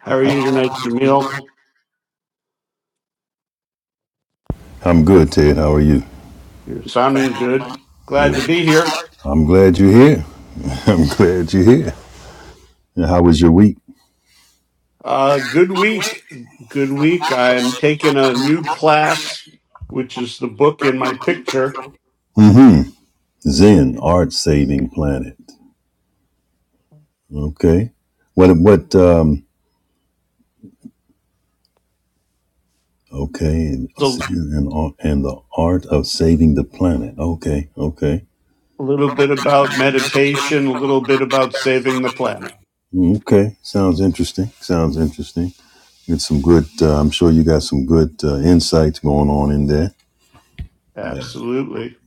How are you tonight, Jamil? You're sounding good. Glad to be here. Uh, good week. Good week. I'm taking a new class, which is the book in my picture. It's a, a little bit about meditation, a little bit about saving the planet. Absolutely.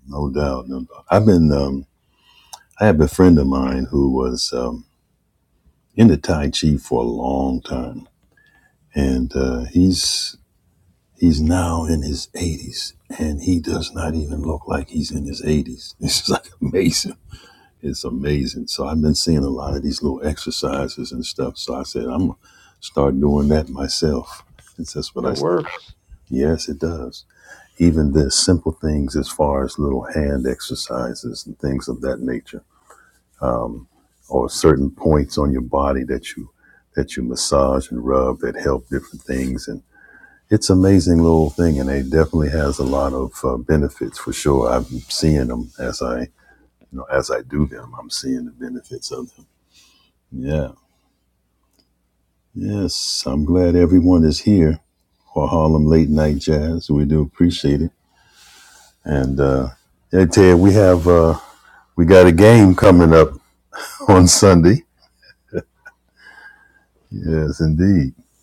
It works.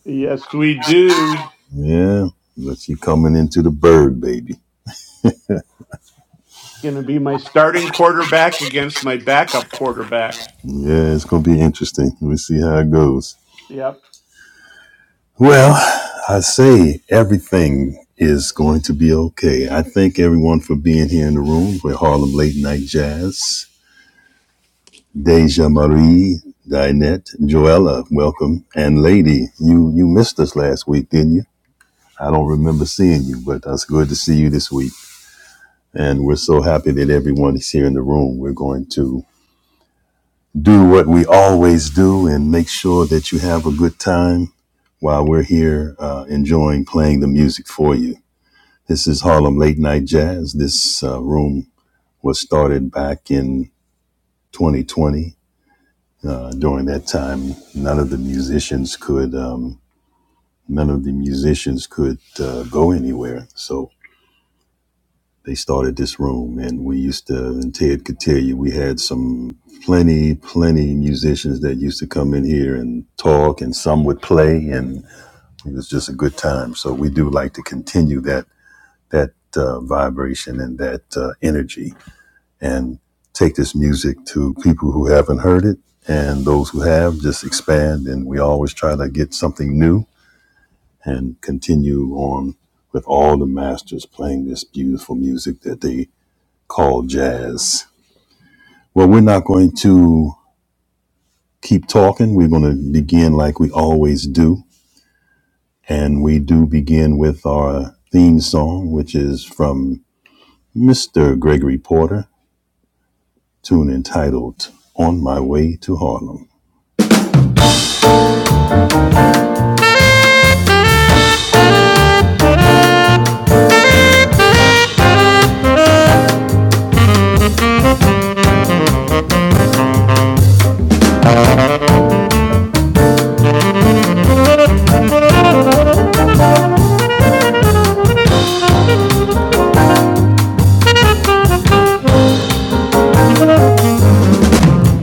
Yes, we do. Going to be my starting quarterback against my backup quarterback. Yep.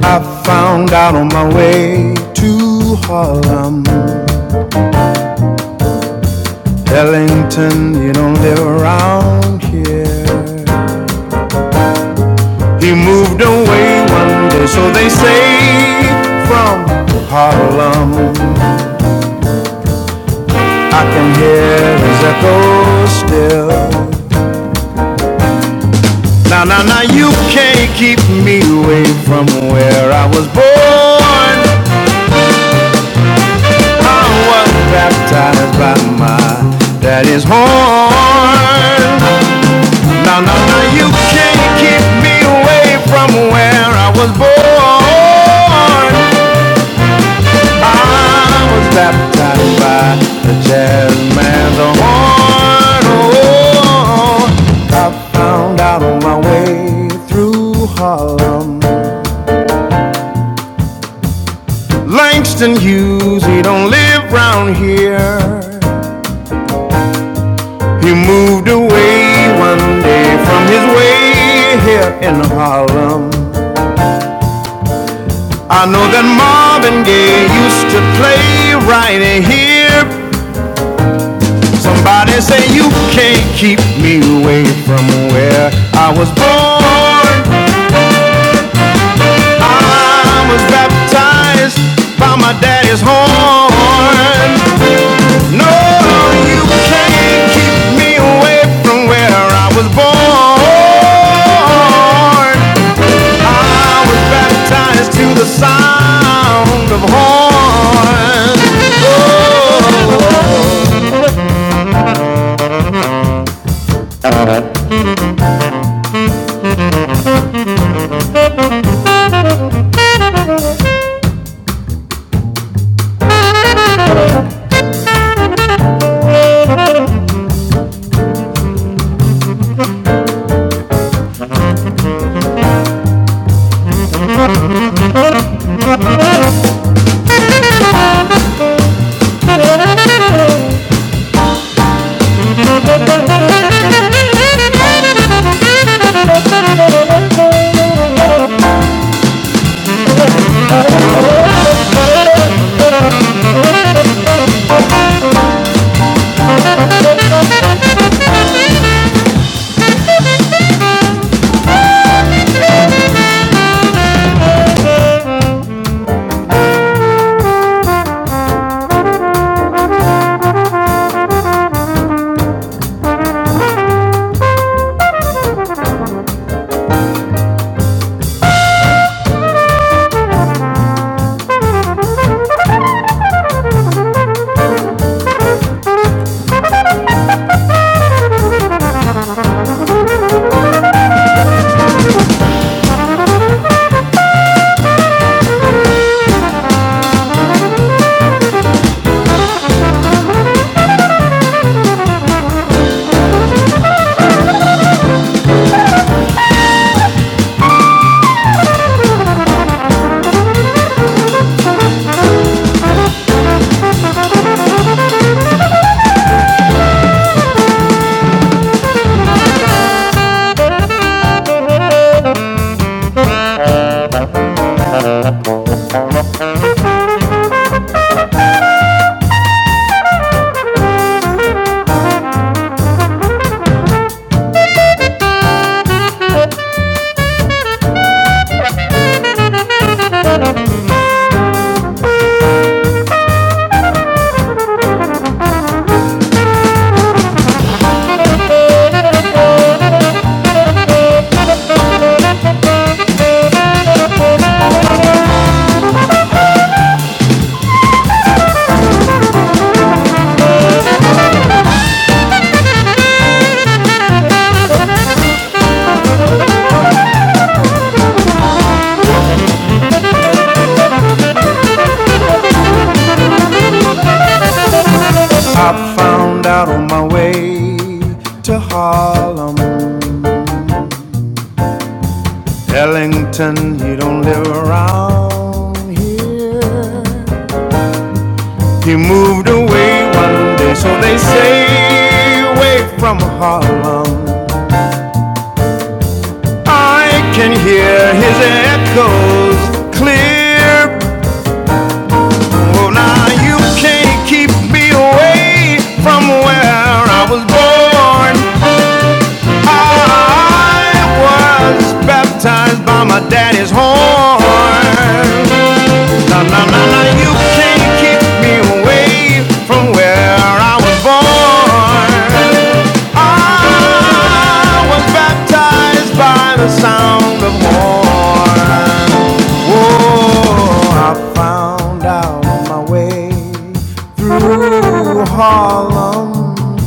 I found out on my way to Harlem. Ellington, you don't live around here. He moved away one day, so they say, from Harlem. I can hear his echo still. Now, now, now, you can't keep me away from where I was born. I was baptized by my daddy's horn. No, no, no, you can't keep me away from where I was born. I was baptized by the jazz man's horn. Oh, I found out on my way through Harlem. Langston Hughes, he don't live round here. He moved away one day from his way here in Harlem. I know that Marvin Gaye used to play right here. Somebody say you can't keep me away from where I was born. I was baptized by my daddy's horn. No, you can't keep me away from where I was born. I was baptized to the sound of horns. Oh, I found out on my way to Harlem Ellington, he don't live around here. He moved away one day, so they say, away from Harlem. I can hear his echoes clear. Well, now you can't keep me away from where I was born. I was baptized by my daddy's horn. Na na na na, you can't keep me away from where I was born. I was baptized by the sound of horn. Oh, I found out my way through Harlem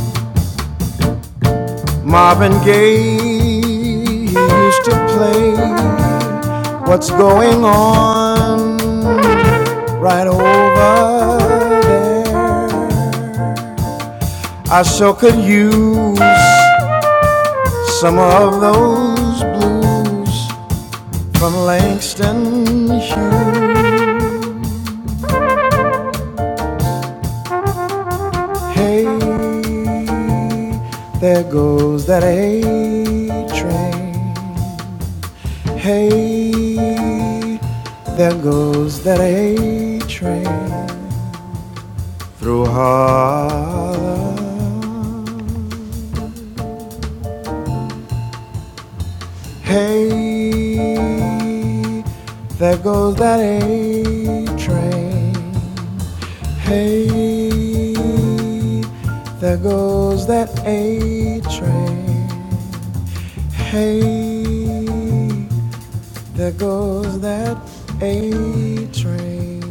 Marvin Gaye used to play What's Going On right over there. I sure could use some of those blues from Langston Hughes. Hey, there goes that A train. Hey, there goes that A train through Harlem. Hey, there goes that A train. Hey, there goes that A train. Hey, there goes that A train.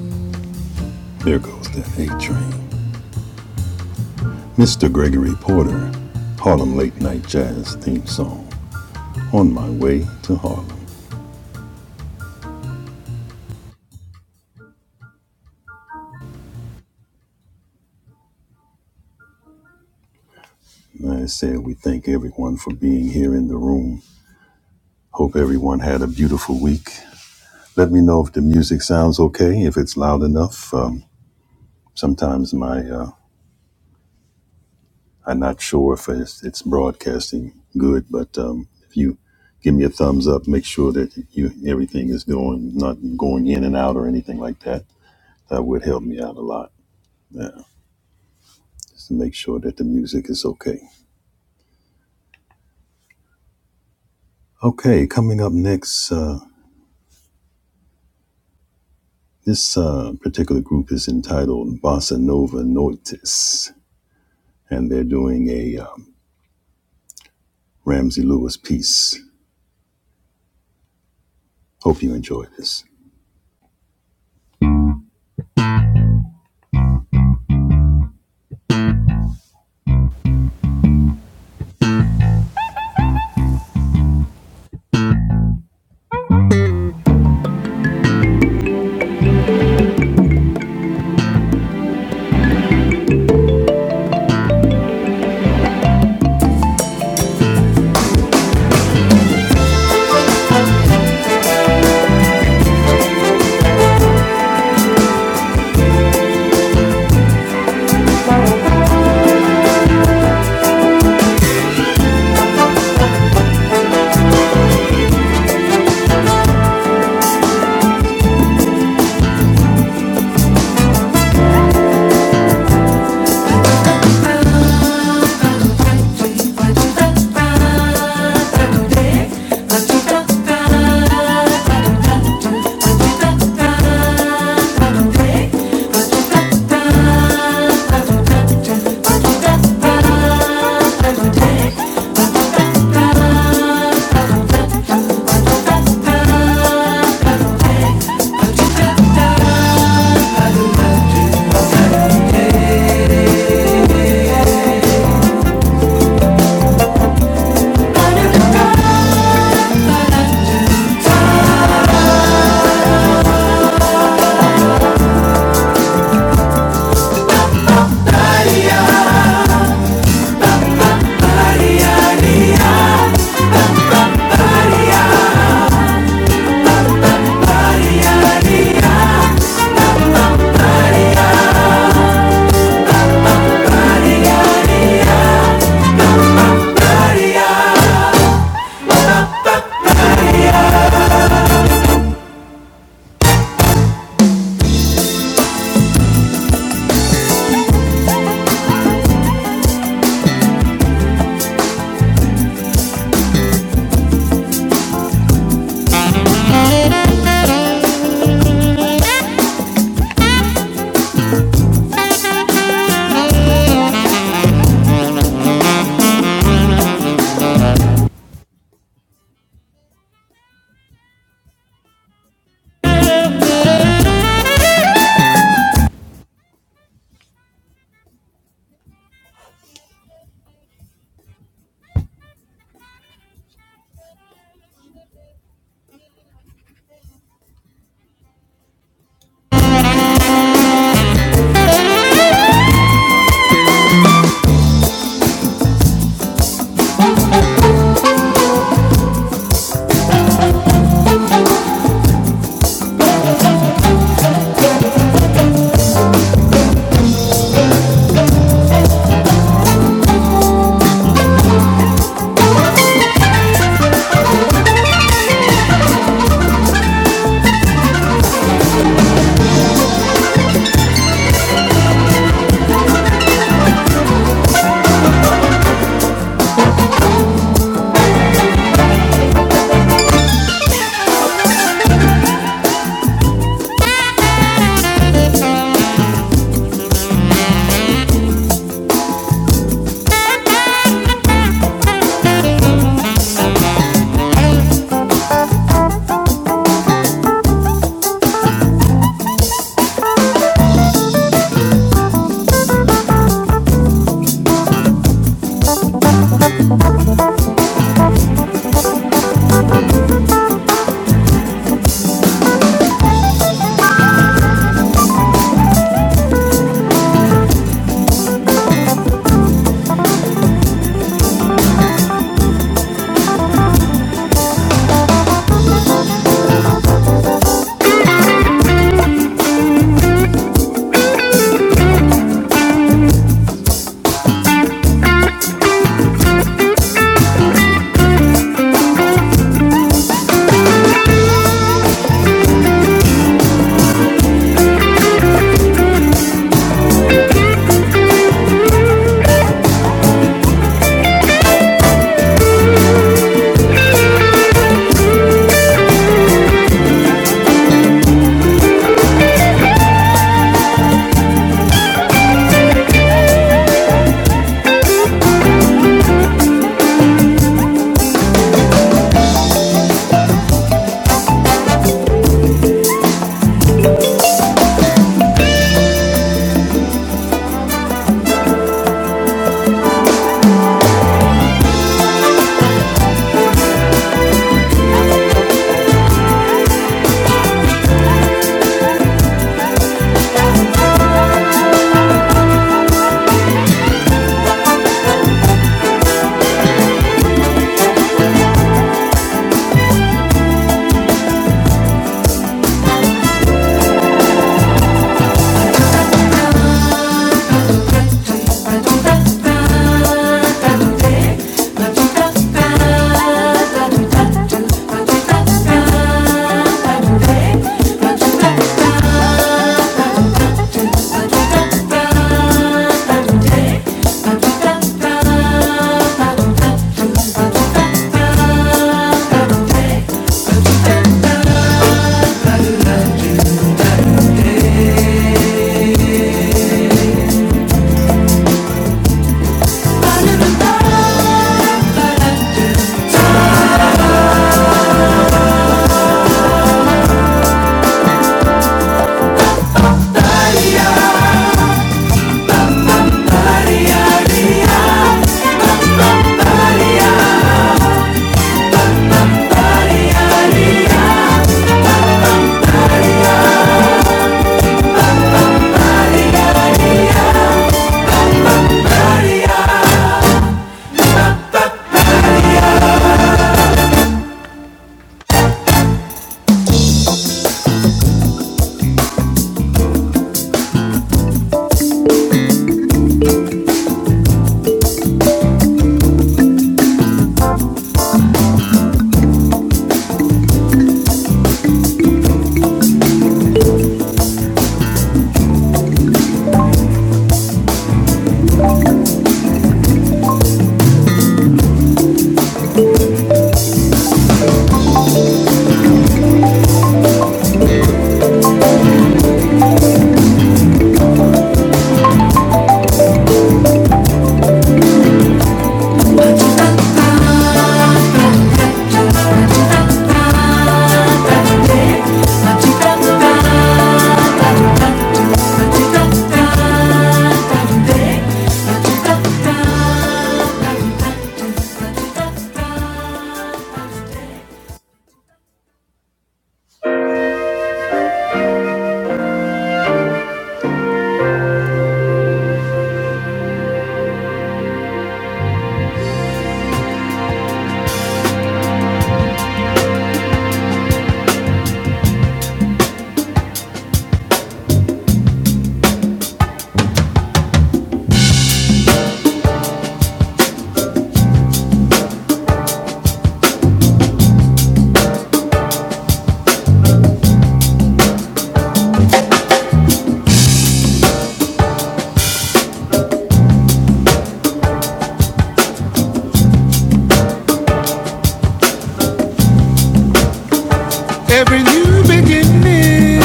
Every new beginning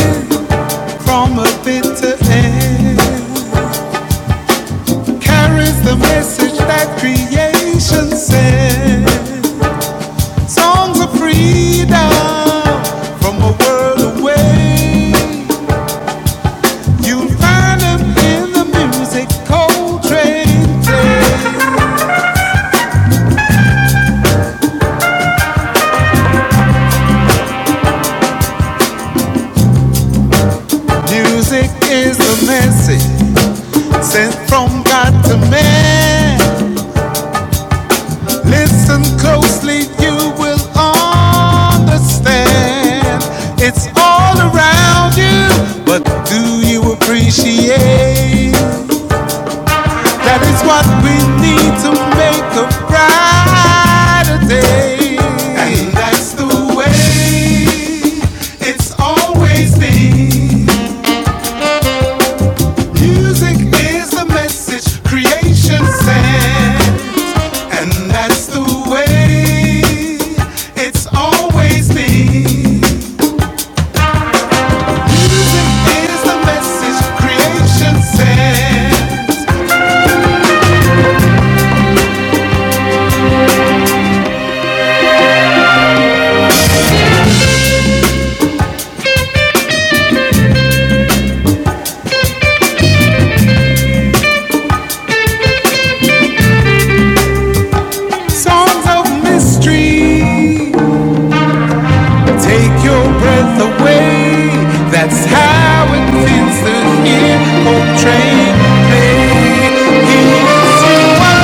from a bitter end carries the message that creation sent. Songs of freedom from a world away. You find them in the music cold train day. Music is a message sent from God to man. Listen closely, you will understand. It's all around you, but do you appreciate? That is what we need to make a brighter day. And that's the way it's always been. Music is the message creation sent. And that's the way it's always been. Music is the message creation sent. Songs of mystery Take your breath away. That's how it feels to hear Coltrane play. Here's to a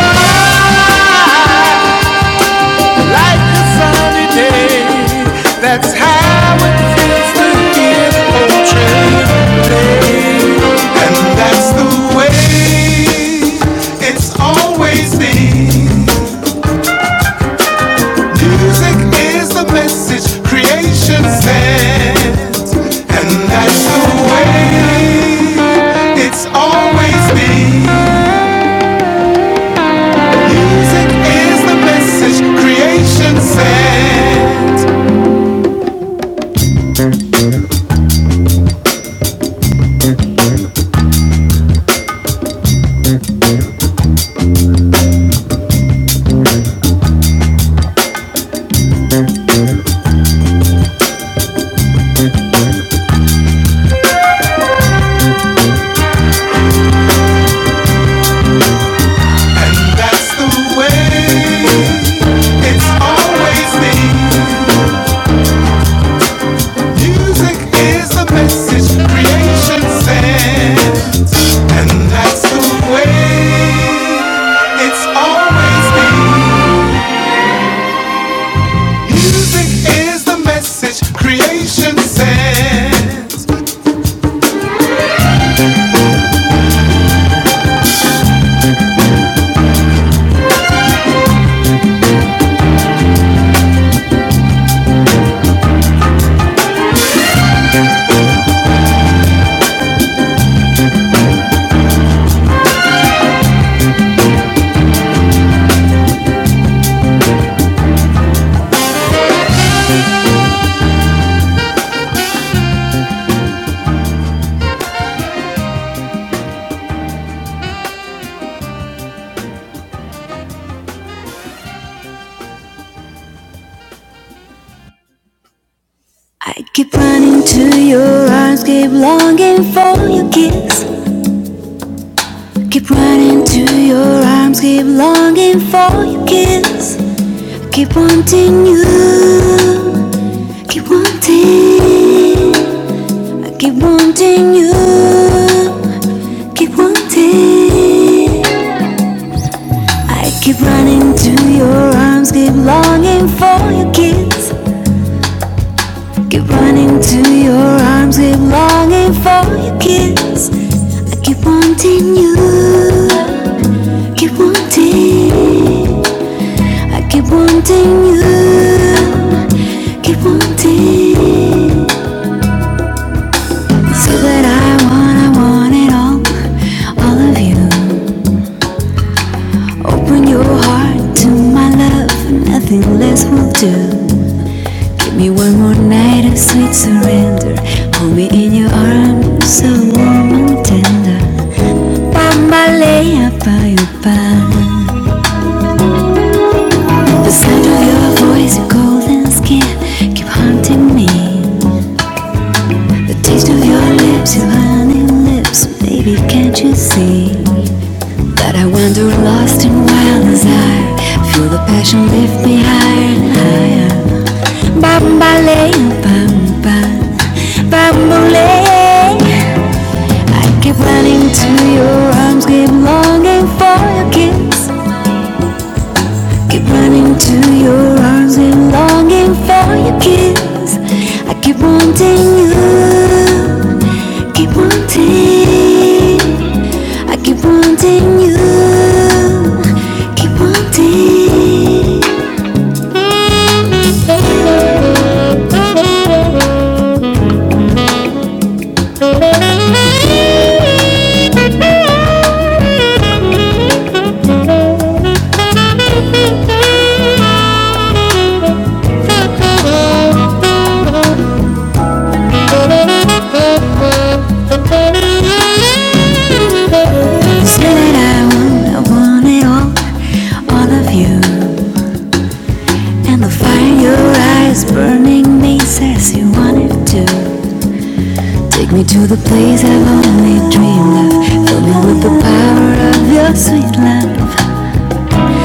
life like a sunny day. That's how it feels to hear Coltrane play. And that's the way it's always been. Music is the message creation sends, and that's the way it's always been. Music is the message creation sends, and that's the way it's always been. Music is the message creation sends, and that's the way it's always been. Music is the message creation sends. I keep running to your arms, keep longing for your kiss. Keep running to your arms, keep longing for your kiss. Keep wanting you, keep wanting. I keep wanting you, keep wanting. I keep running to your arms, keep longing for your kiss. Keep running to your arms, keep longing for your kiss. I keep wanting you, I keep wanting, I keep wanting you, keep wanting. Say that I want, I want it all, all of you. Open your heart to my love, nothing less will do. Give me one more night of sweet surrender. Hold me in your arms, so warm and tender. Bambalea by your body. The sound of your voice, your golden skin, keep haunting me. The taste of your lips, your honey lips, baby, can't you see that I wander lost in wild desire? Feel the passion lift me higher and higher. Bambalea, bambam, bambalea. I keep running to your arms, keep longing for your kiss. Keep running to your arms and longing for your kiss. I keep wanting you. Keep wanting. I keep wanting you. Keep wanting. Said I want, I want it all, all of you. And the fire in your eyes burning me says you want it too. Take me to the place I've only dreamed of. Fill me with the power of your sweet love.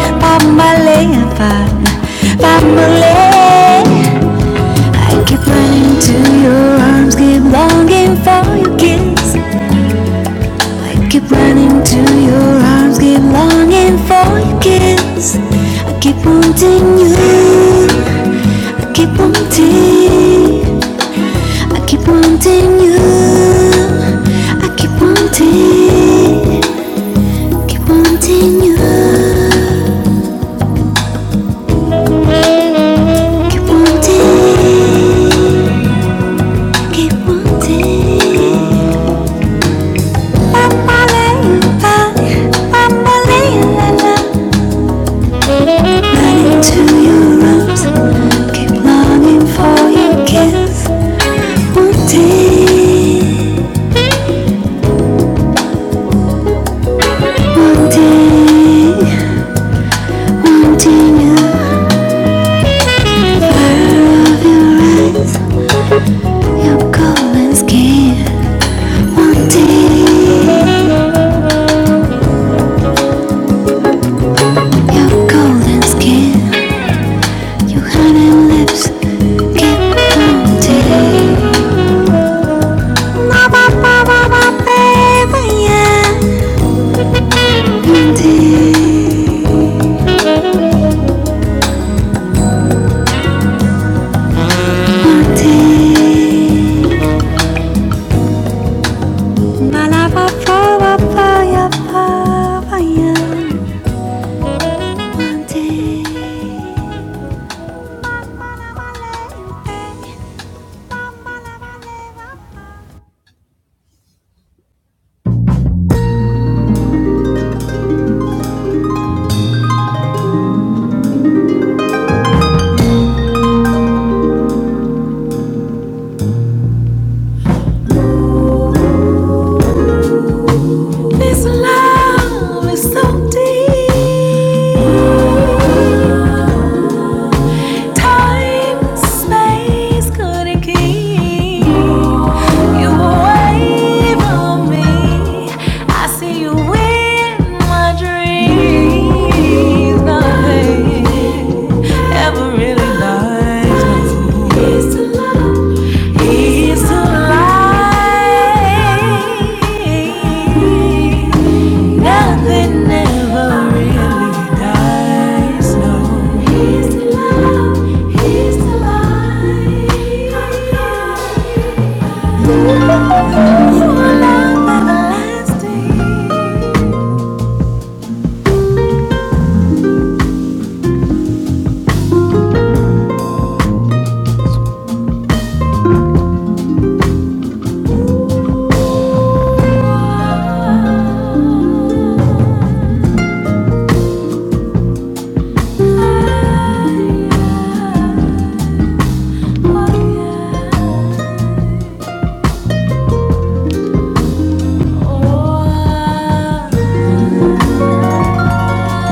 Family, family. I keep running to your arms, keep longing for your kiss. I keep running to your arms, keep longing for your kiss. I keep wanting you, I keep wanting, I keep wanting you, I keep wanting. Keep wanting you. Keep wanting. Keep wanting. I'm falling back. I'm falling I'm running to your arms. Keep longing for your kiss. Wanting, wanting, wanting you. Of your eyes, your golden skin. Wanting your golden skin. Your honey lips keep haunting. Baby, yeah. Haunting, haunting. My love, I fall, I fall, I fall, I am. Haunting. My love, I let you be. My love, I live, I fall. I couldn't keep you away from me. I see you in my dreams, baby. ever really liked me. Ease to life. Nothing ever really dies. No. He's to love. He's to life. Oh, yeah. Oh, yeah.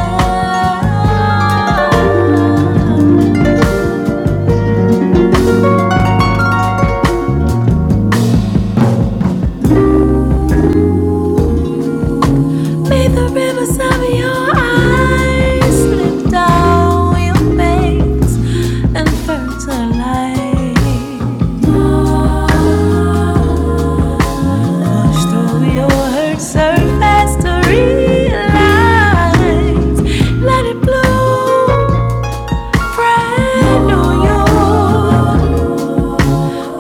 Oh, yeah. May the rivers of your eyes slip down your face and fertilize. Oh, Wash through your hurt surface to realize. Let it bloom, brand new you,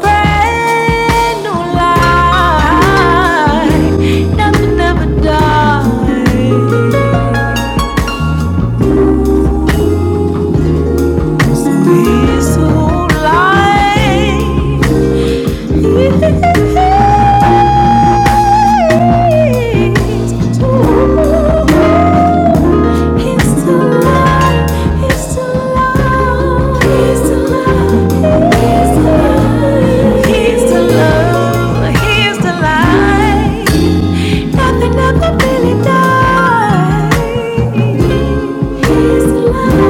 brand new life. Nothing ever dies. Nothing ever really dies. He's alive.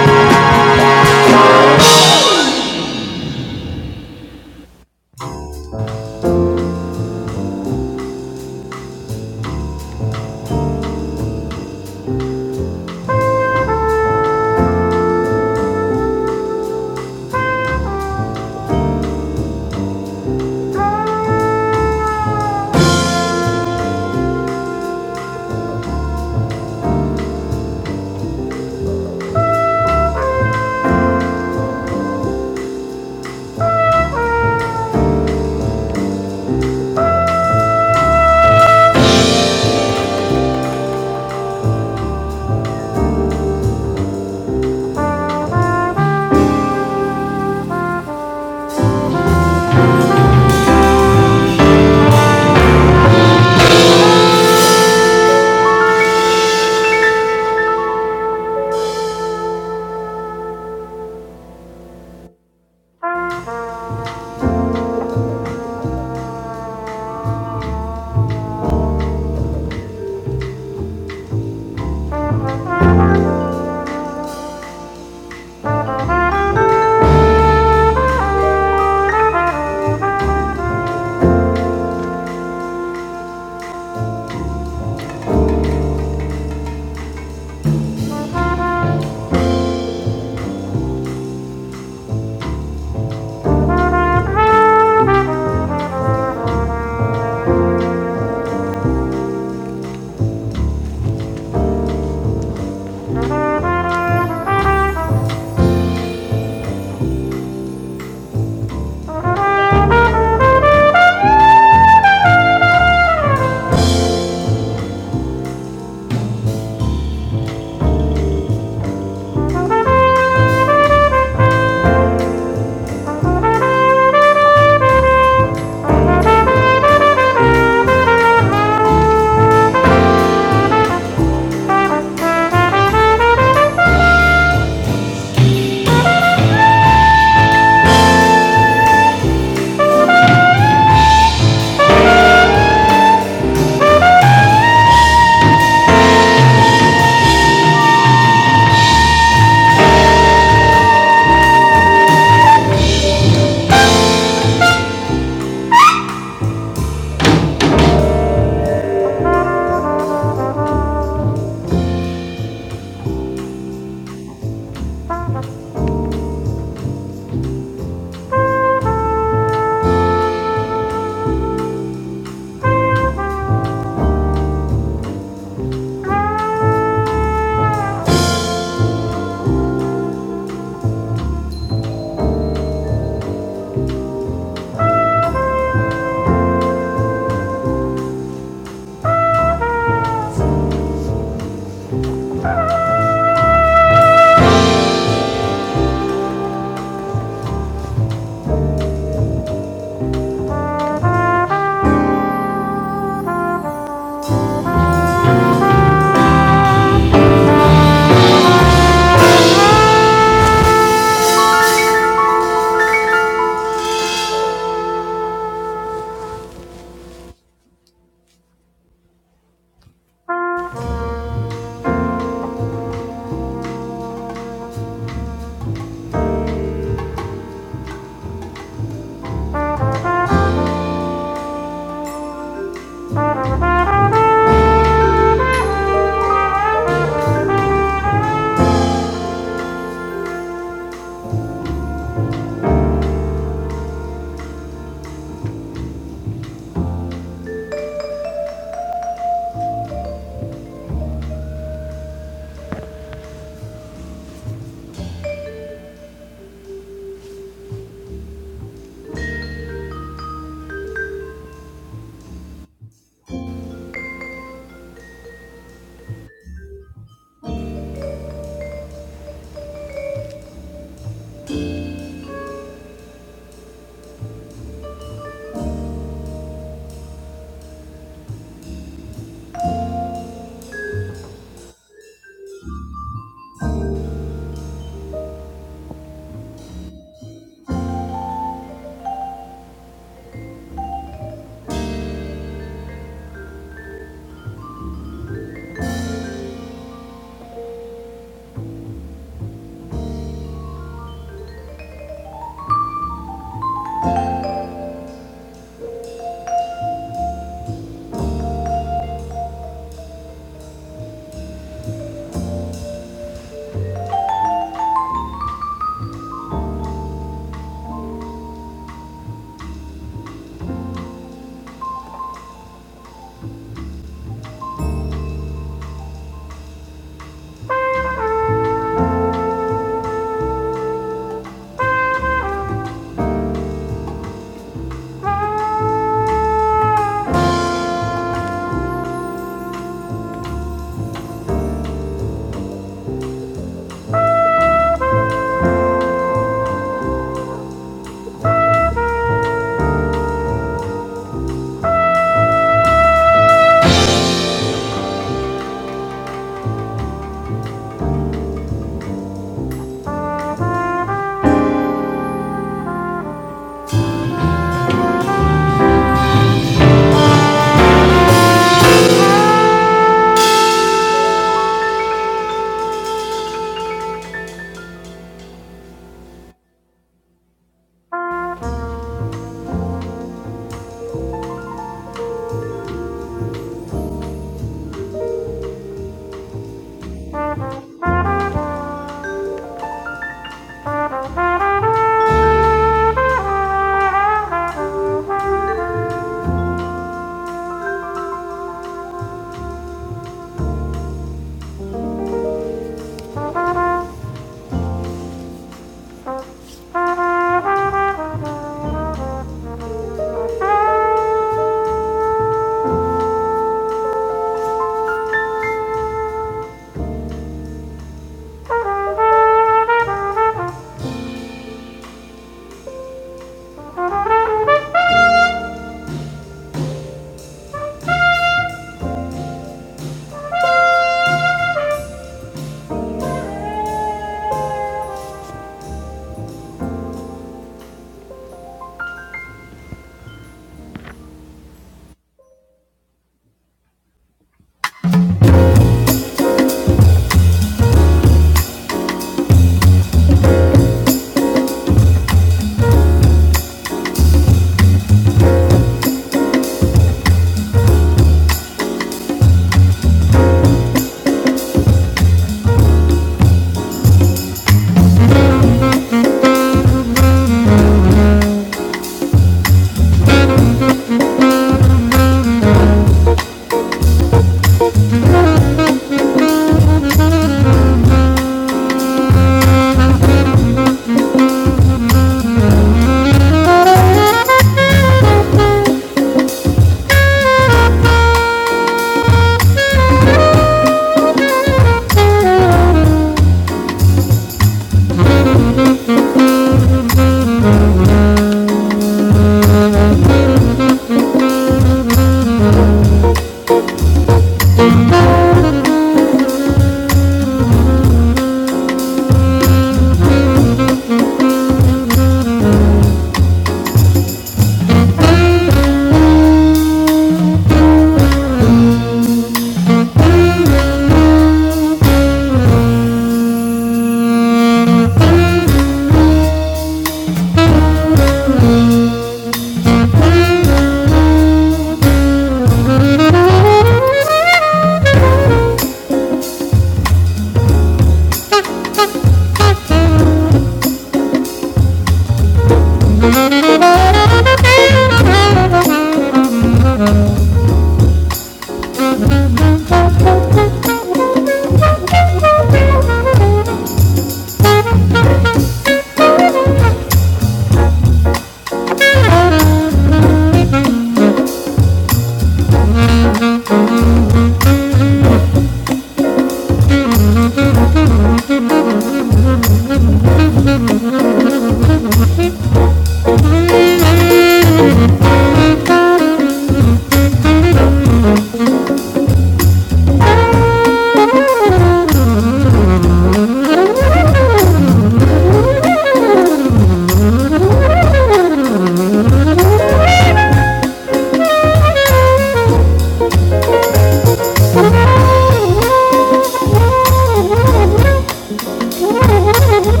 Thank you.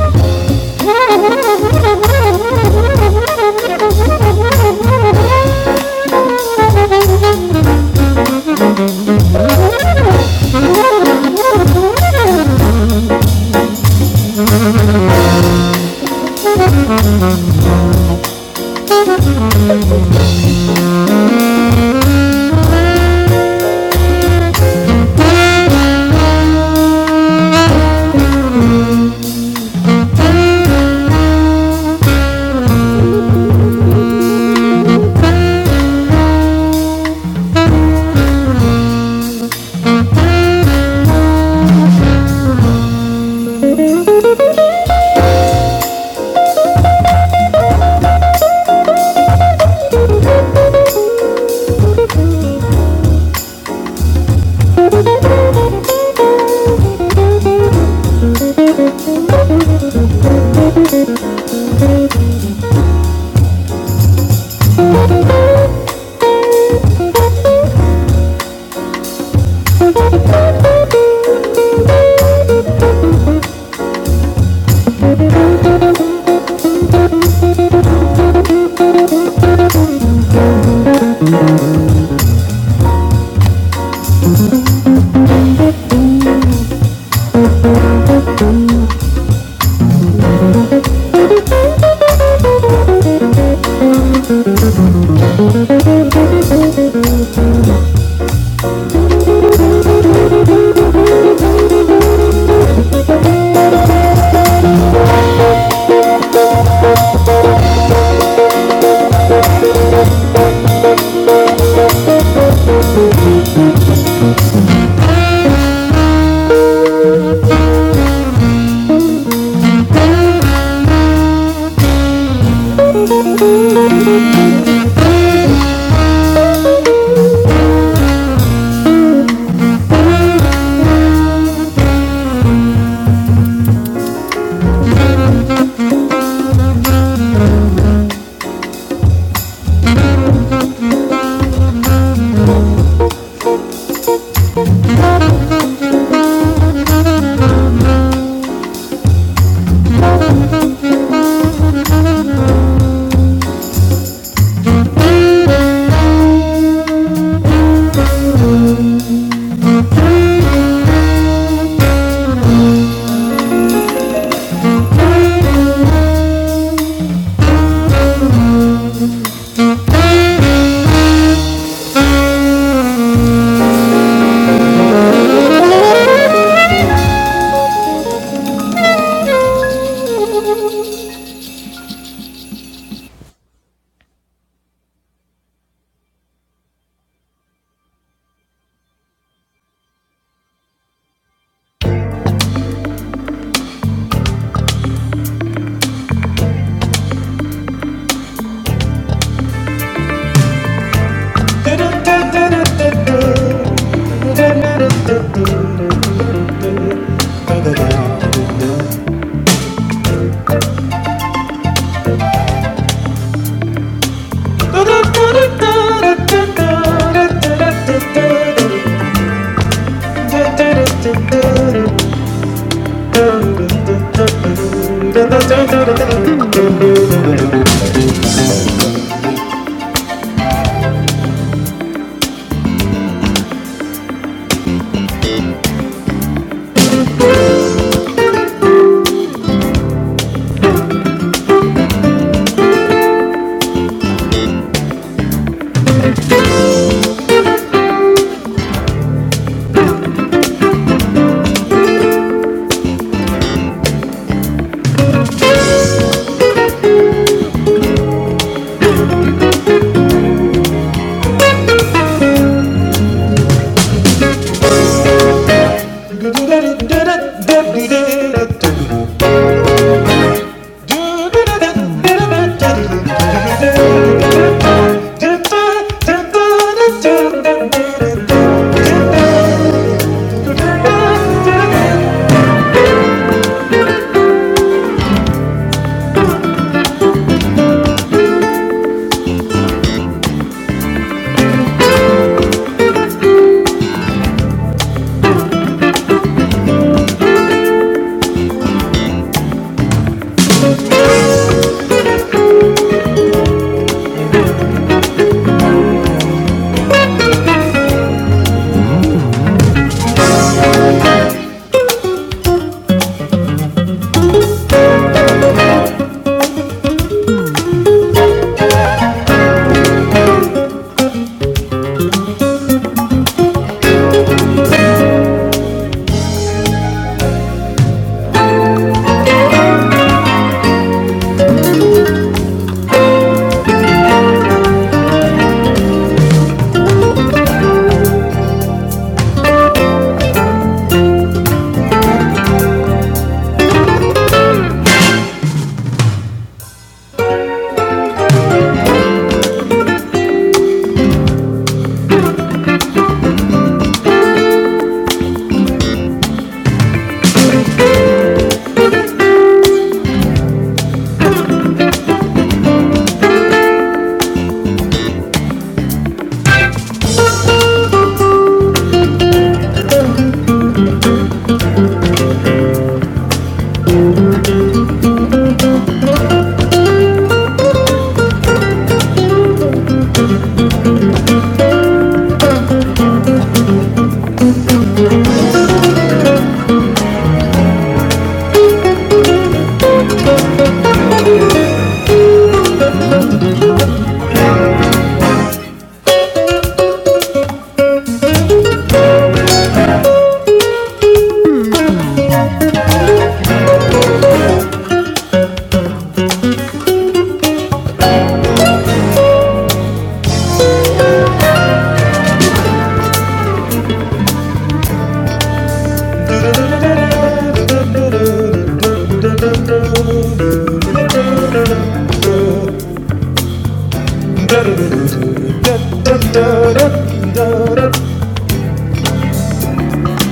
Thank you.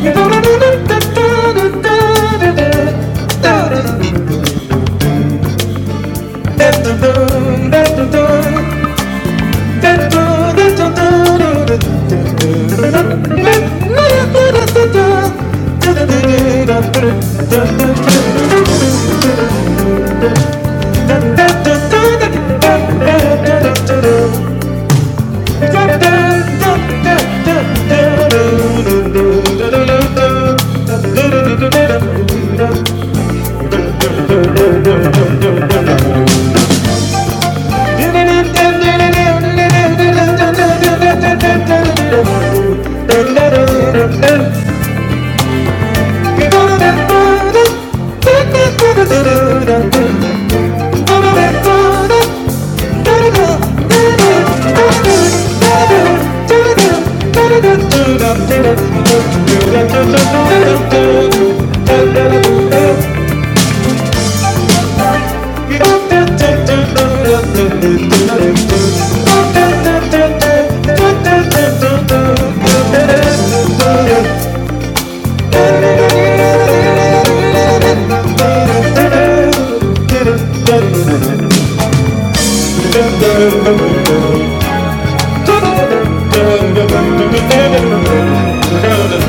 Da da da da da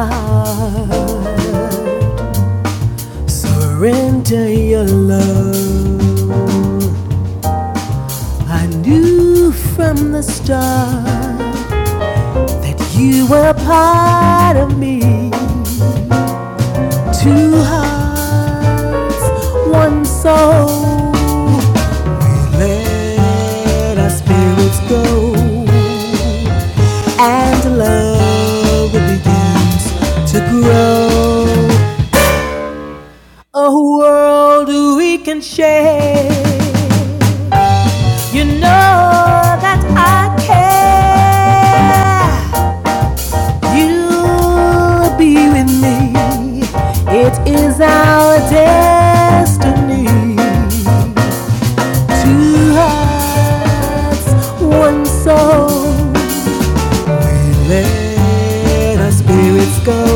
Thank you. Surrender your love. I knew from the start that you were part of me. Two hearts, one soul. We let our spirits go, and love begins to grow. A world we can share. You know that I care. You'll be with me. It is our destiny. Two hearts where our spirits go.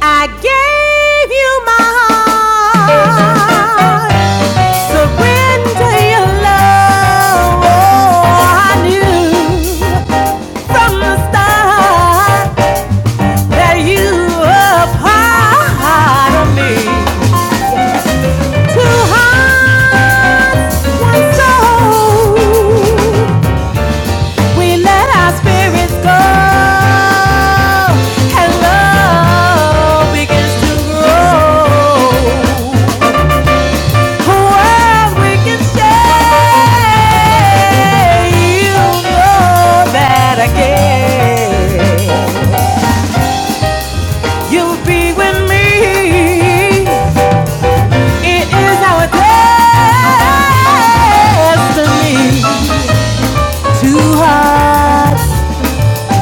I gave you my heart. Surrender your love. Oh, I knew from the start. that you are part of me. Two hearts, one soul. We let our spirits go, and love begins to grow. A world we can share. You know that I care. You'll be with me. It is our destiny. Two hearts,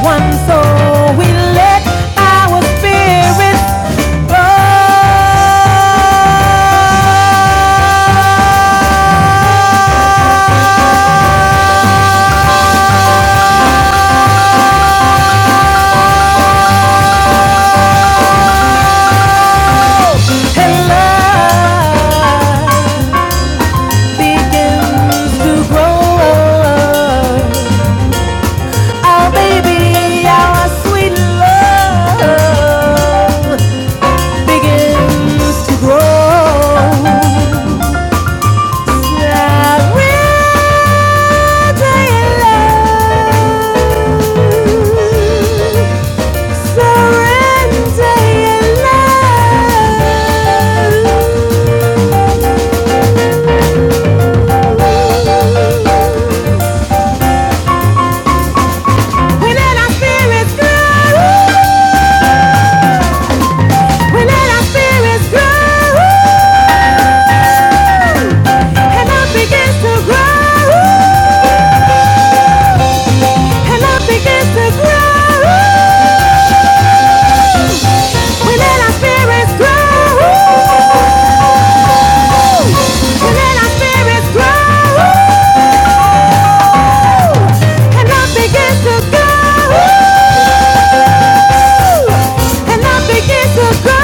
one soul. We let our spirits flow. And love begins to grow. Our baby, our sweet love begins to grow. Now we When our spirits grow, And I begin to go. And I begin to go.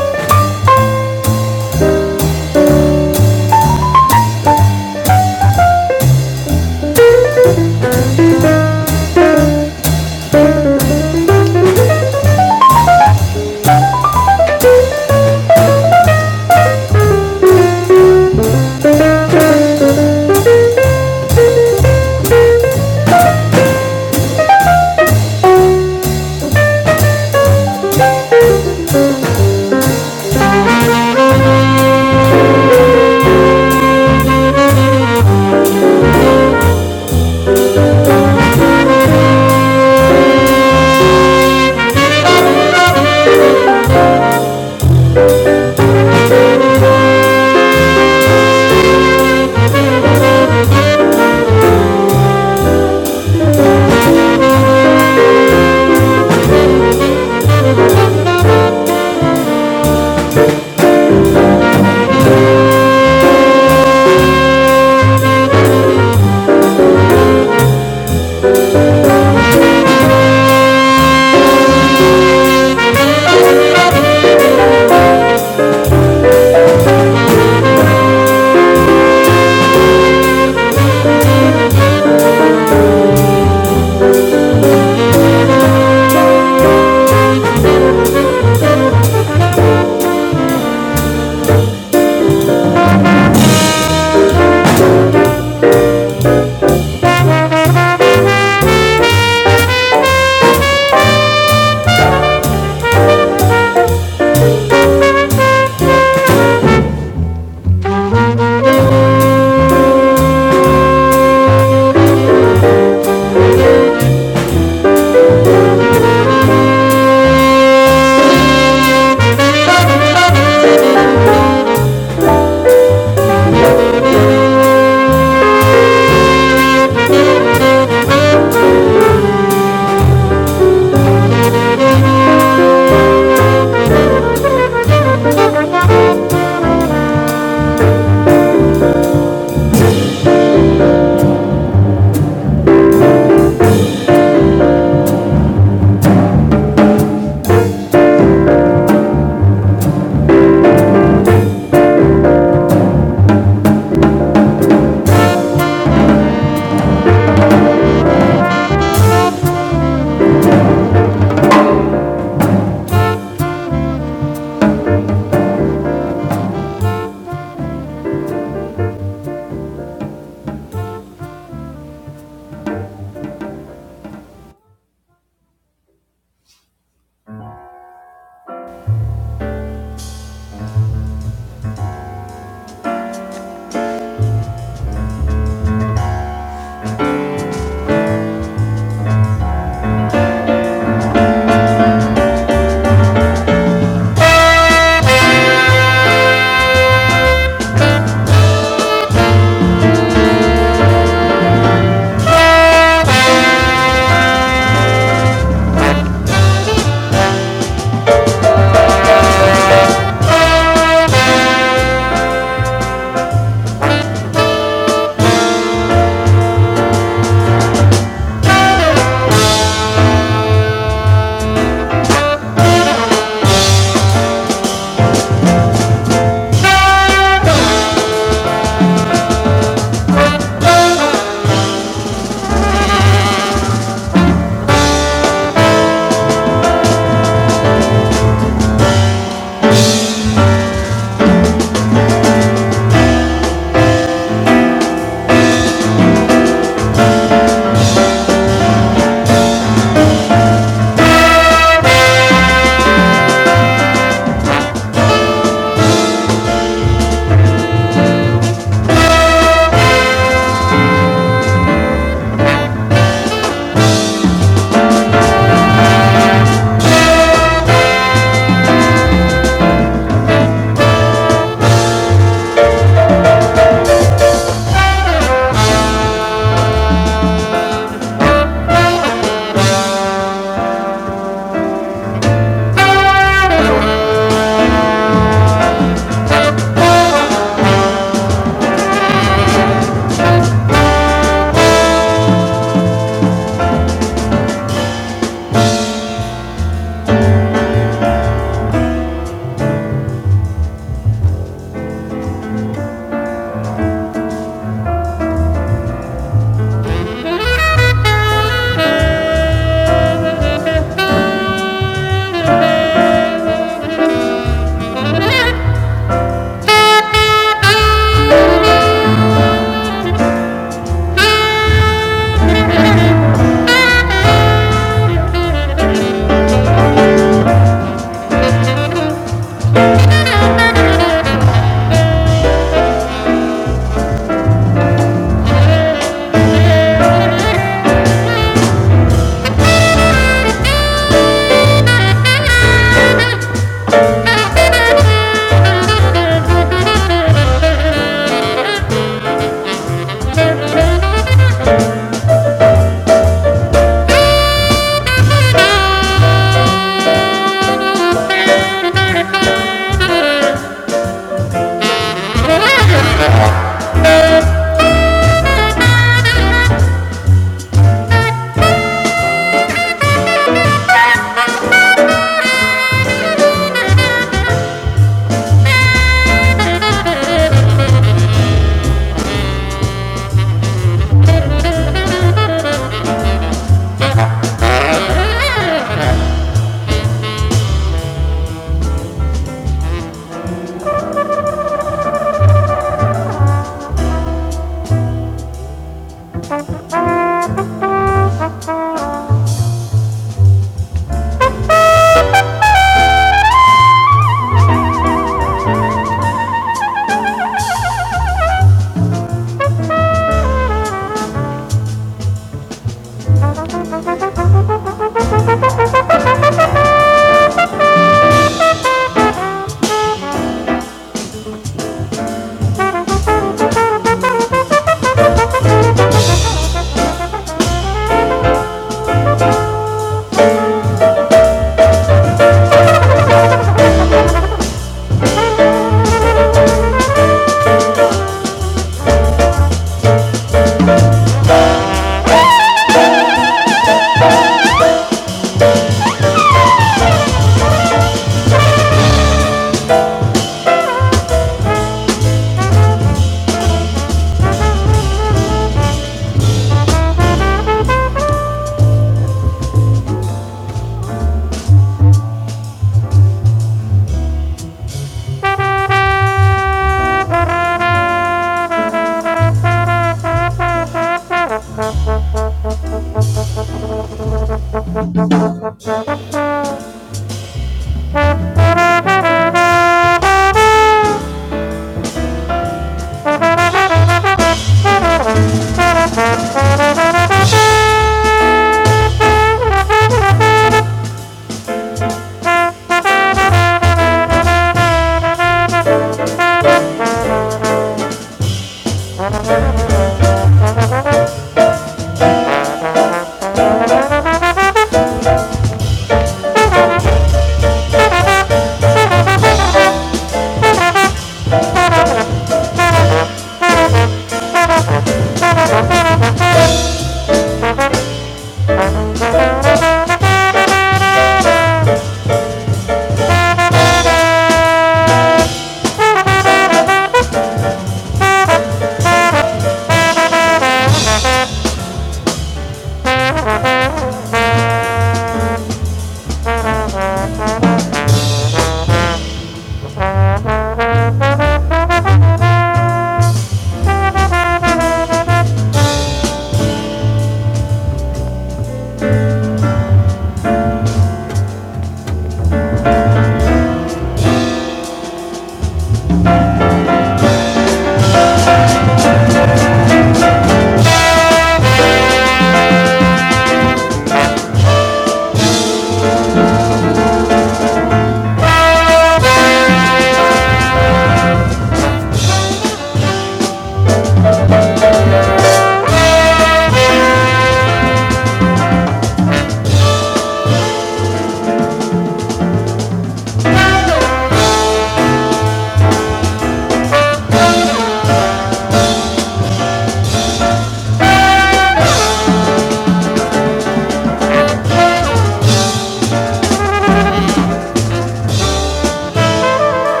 Thank you.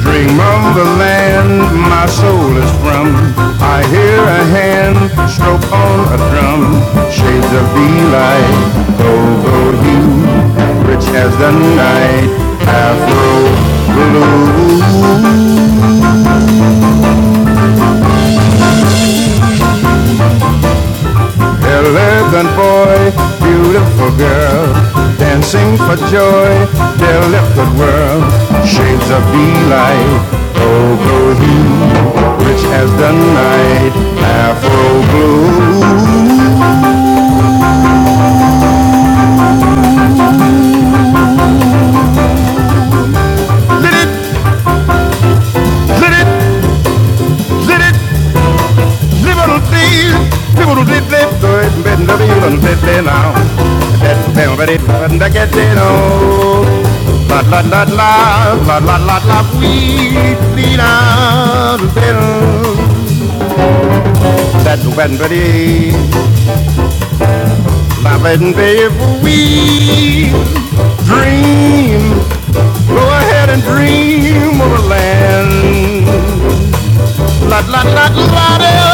Dream of the land my soul is from. I hear a hand stroke on a drum. Shades of delight, gold hue, rich as the night, afro blue. Eleven boy, beautiful girl, dancing for joy, their lifted world, shades of delight. Oh, go you, rich as the night, Afro blue. Lit it, lit it, lit it. Little dee, little dee, little dee, little dee, little dee, dee now. That's the very fun That bell, but it doesn't get dee no. La la la la, la la la la, we need dee da, dee That when dee, la when dee, we dream. Go ahead and dream of a land La la la la de oh.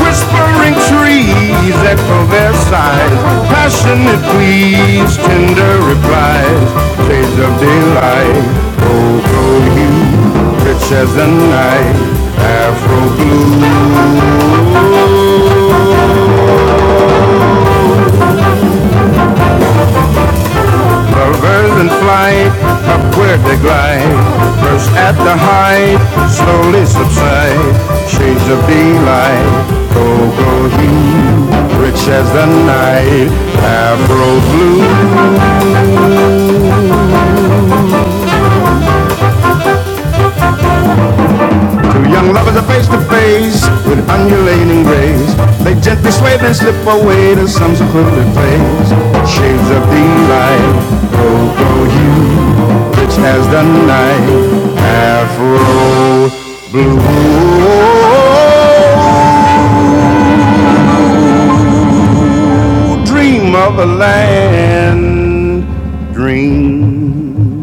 Whispering trees echo their sighs, passionate pleas, tender replies, shades of daylight. Oh, go you, rich as the night, Afro blue. The birds in flight, up where they glide, First at the height, slowly subside. Shades of daylight, cocoa hue, rich as the night, Afro blue. Two young lovers are face to face with undulating grace. They gently sway then slip away to some secluded place. Shades of daylight, cocoa hue. as the night afro blue dream of a land dream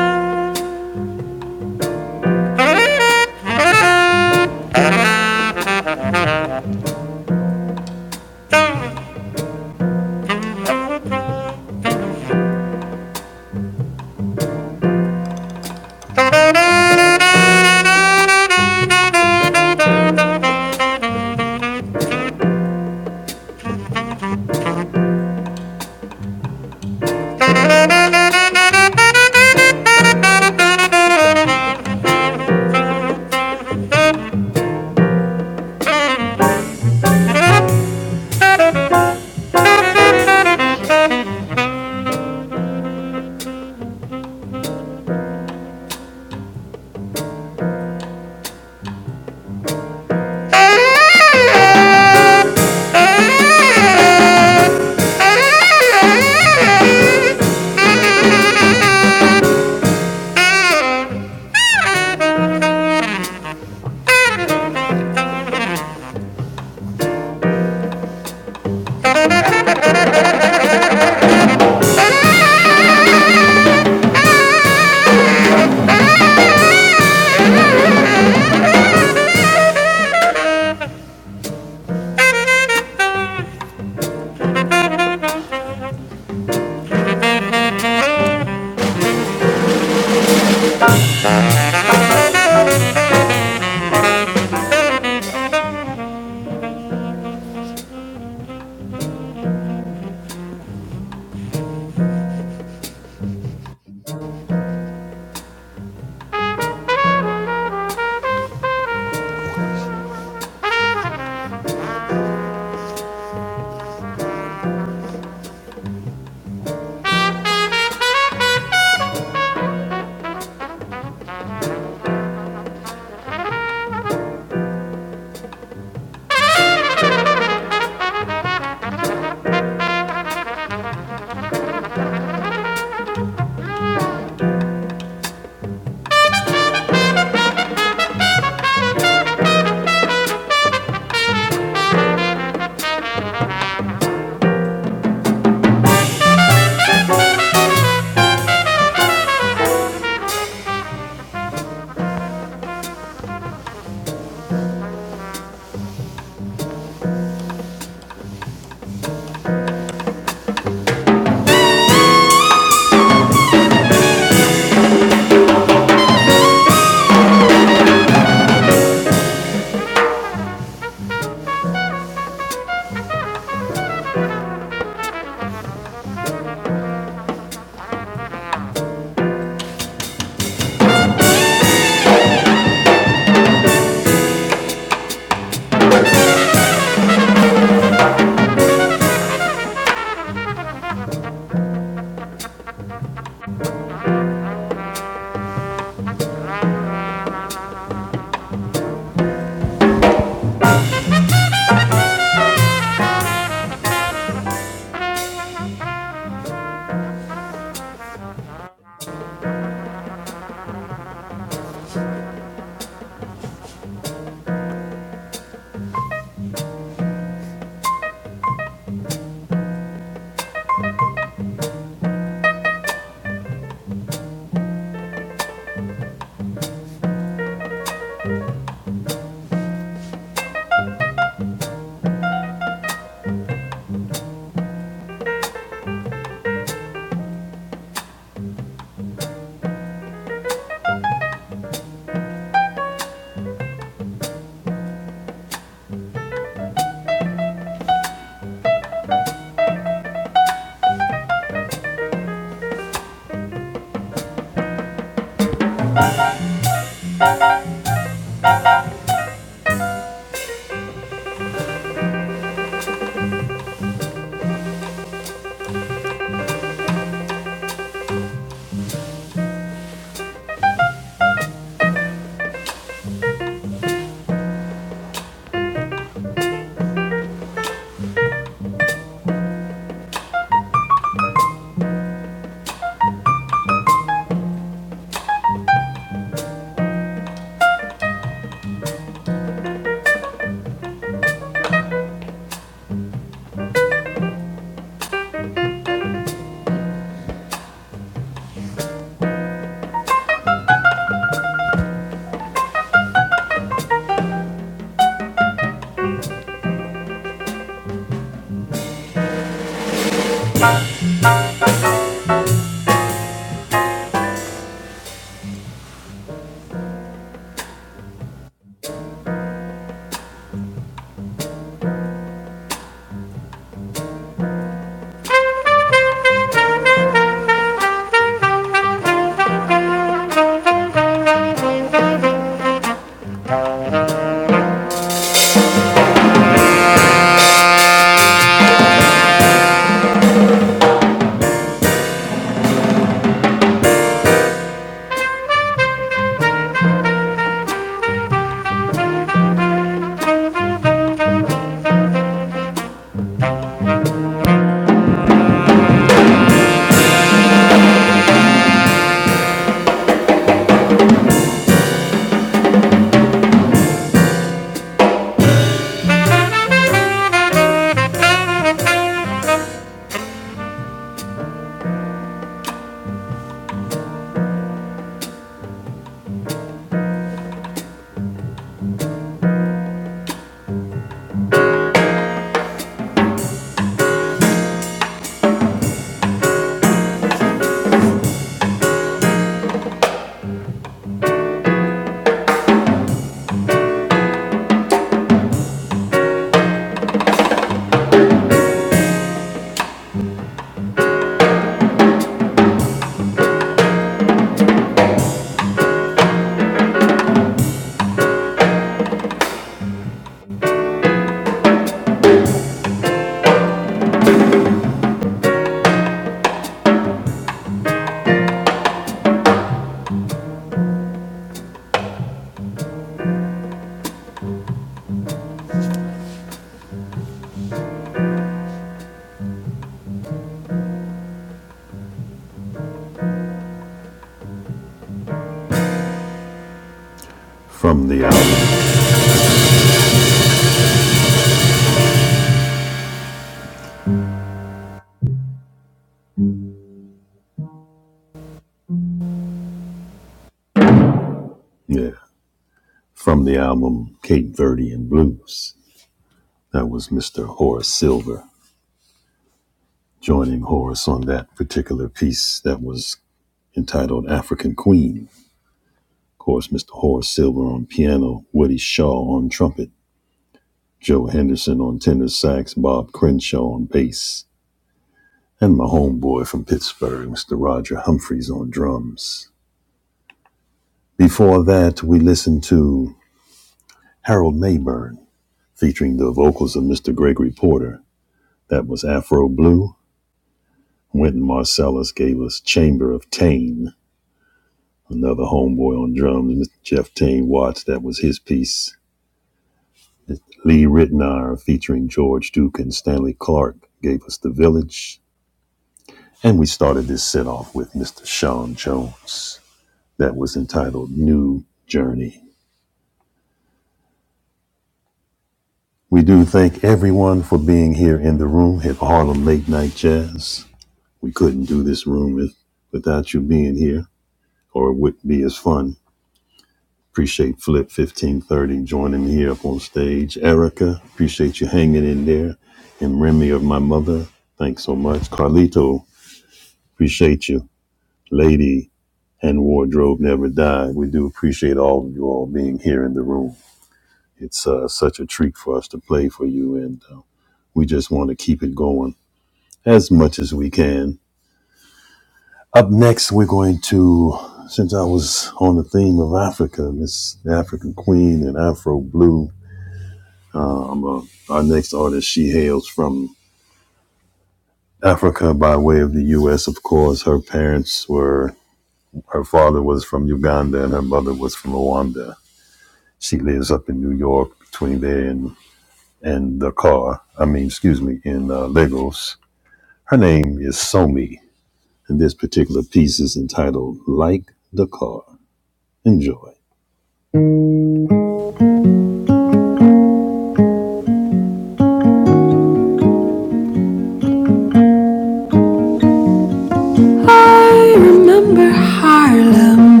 I remember Harlem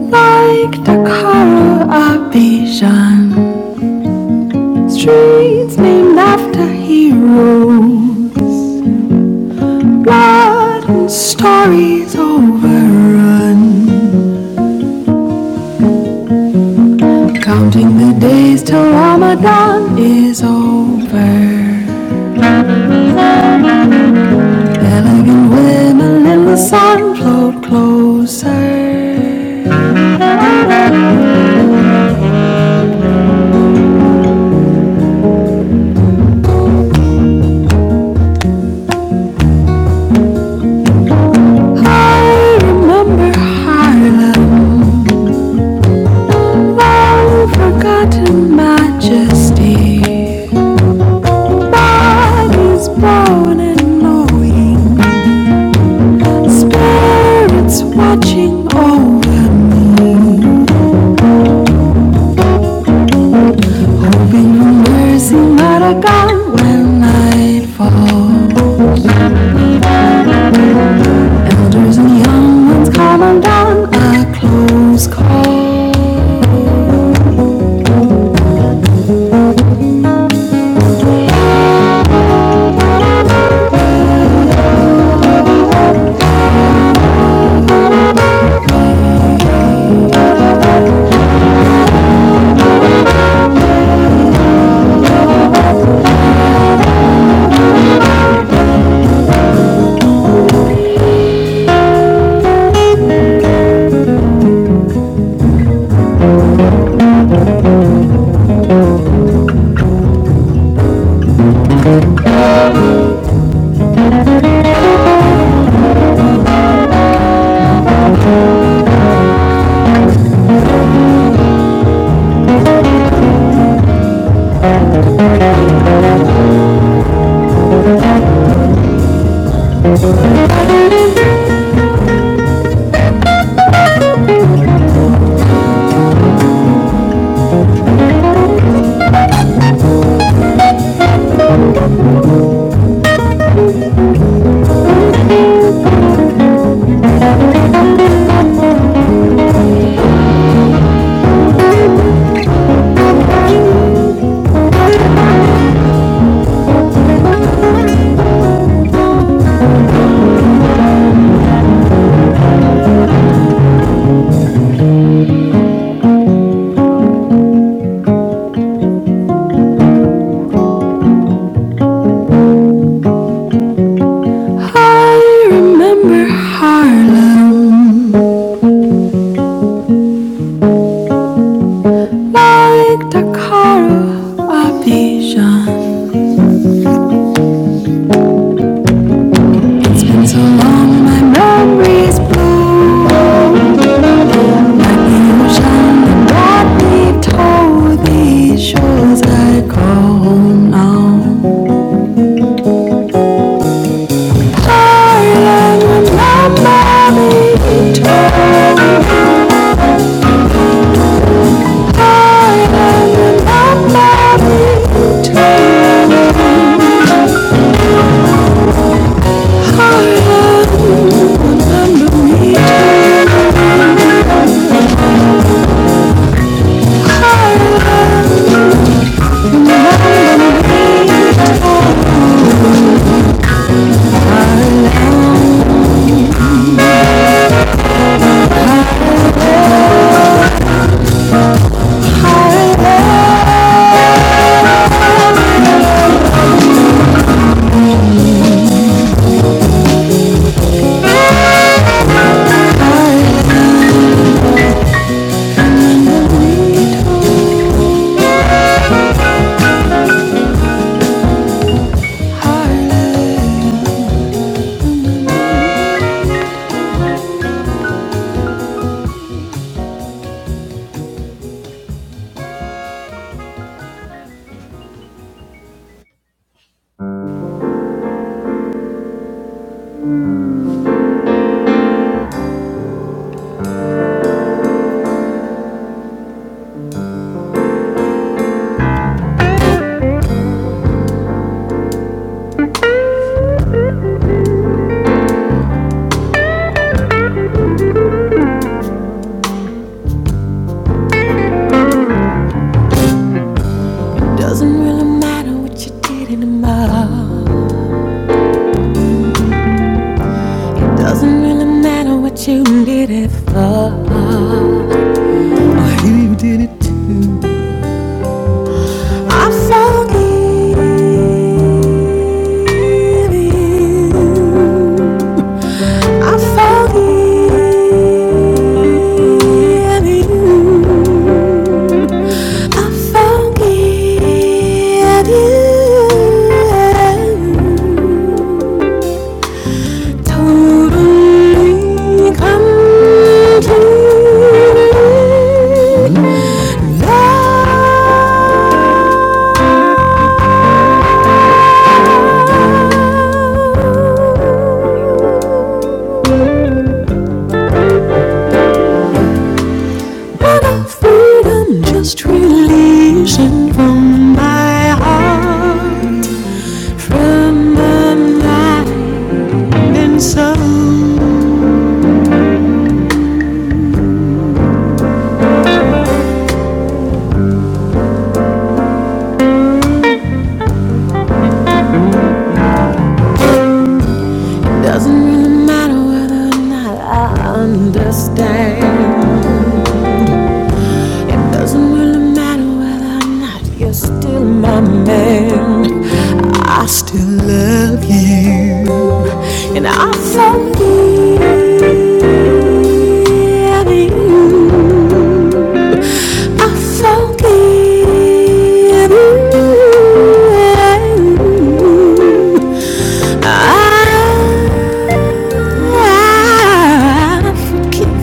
like the color of Bichon. Streets named after heroes. One stories overrun. Counting the days till Ramadan is over. Elegant women in the sun float closer. I remember Harlem, long forgotten majesty. Bodies brown and knowing, spirits watching over. like Dakaro, a vision. It's been so long, my memory's blue. Like the ocean that we told these shores I call home now. Darling, remember me too. Darling, remember me too. Darling, Doesn't really matter what you did in the mud. Doesn't really matter what you did it for. I'm so giving. I'm so giving. I'm so giving. Totally come to me. What a freedom just releasing from my heart. From my mind and soul. Doesn't really matter whether or not I understand. Doesn't really matter whether or not you're still my man. I still love you, and I forgive you. I forgive you. I, I forgive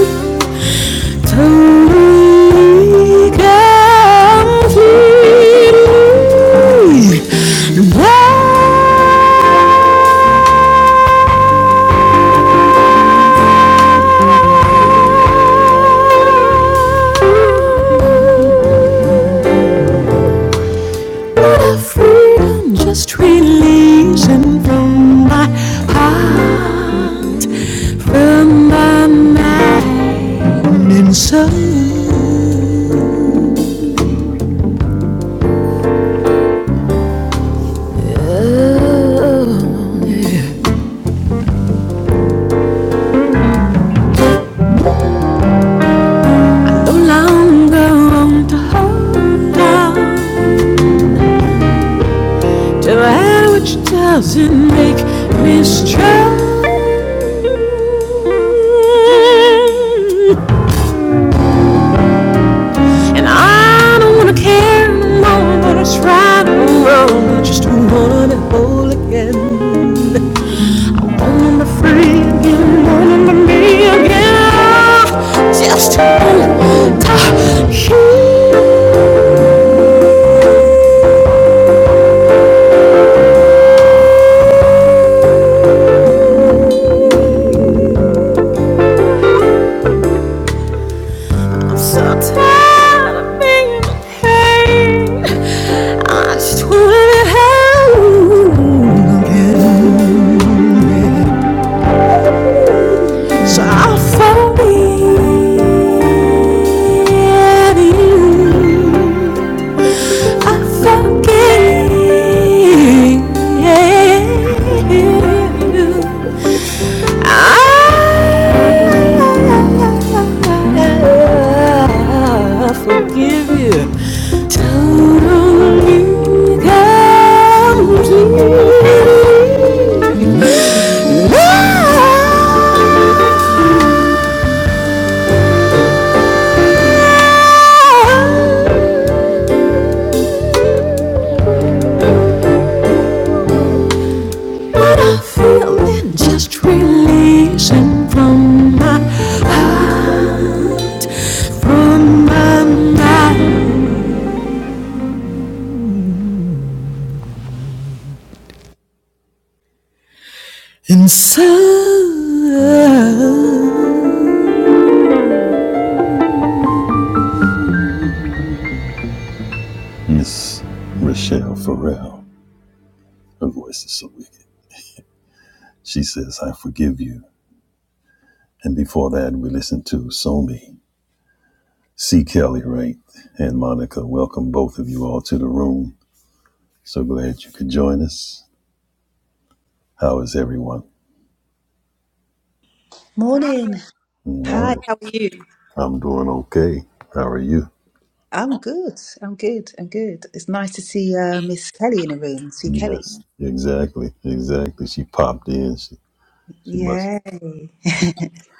you. Totally, completely free. Just releasing from my mind. No longer want to hold on to that which doesn't make me strong. And I don't wanna care no more about it's right or wrong. I just wanna be whole again. I wanna be free again, free again. I'm so tired of being in pain. I just wanna be held. So I'll forgive you. Just releasing from my, from my mind. Inside Morning. Hi, how are you? I'm good. I'm good. I'm good. It's nice to see uh, Miss Kelly in the room. See Kelly. Yay.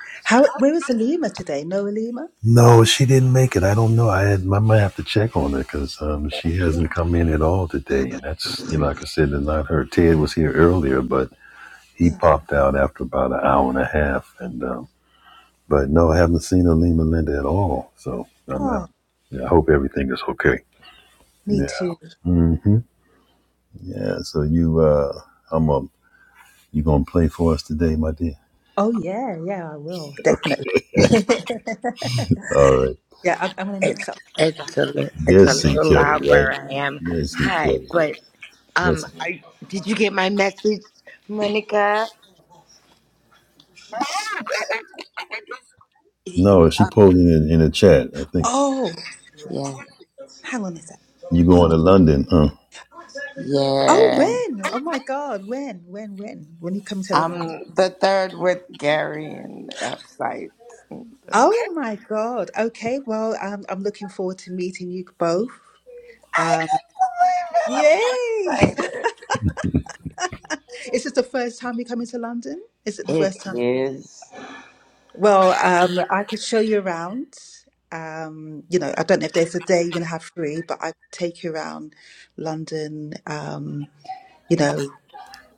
How where is Alima today? No Alima? Yeah. Yeah. Oh, me too. Oh yeah, yeah, I will. Definitely. yeah, I'm, I'm gonna mix It's up. it's a li- it's a little loud where I am. Hi, but um, I, did you get my message, Monica? Oh, Yeah, hang on a sec. Oh, yeah. when? Oh my God, when? When? When? When you come to London? I'm the third with Gary and Epsite. Oh my God. Okay. Well, I'm I'm looking forward to meeting you both. I Um, can't believe it. I'm yay! so excited. Is this the first time you're coming to London? Is it the It first time? is. Well, um, I could show you around. Um, you know, I don't know if there's a day you're gonna have free, but I could take you around London. Um, you know,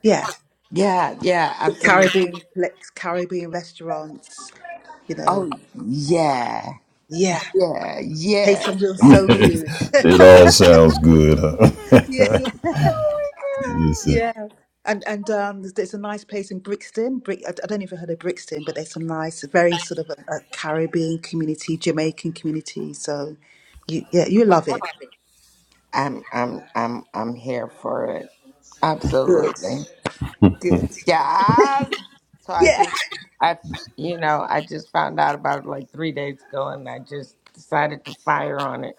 yeah, Yeah, yeah, the absolutely. Caribbean, like, Caribbean restaurants. You know, Oh yeah, yeah, yeah, taste yeah. some real soul food. yeah. Oh my god. Yeah, and and um, there's there's a nice place in Brixton. Brick, I I don't know if you heard of Brixton, but there's some nice, very sort of a, a Caribbean community, Jamaican community. So, you yeah, you love it. I'm I'm I'm I'm here for it. Good, Absolutely. good. Yes. So I Yeah. just I you know, I just found out about it like 3 days ago and I just decided to fire on it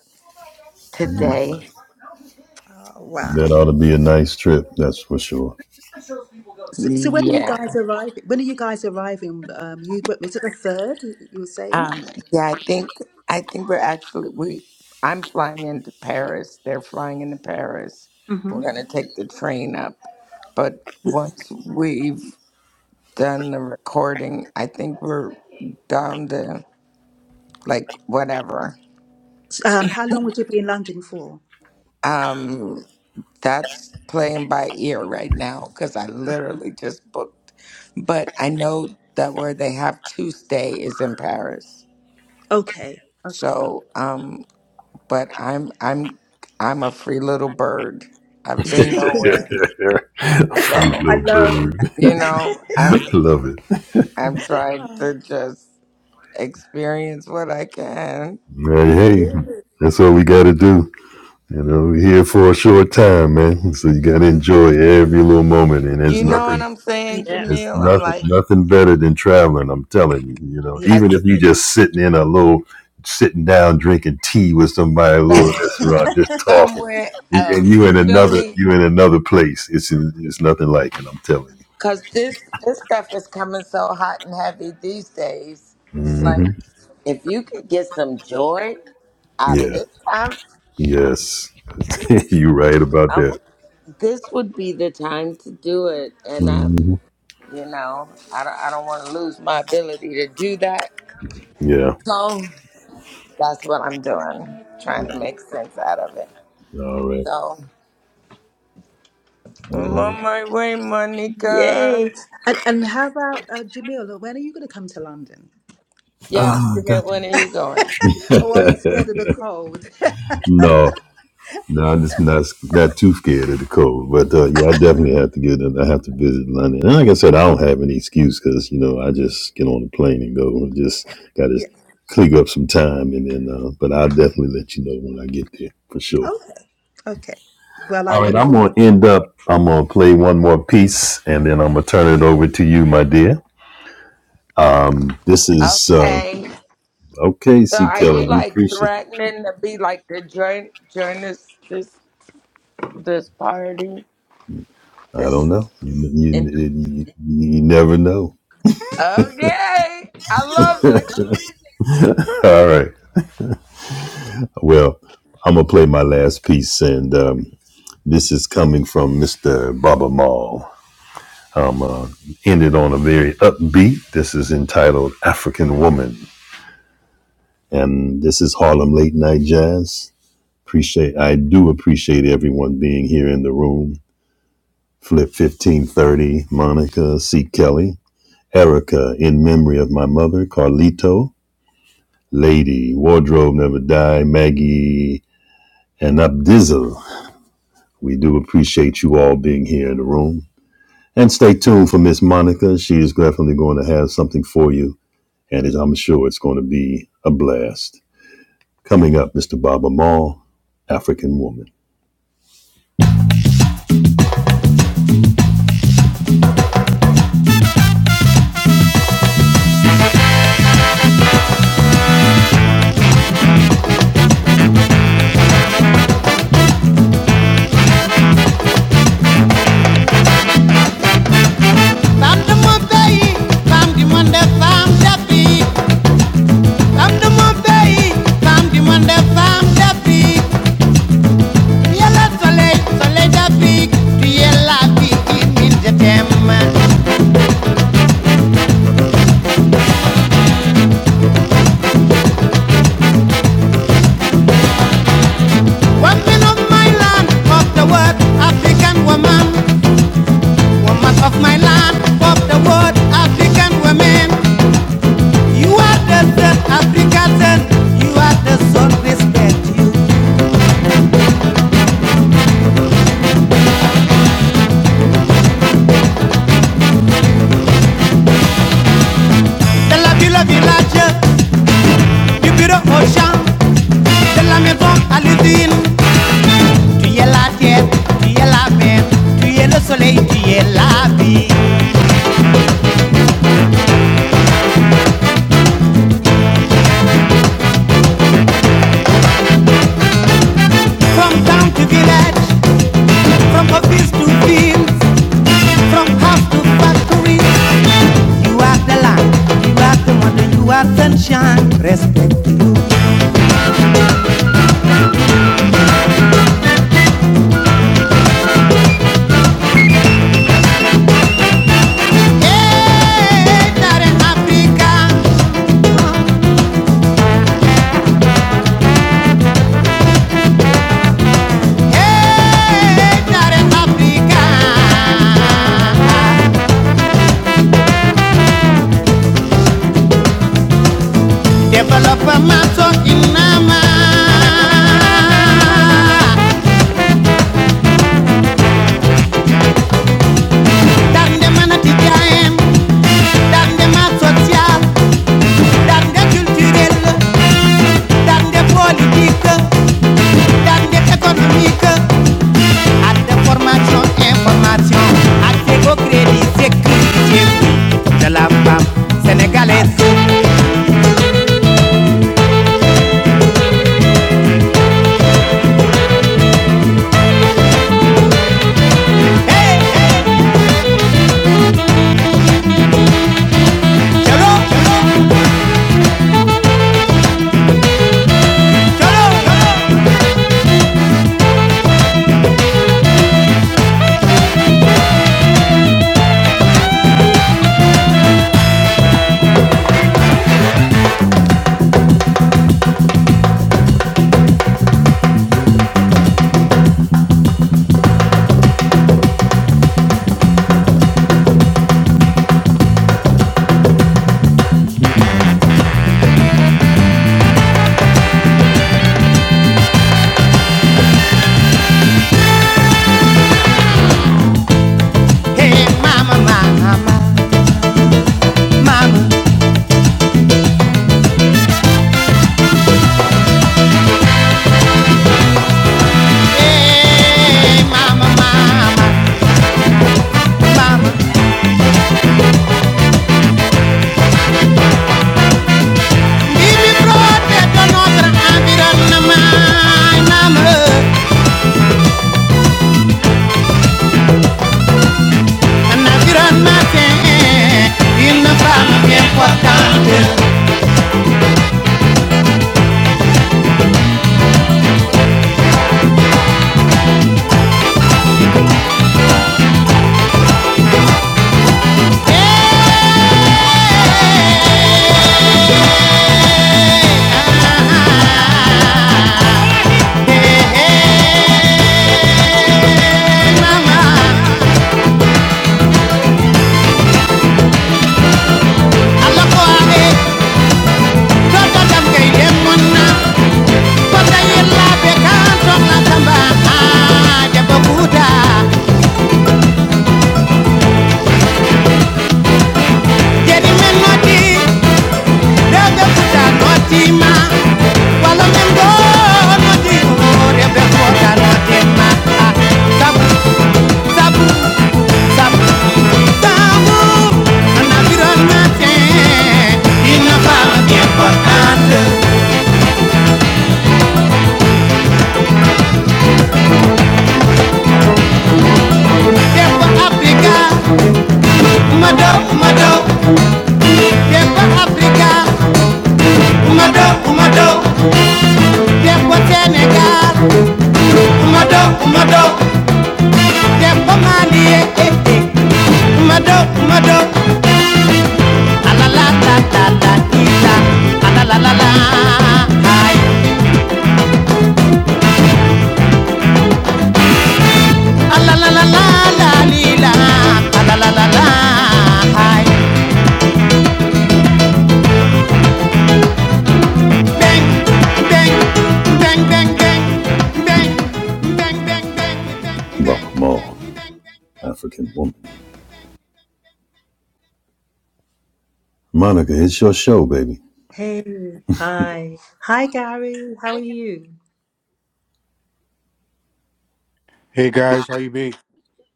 today. Oh, wow. So, so when are you Yeah. guys arriving? When are you guys arriving? Um, you is it the third? You were saying. Um yeah, I think I think we're actually we I'm flying into Paris. They're flying into Paris. hmm We're going to take the train up. But once we've done the recording, I think we're down to. like whatever. Um, how long would you be in London for? Um, that's playing by ear right now because I literally just booked. But I know that where they have Tuesday is in Paris. Okay, okay. So, um, but I'm I'm I'm a free little bird. I've been nowhere, I so know. you know I'm I'm trying Oh, to just experience what I can. Good. Good. You know what I'm saying, Yeah. Jamil? I'm like, yeah. has right somewhere else. You feel me? Cause this this stuff is coming so hot and heavy these days. Like, if you could get some joy out of this time, um, this would be the time to do it. And I, you know, I don't, I don't want to lose my ability to do that. So that's what I'm doing, trying to make sense out of it. So I'm on my way, Yay. Monica. And, and how about uh, Jamila? When are you going to come to London? Yeah, Jamil, when are you going? or are you scared of the cold? yeah. Okay. Okay. Well, I look forward. Okay. So are you like threatening to be like the join join this this this party? This in Okay. I love it. Village, du bureau au champ, de la maison à l'usine. Tu es la terre, tu es la mer, tu es le soleil, tu es la vie. From town to village, from office to fields, from house to factory, you are the land, you are the wonder, you are sunshine. Respect. Hey, darling Africa, hey, darling Africa. Develop a matter in Nama. Darling, the man at the time. daan de maat sociale daan de culturelle daan de politique daan de économique ak de formation information ak Seko crédit sécurité de la sénégalaise. Hey, cholo, cholo, cholo, cholo. Hey, mama, mama, mama. Hey, mama, mama, mama. Vivi protéger notre environnement, mama. Naturalmente, il ne parla più importante. Ah, eh, eh, mama, alla cuore, tolta tamke idem monna, kota yella be kantom la tamba, ah, de bokuta, jeri wala men noti, go de bokuta noti ah, Sabu, sabu, sabu. Un environnement sain, il ne parle Africa, umado, umado. Tiempo Africa, umado, umado. Tiempo Sénégal, umado, umado. Tiempo eh, eh, eh. umado, La la la la la la, la. la la la la, aïe. Bang, bang, bang, bang, bang, bang, bang, Hey. Hi. Hi, Gary. How are you? Hey guys, how you be?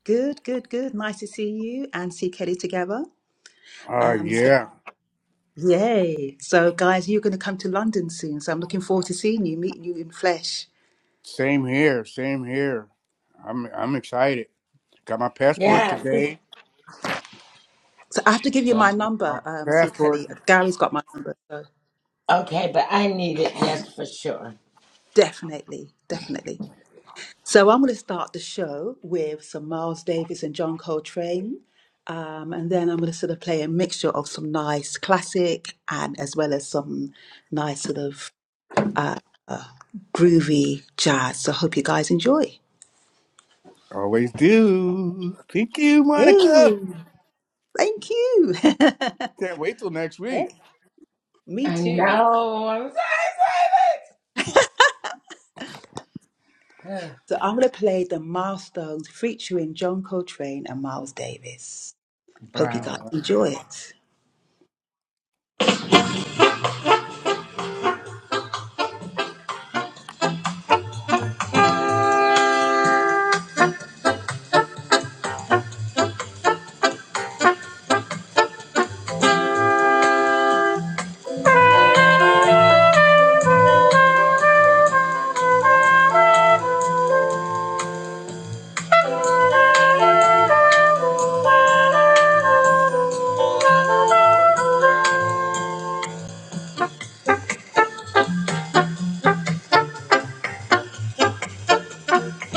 Good, good, good. Nice to see you and see Kelly together. Uh Um, so, yeah. yay. So, guys, you're going to come to London soon. So, I'm looking forward to seeing you, meeting you in flesh. Same here, same here. I'm I'm excited. Got my Yeah. passport Yeah. today. So I have to give you my Got my number, um, C. passport. Kelly. Gary's got my number, so Okay, but I need it, yes, for sure. definitely, definitely. So I'm going to start the show with some Miles Davis and John Coltrane, um, and then I'm going to sort of play a mixture of some nice classic and as well as some nice sort of uh, uh, groovy jazz. So I hope you guys enjoy. Always do. Thank you, Monica. Hey, thank you. Can't wait till next week. Me I too. know. I'm so excited. Ugh, So I'm going to play the Milestones featuring John Coltrane and Miles Davis. Hope you guys Bravo. enjoy it.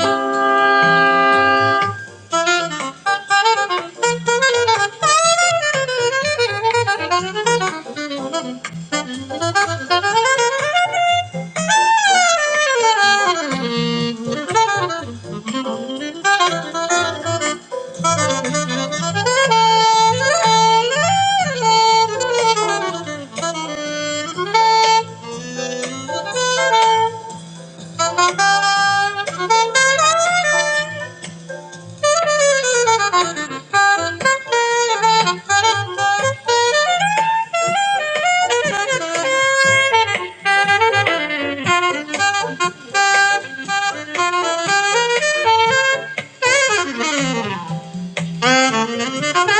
Thank you. Thank you. Bye.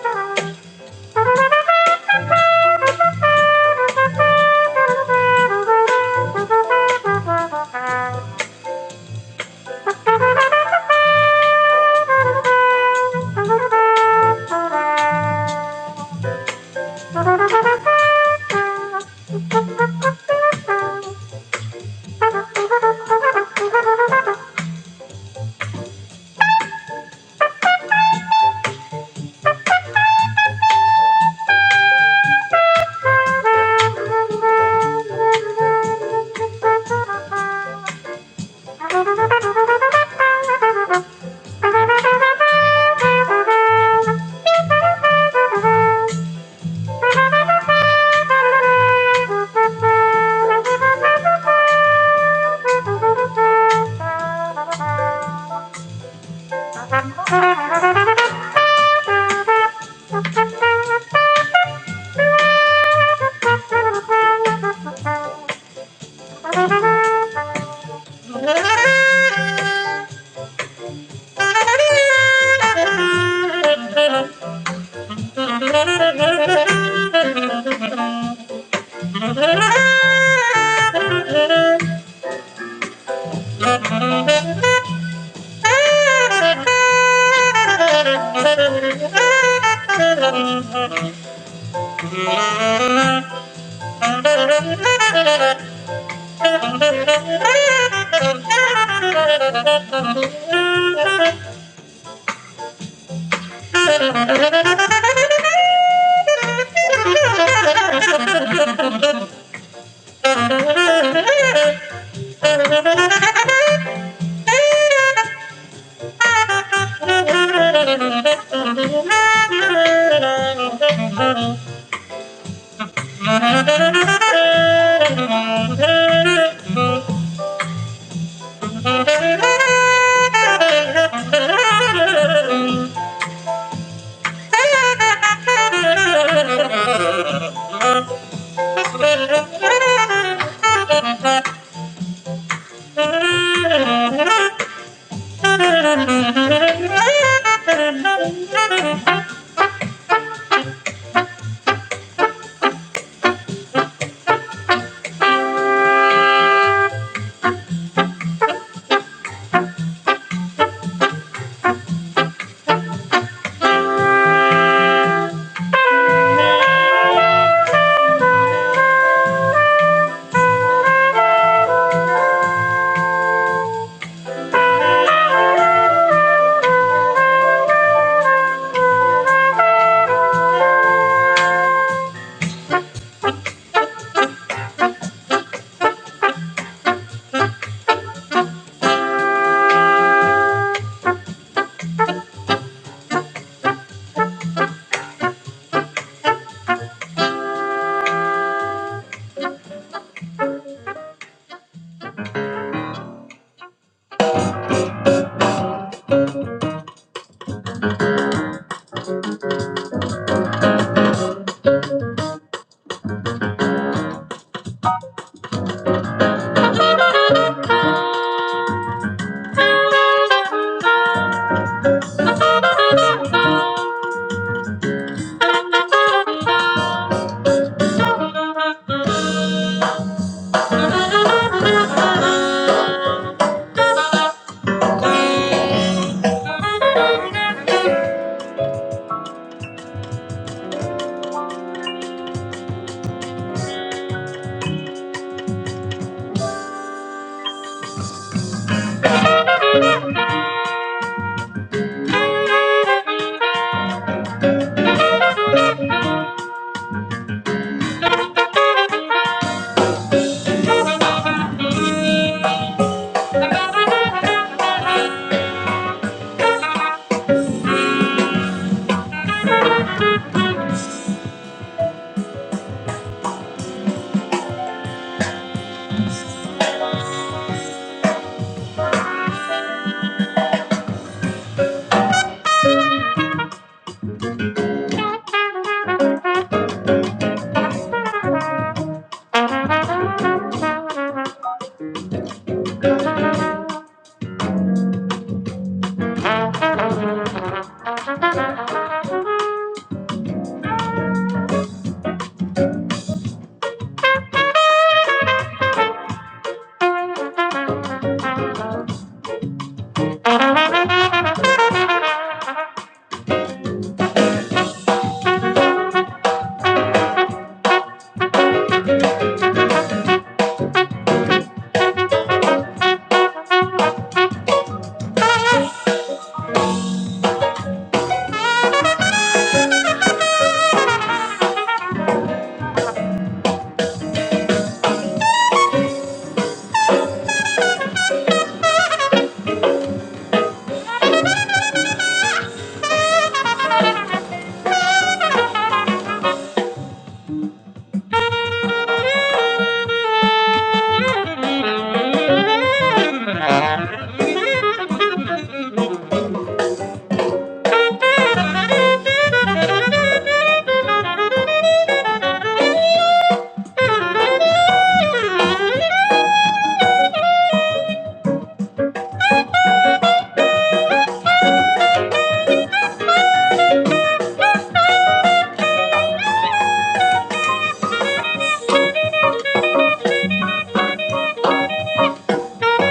Thank you. Thank you. Thank you. Thank you. Thank you. Thank Thank you. Thank you.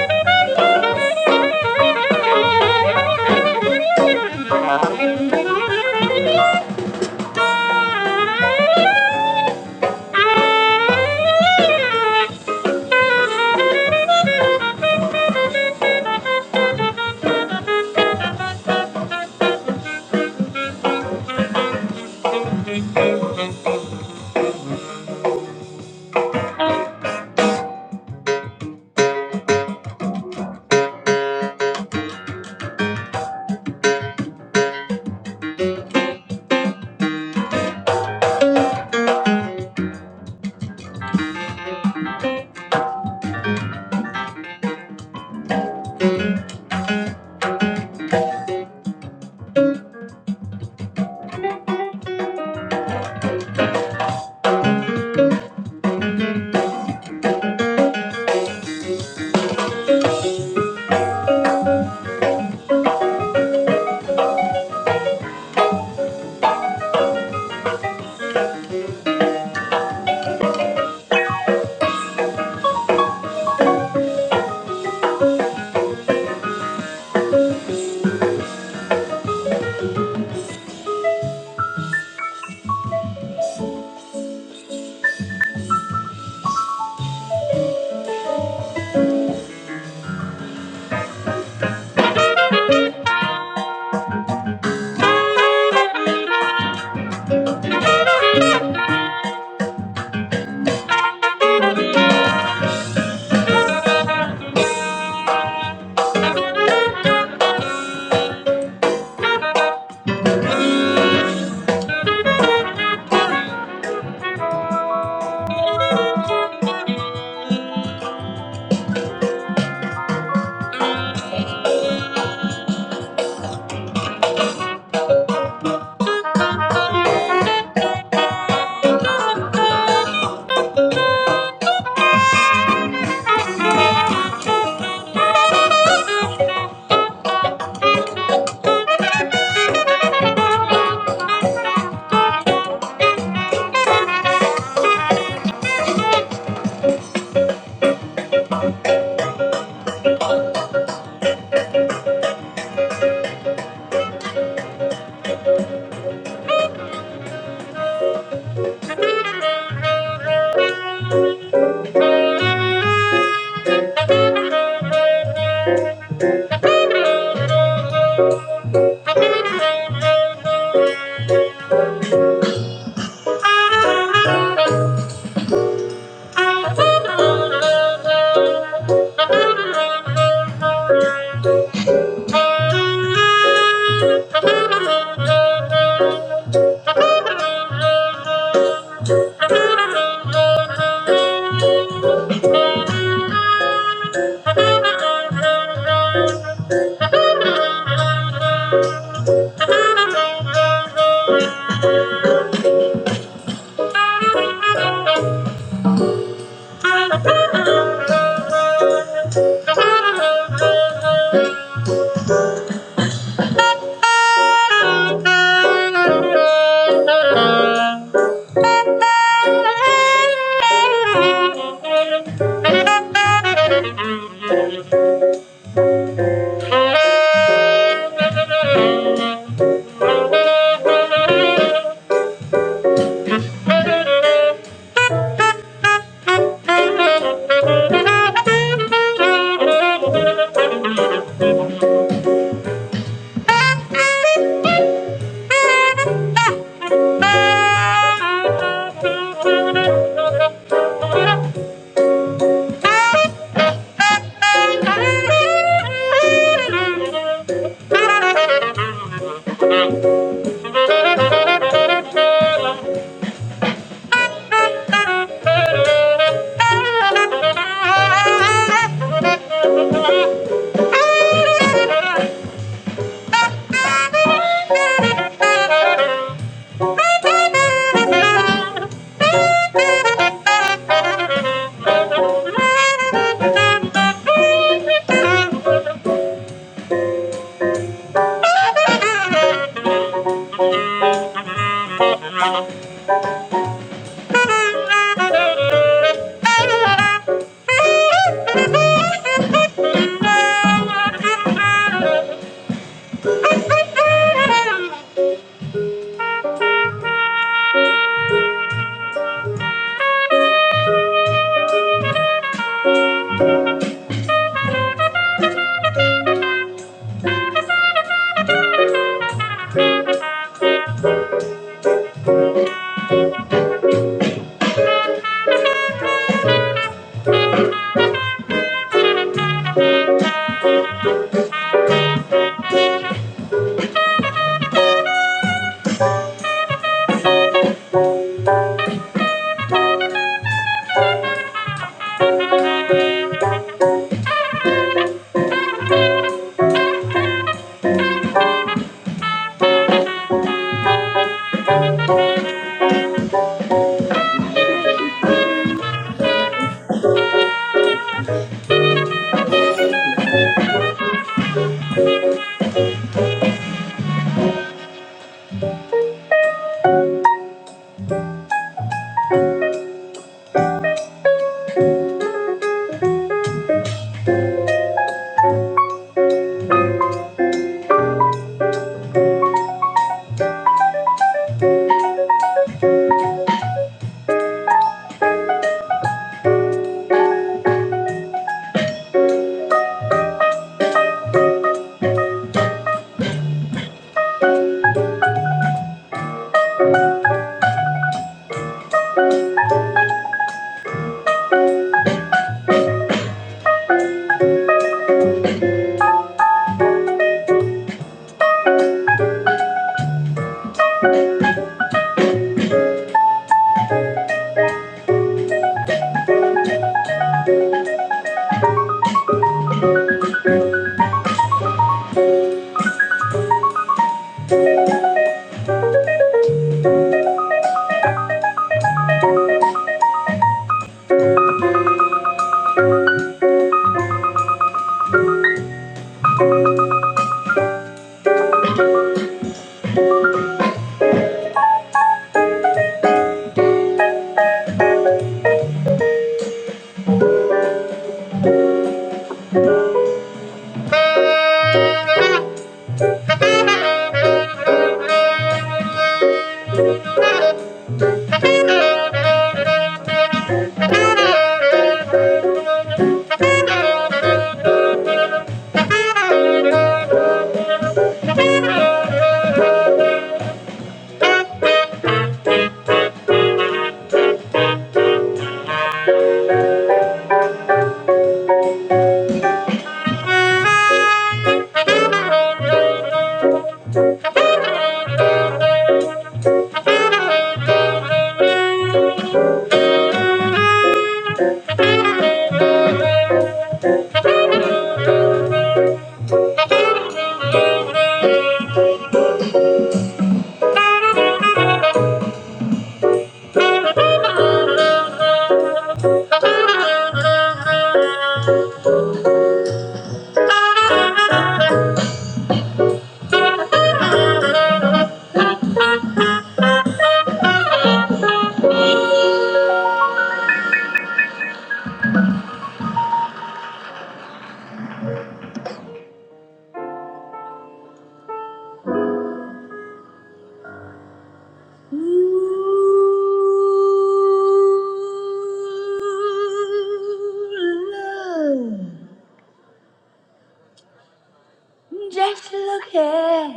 Thank you. Thank you. Thank you. Thank you. Thank you. Thank you. Thank you. Just look here.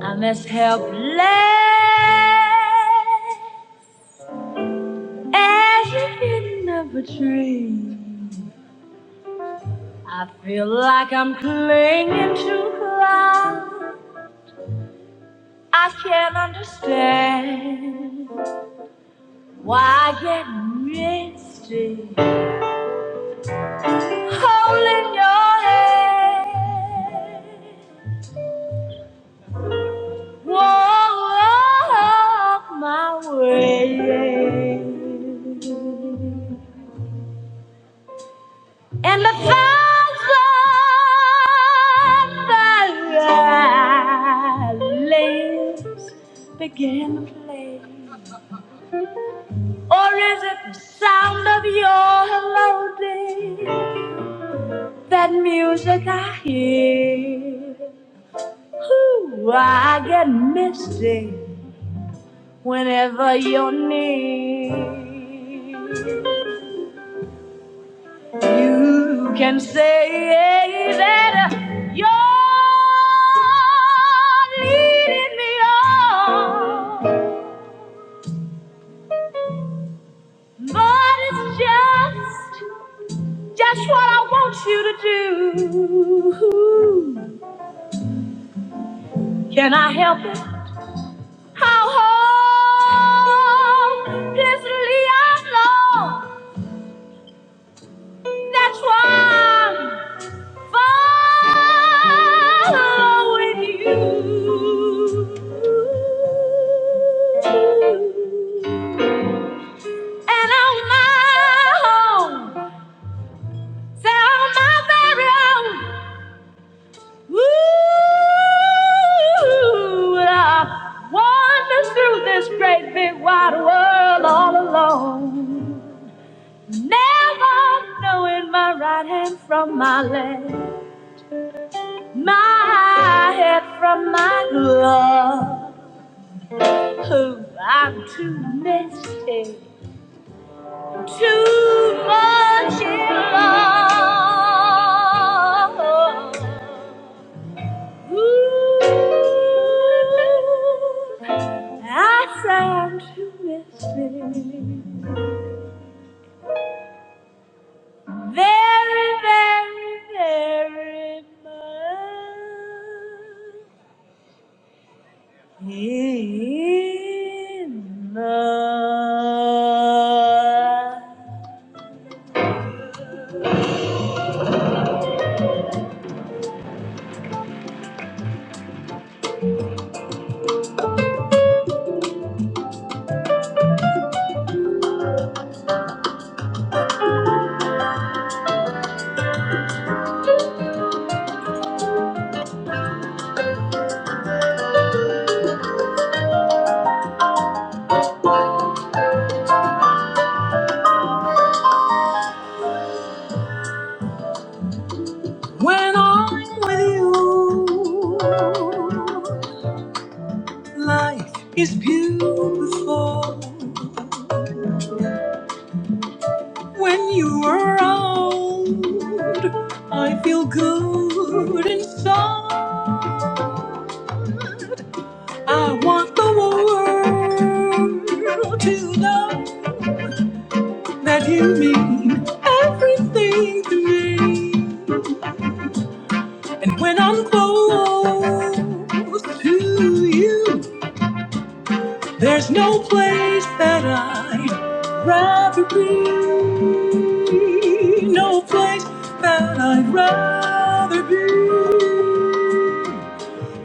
I'm as helpless As if hidden of a dream, I feel like I'm clinging to clouds. I can't understand why I get misty. Holding your hand, walk my way. and a thousand violins began to play. Or is it the sound of your melody? That music I hear. Ooh, I get misty whenever you're near. You can say that you're leading me on, but it's just just what I want you to do. Can I help it? How hopelessly I know. That's why. following you. And on my own, say on my very own, ooh, I wandered through this great big wide world all alone. Never knowing my right hand from my left. my head from my glove. Who I'm too messy, too much in love. Ooh, I sound too messy, very, very, very much. In love. I do before when you were around. I feel good inside. I want the world to know that you mean everything to me. And when I'm close to you, There's no place that I'd rather be. No place that I'd rather be.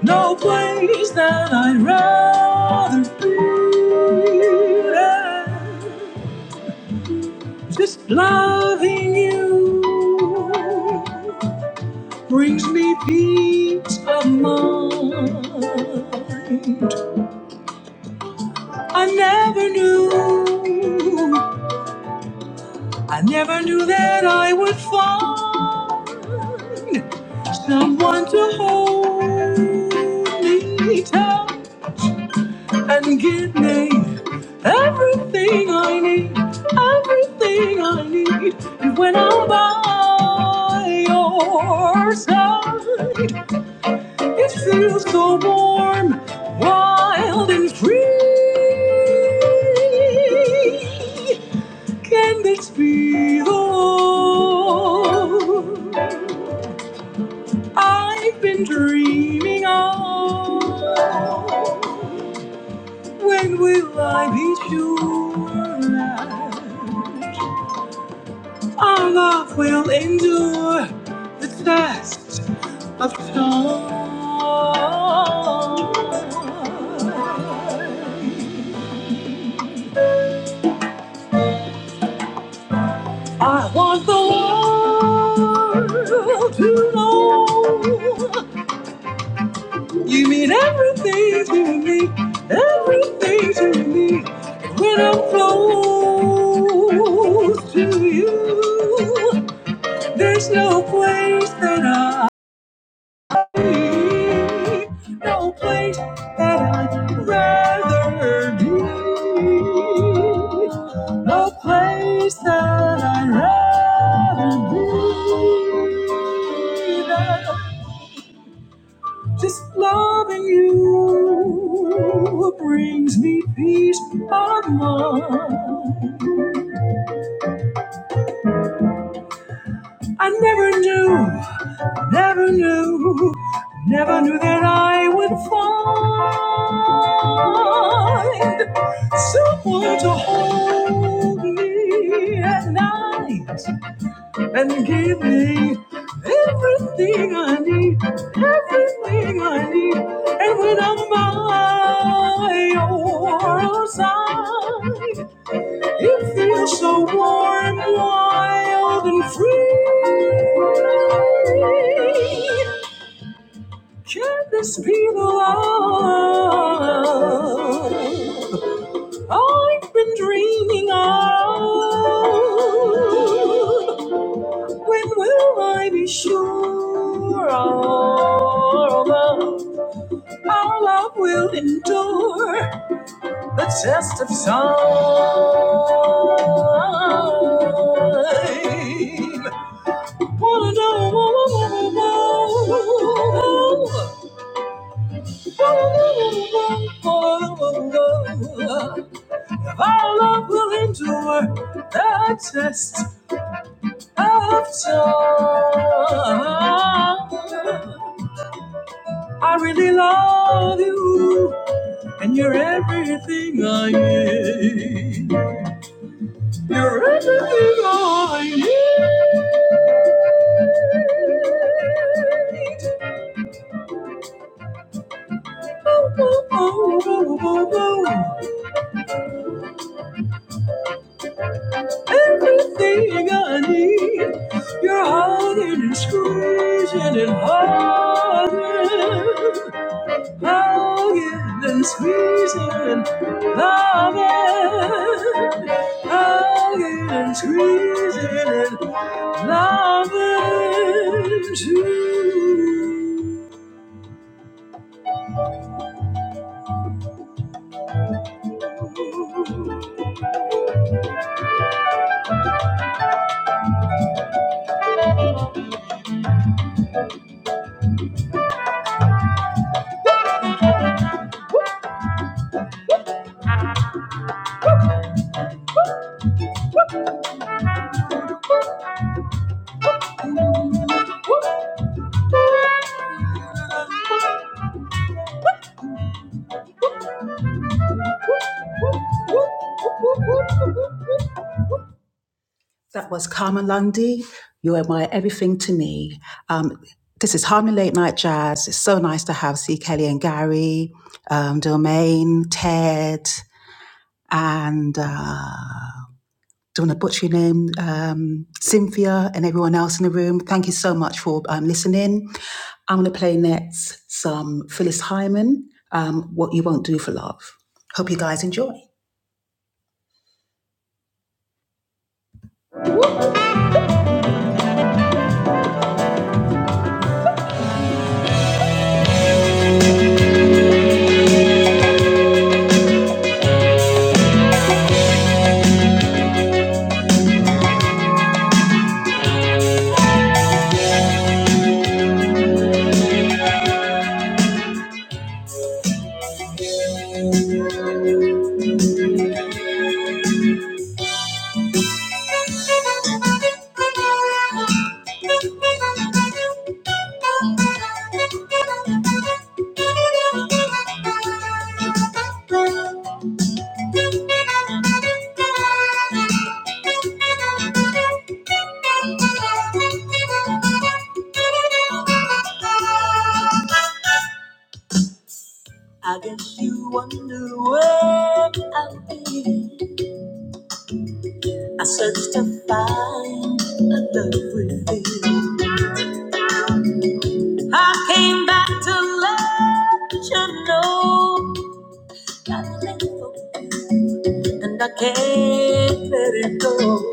No place that I'd rather be. than Just loving you brings me peace of mind. I never knew I never knew that I would find someone to hold me tight and give me everything I need, everything I need. And when I'm by your side, it feels so warm, wild, and free. Can this be the love I've been dreaming of? When will I be sure that our love will endure the test of time? I want the world to know You mean everything's to me, everything's to me. And when I'm close to you, there's no place that I, need, no place that I'd rather be, no place that I'd rather be. Just loving you brings me peace of mind. I never knew, never knew, never knew that I would find someone to hold me at night and give me everything I need, everything I need. And when I'm by your side, It feels so warm, wild, and free. Can this be the love I've been dreaming of? When will I be sure of our love will endure? the test of time. Wanna know, wanna know, wanna know, wanna know. If our love will endure the test of time. I really love you, and you're everything I am. You're everything I need. Oh, oh, oh, oh, oh, oh. Everything I need. You're hugging and squeezing and hugging. Hugging and squeezing and loving. Hugging and squeezing and loving too. That was Karma Lundy. You are my everything to me. Um, this is Harmony Late Night Jazz. It's so nice to have C. Kelly and Gary, um, Domain, Ted, and uh, don't want to butcher your name, um, Cynthia, and everyone else in the room. Thank you so much for um, listening. I'm going to play next some Phyllis Hyman, um, What You Won't Do for Love. Hope you guys enjoy. I guess you wonder where I've been. I searched to find a love within. I came back to let you know. I let go, And I can't let it go.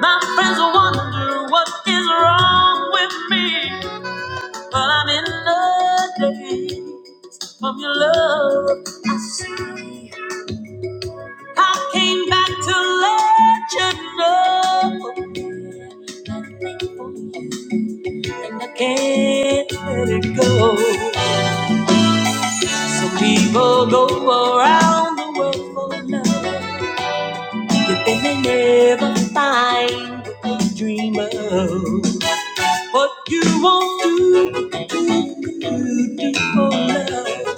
My friends wonder what is wrong with me. But I'm in love from your love. I came back to let you know. And I can't let it go. Some people go around the world for love. You may never find what you dream of, but you won't do beautiful love.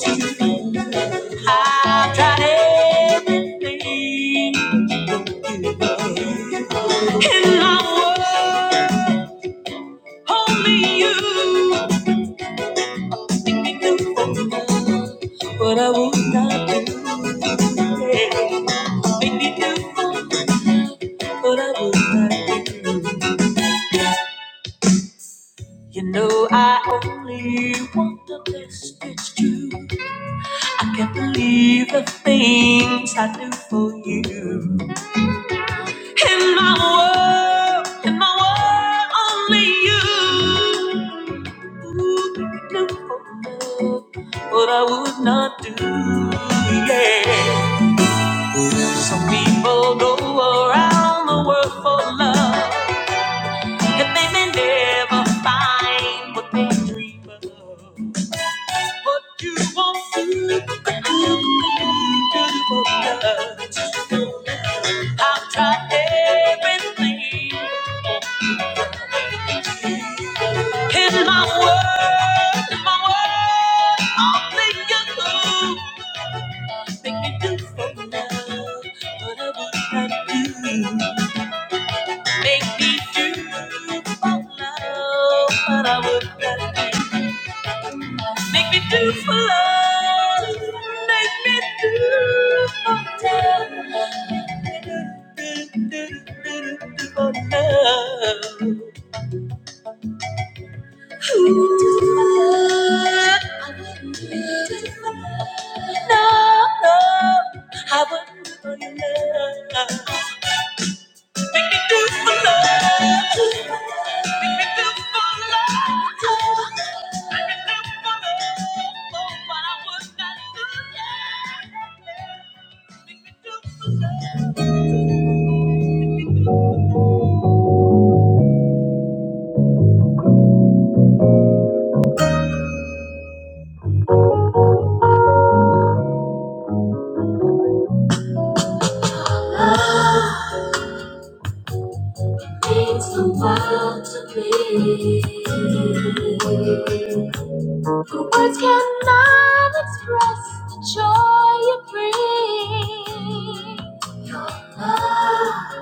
too. I've tried everything in my world, only you make the love, but I would not do. Yeah. Make me do, fun, but I would not do. it. You know I only want the best, it's true. I can't believe the things I do for you. In my world, in my world, only you. Ooh, you could do for love what I would not do. Yeah. Some people go around the world for love, and they may never find what they dream of. What you want to do, you do for love. I've tried everything in my world, in my world, only you could make me do for love what I would not do. Make me do for love what I would not do. Make me do for love, make me do for love. do, do, do, do, do, do, do for love. I I would would do do do do do do for for for for for love, love, love, love, love, make make make me me me not Takes a while to be. Words cannot express the joy you bring. Ah,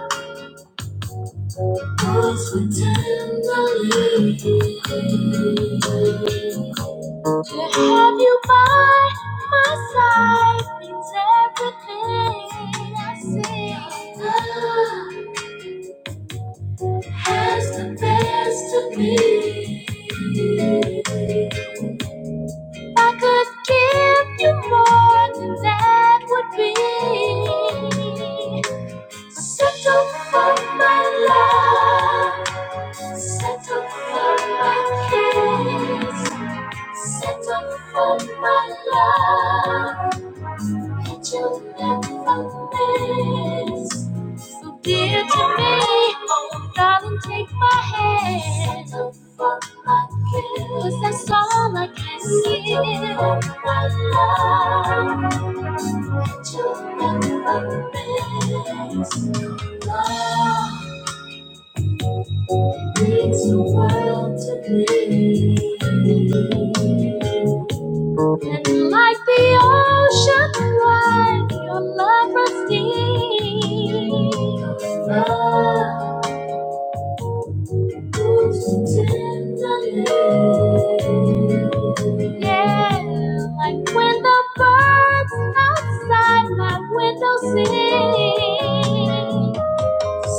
oh, so tenderly. To have you by my side means everything I see. Love has the best of me. If I could give you more than that would be. Settle for my love. Settle for my kiss. Settle for my love. And you'll never miss. So dear to me, oh darling, take my hand. Settle for my kiss. 'Cause that's all I can give. Settle for my love. And you'll never miss. Love Takes the world to clear. And like the ocean wide, your love runs deep. Love moves tenderly. Yeah, like when the birds outside my window sing. Set up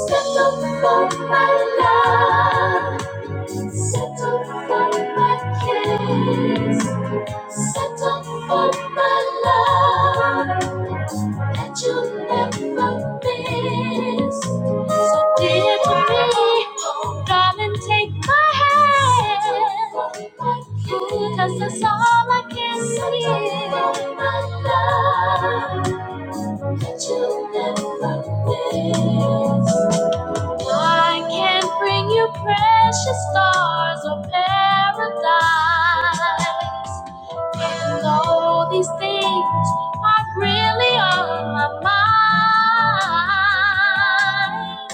for my love. Set up for my kiss, Set up for my love that you'll never miss. So dear to me, oh darling, take my hand. Cause that's all I can give. Set up for my love that you'll never miss. I can't bring you precious stars or paradise. And though these things are really on my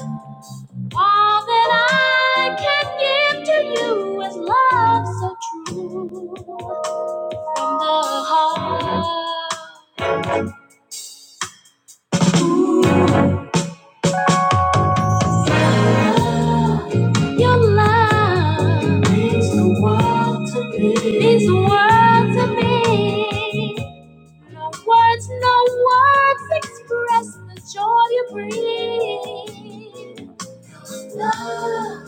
mind, all that I can give to you is love so true from the heart. Your love means the world to me. Means the world to me. No words, no words express the joy you bring. Love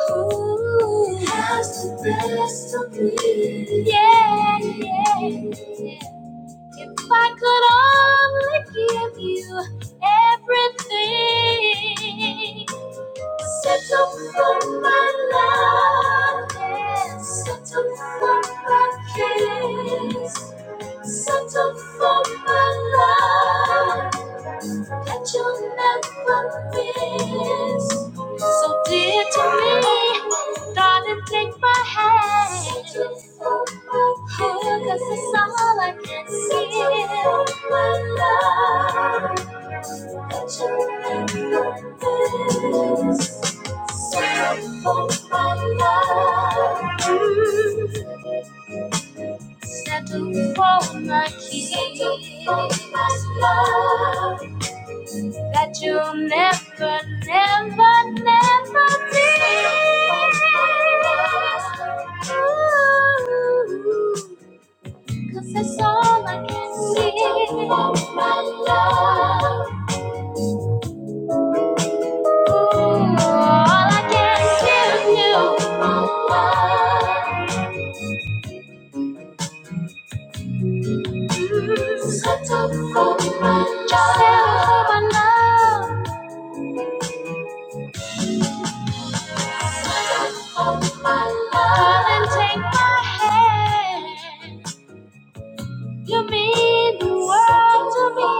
Ooh. has the best of me. Yeah, yeah, yeah. If I could only give you everything. Set up for my love, yeah. set up for my kiss, set up for my love that you'll never miss. So dear to me, darling, take my hand. Set up for my kiss. Oh, 'cause it's all I can see. Set up for my love. Settle for my king that you'll never, never, never be. Ooh, Cause that's all I can see. Settle for My love. All I can give you. settle for my love. Love and take my hand. You mean the world to me.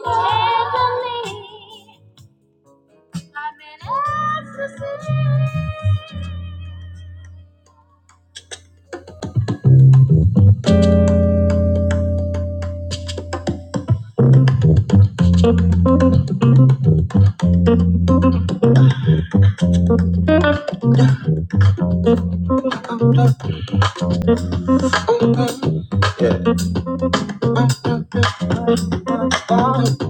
Tenderly, I'm in ecstasy.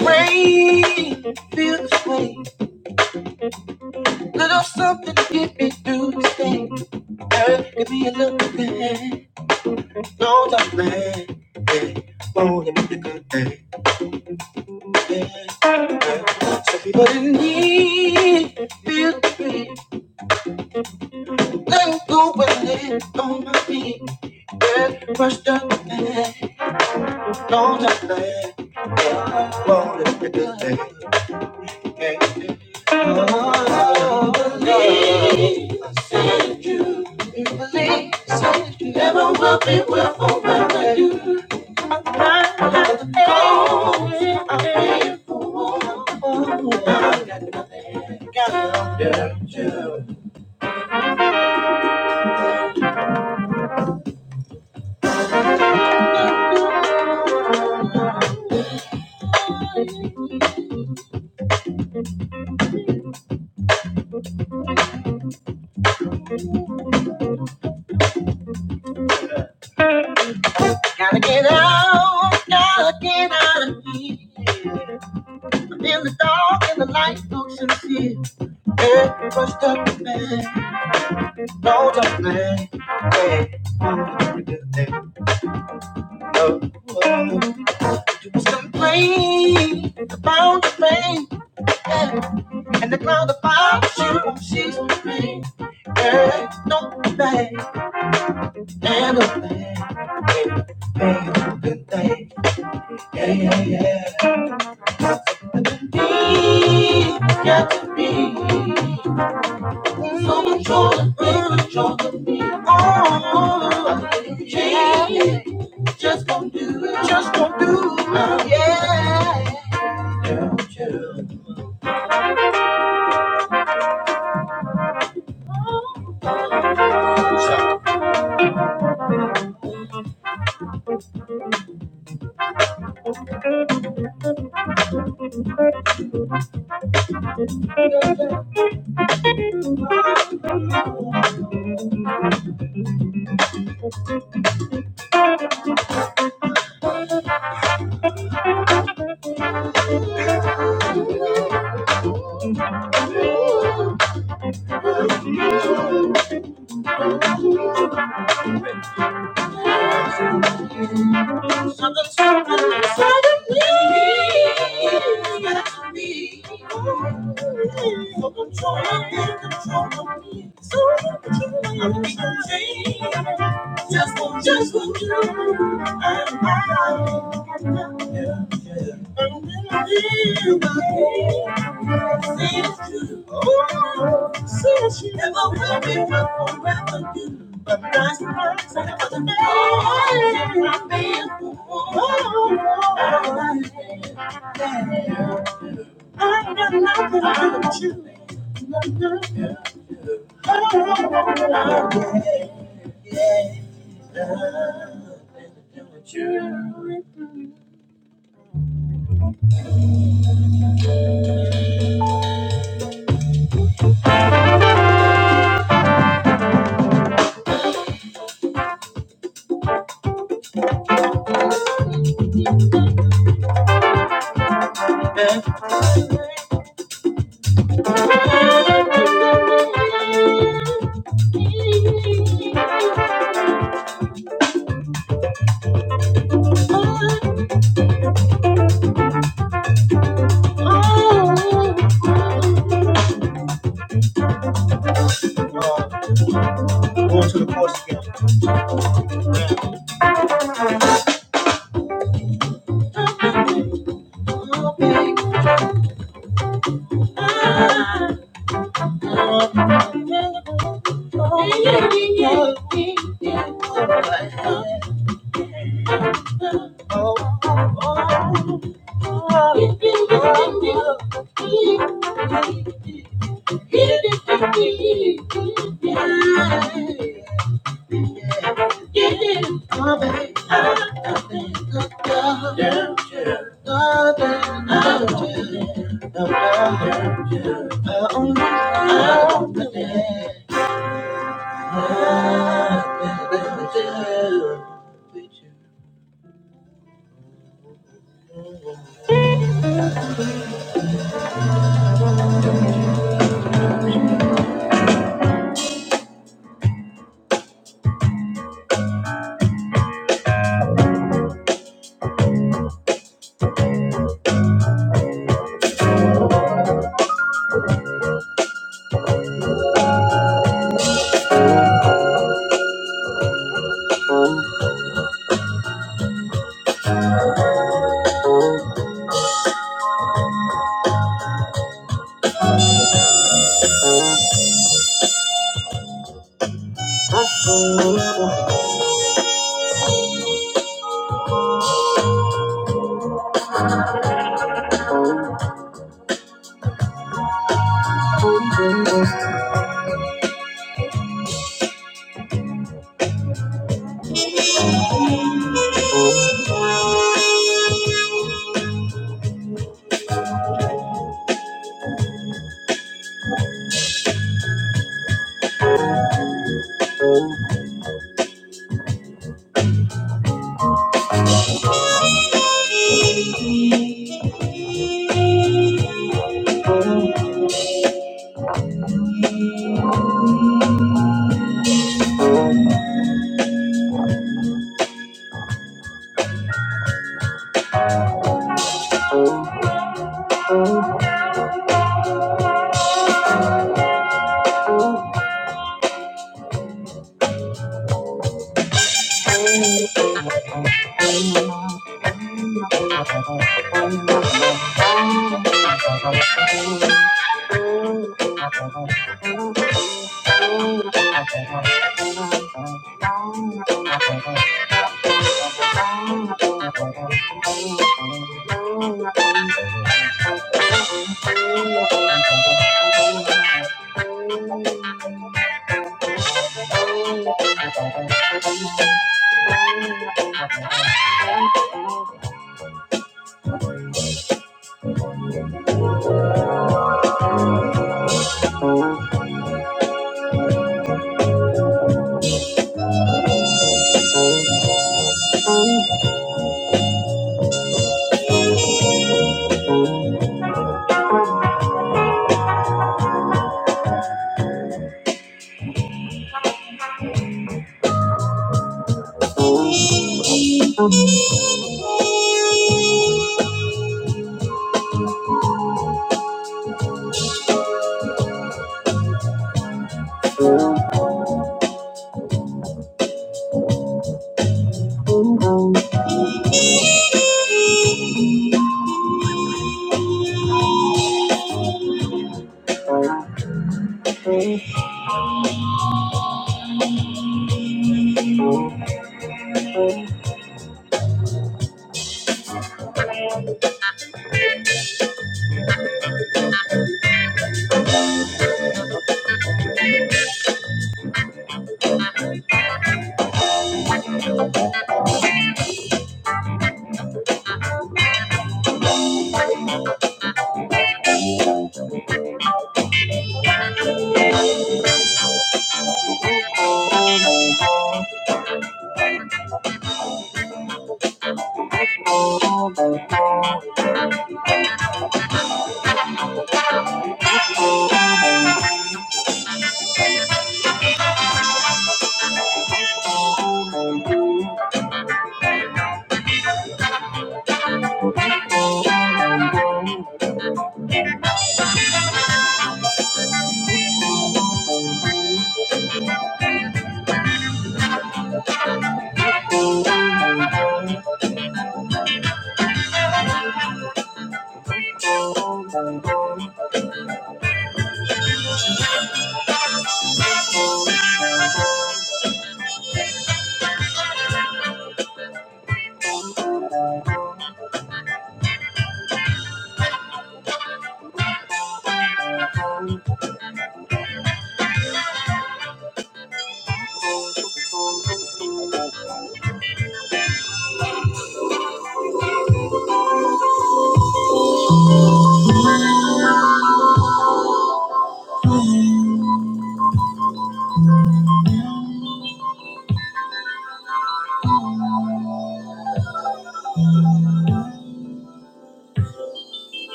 Rain feels the way. Little something to get me through the day. Earth can be a little bit, no doubt darling. Yeah. Won't it be a good day? Yeah. yeah. Some people in need, feel free. Let go and lay on my feet. Yeah. Rush up man, no doubt darling. Yeah. Won't it be a good day? Oh, believe, believe, so that you never will be, will forever do. Gotta get out, gotta get out of here. I'm in the dark and the light looks sincere. Every rush up the man, no time man. Hey, I'm do that. Oh, oh. complain about the pain yeah. and the cloud about you. She's the pain. Hey, no bad. And a thing, no good thing. Yeah, yeah, yeah. Be, got to be. So much joy, great joy to be. Oh, yeah. Just gonna do it. Just gonna do it. Oh, yeah. yeah. Something, something, something. Got to be. Oh, Just want, just want you. And I, and I, and I, and I, and I, and I, Oh, said she never will be one forever do. But that's the first and other man. I've been through. Oh, I got nothing but you. Nothing. Oh, yeah, yeah. Nothing to do with you. Uh, Going to the chorus again. Oh, oh, oh. Thank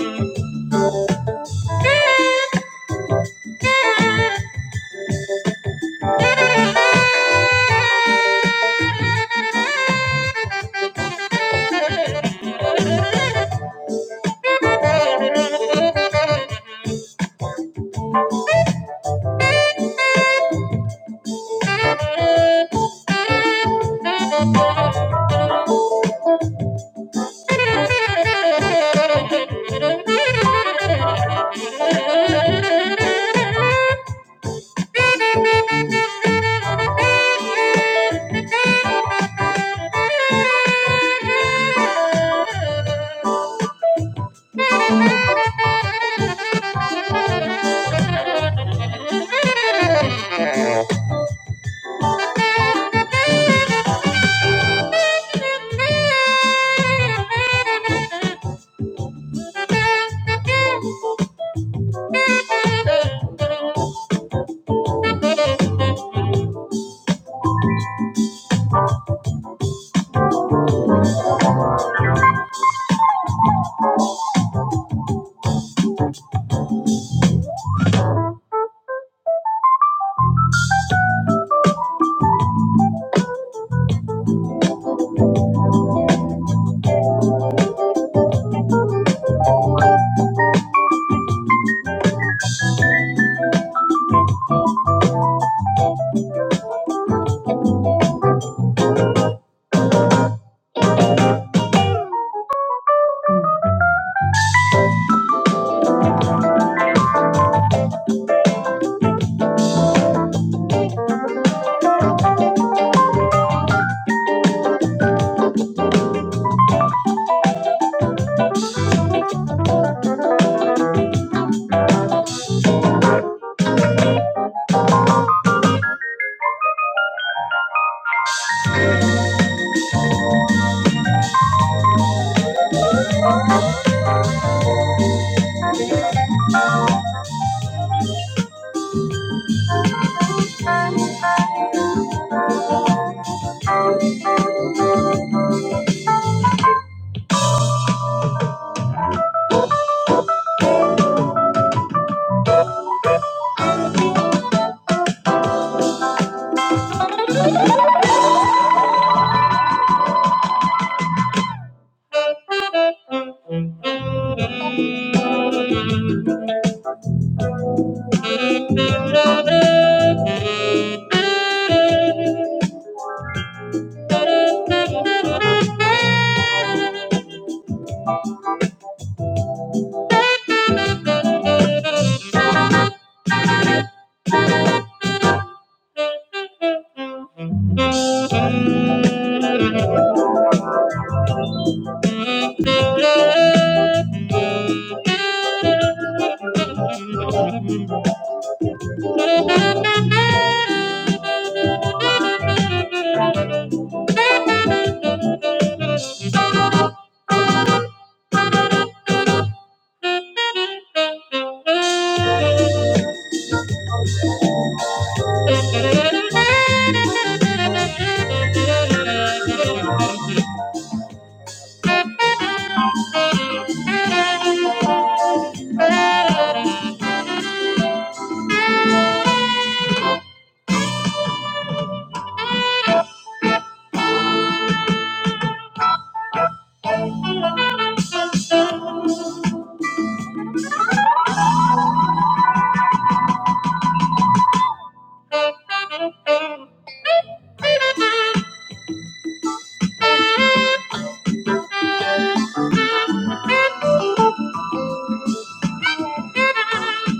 you. Thank you. Thank you. Thank you.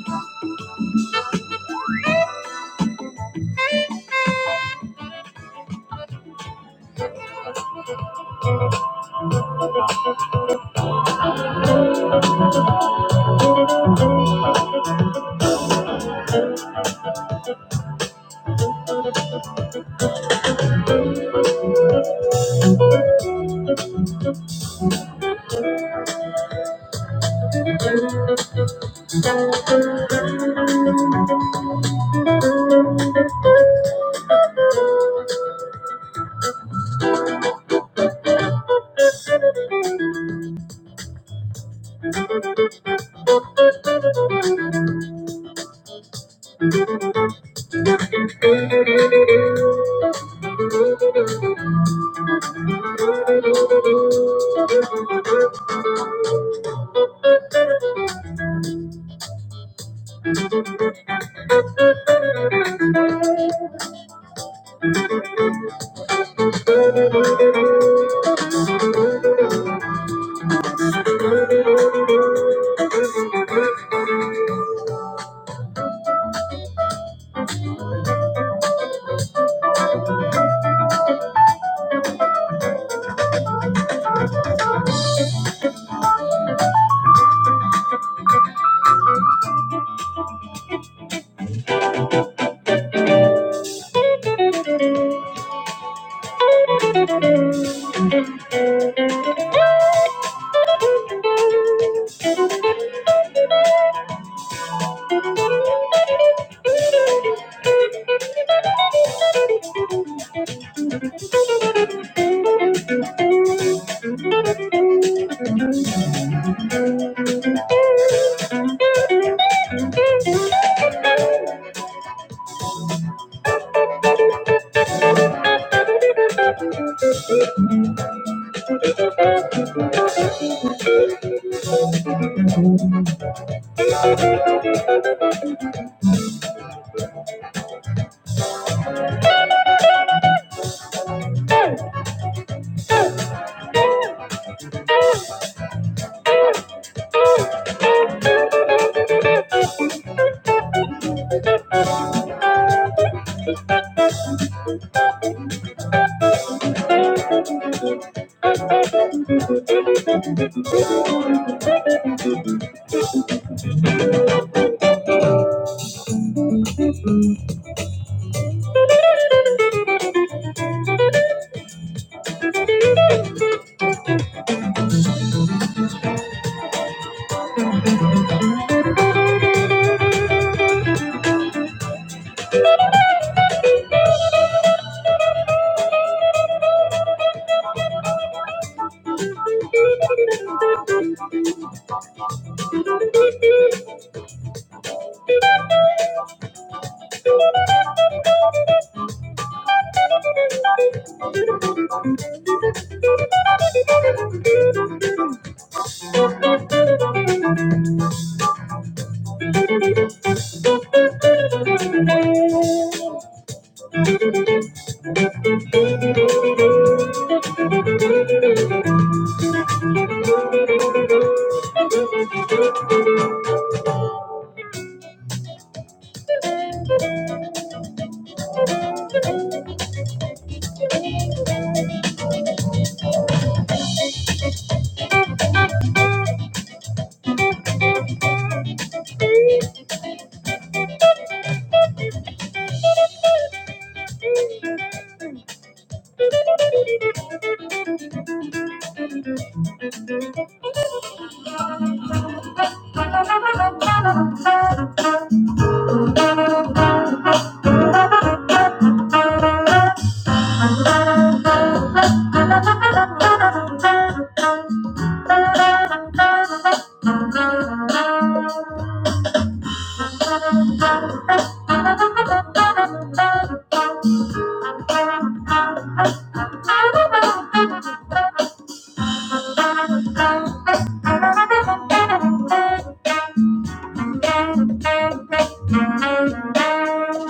Thank you.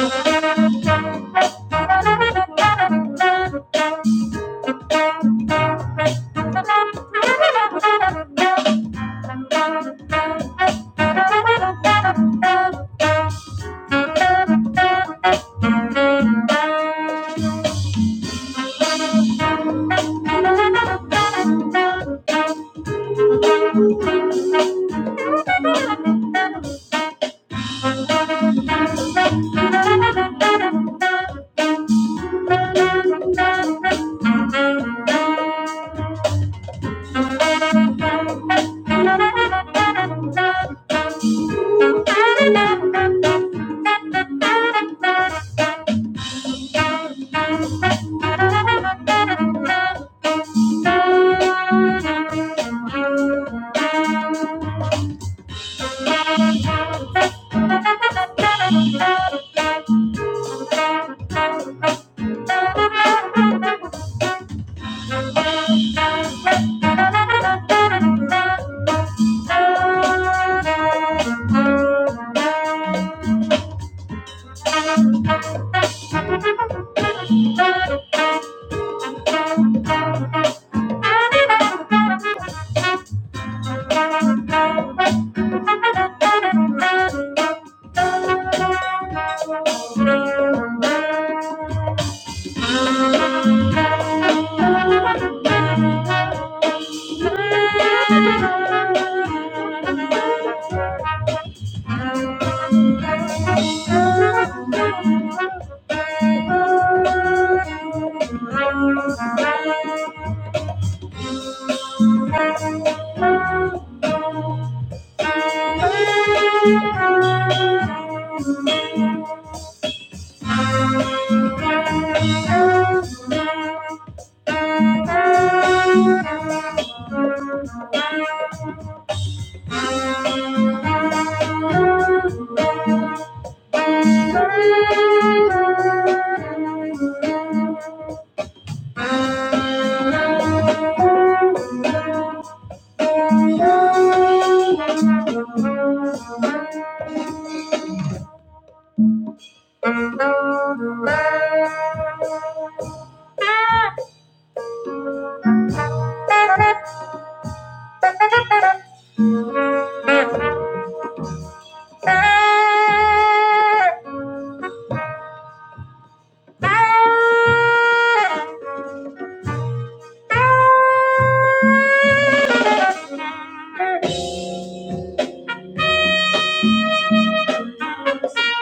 Thank you. Ah. Thank you. Thank you.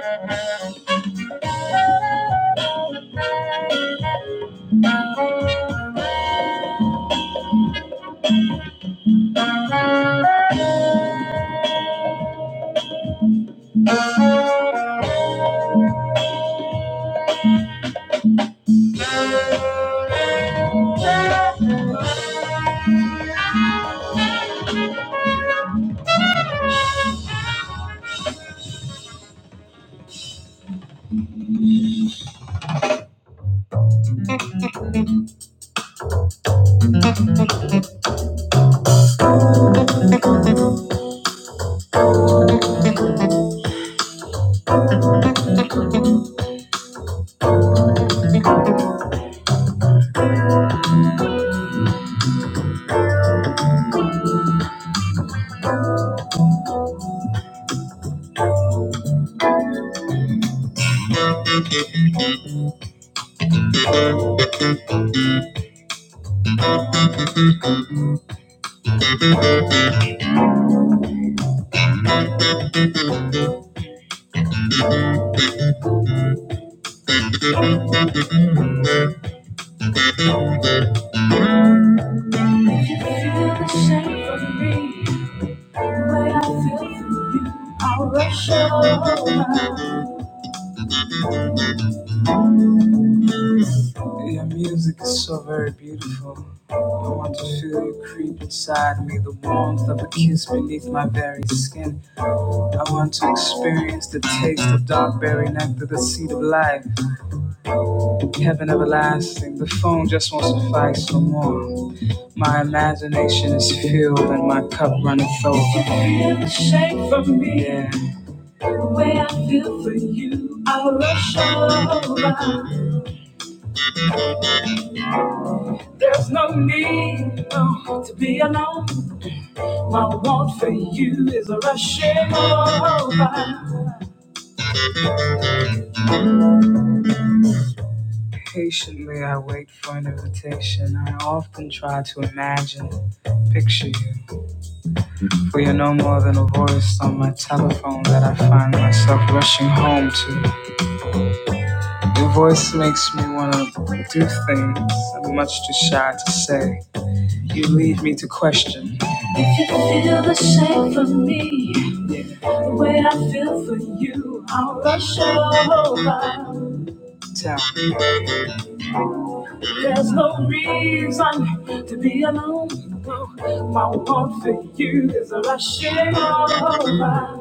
Thank you. Your music is so very beautiful. I want to feel you creep inside me, the warmth of a kiss beneath my very skin. I want to experience the taste of darkberry nectar, the seed of life, heaven everlasting. The phone just won't suffice for more. My imagination is filled and my cup runneth over. Yeah. Where I feel for you, I'll rush over. There's no need no, to be alone. My want for you is rushing over. Patiently, I wait for an invitation. I often try to imagine, picture you for your no more. The way I feel for you, I'll rush over. There's no reason to be alone. No, my want for you is rushing over.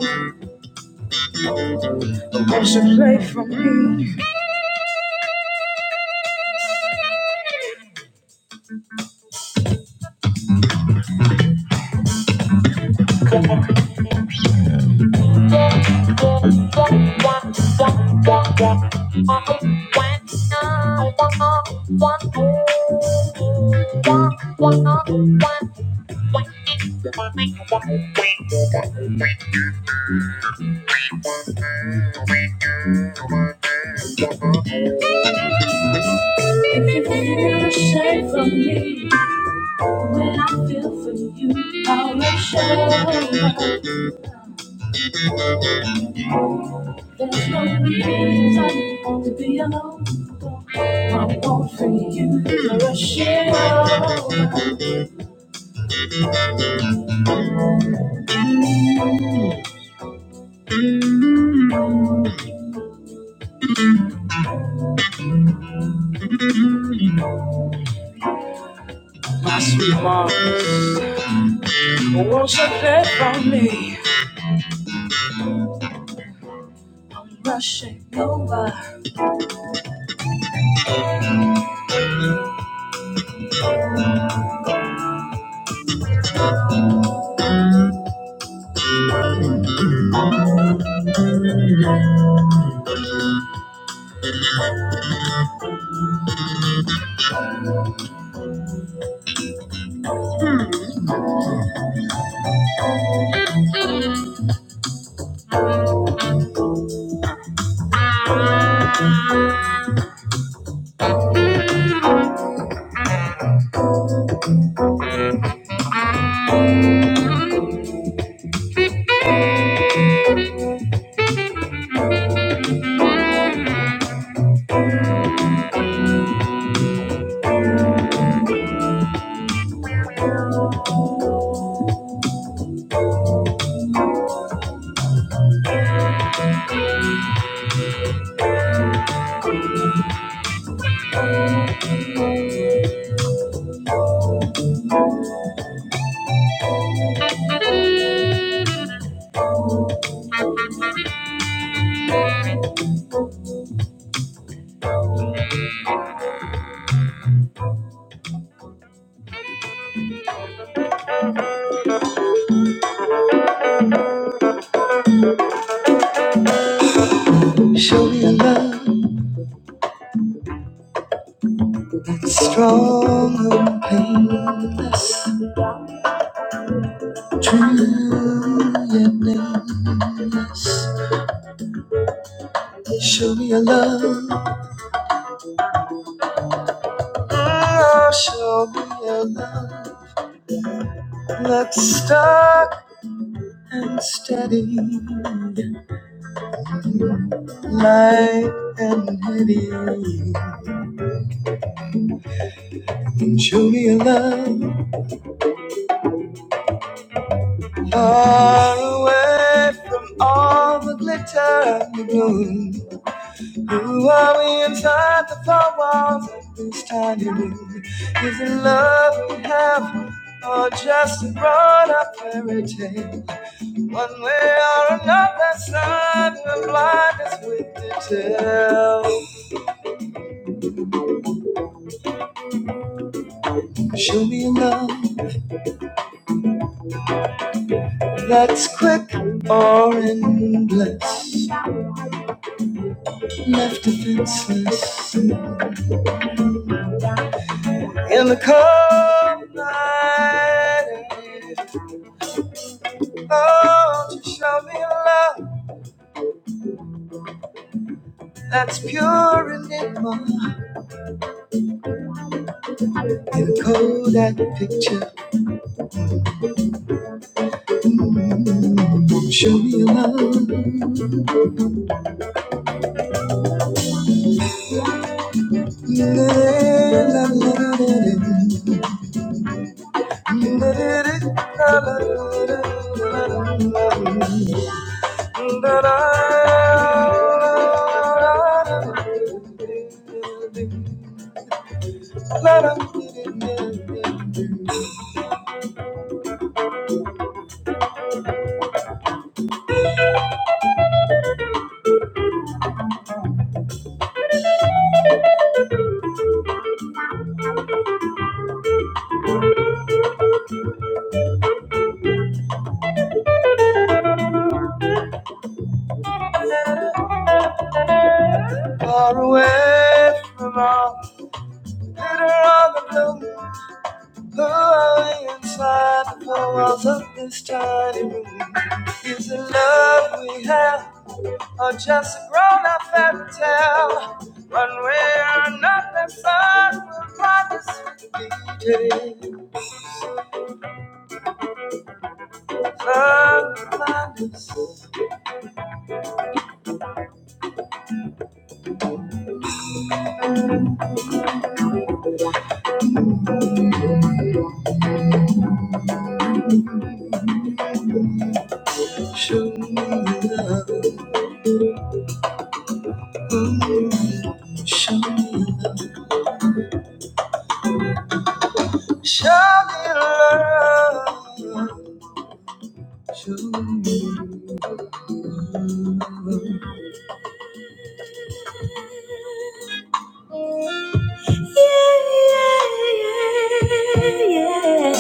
Won't you play for me? My sweet mom, Won't you play for me? Oh, show me a love that's stuck and steady, light and heady. And show me a love far away from all the glitter and the gloom. You worry inside the four walls of this tiny room. Is it love we have, or just a grown-up fairy tale? One way or another, son, we're blind as with the tale. Show me a love that's quick or endless, left defenseless in the cold night. Oh, just show me a love. That's pure enigma in a Kodak picture. won't Show me your love. La, la, la, la, la, Far away from all the glitter on the blue, blue are inside the four walls of this tiny room? Is the love we have? or just a grown-up fairy tale. One way or another, sun will find us. Sun will find us. Show, show, show me love. Show me. Yeah, yeah, yeah. yeah.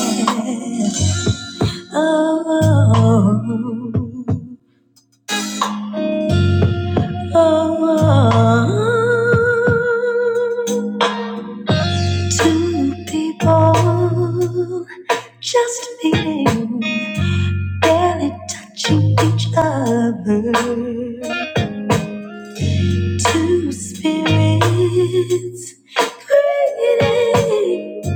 Oh, oh, oh. Two people just meeting. barely touching each other. Two spirits created,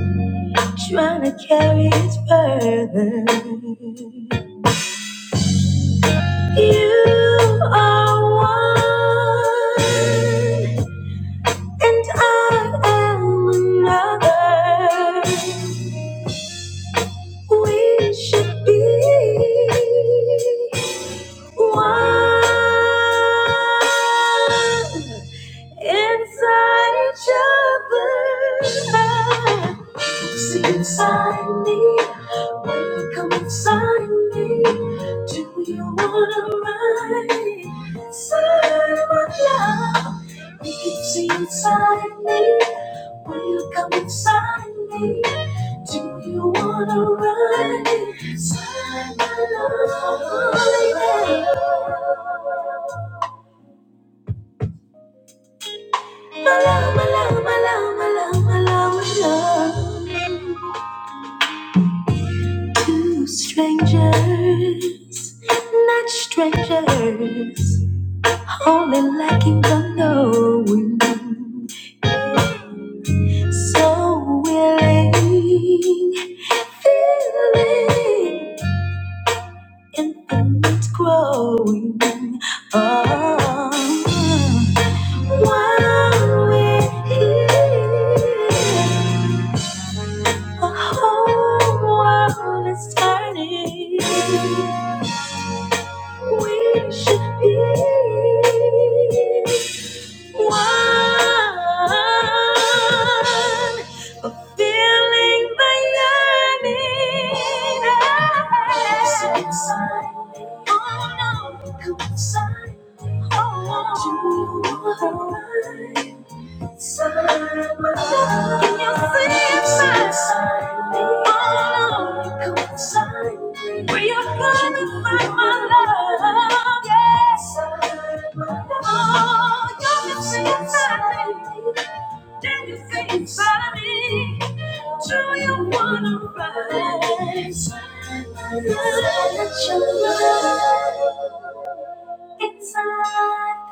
trying to carry its burden. You are one, and I am another. We should be one. inside each other. See inside me, when you come inside me. Do you wanna ride inside my love? You can see inside me, when you come inside me. Do you wanna ride inside my love? My love, my love, my love, my love, my love, Two strangers, not strangers, only lacking the knowing. So willing, feeling, infinite growing. Oh, while we're here. The whole world is turning. We should be one in the universe. Oh no, coincide. Oh, to you. want to ride? Inside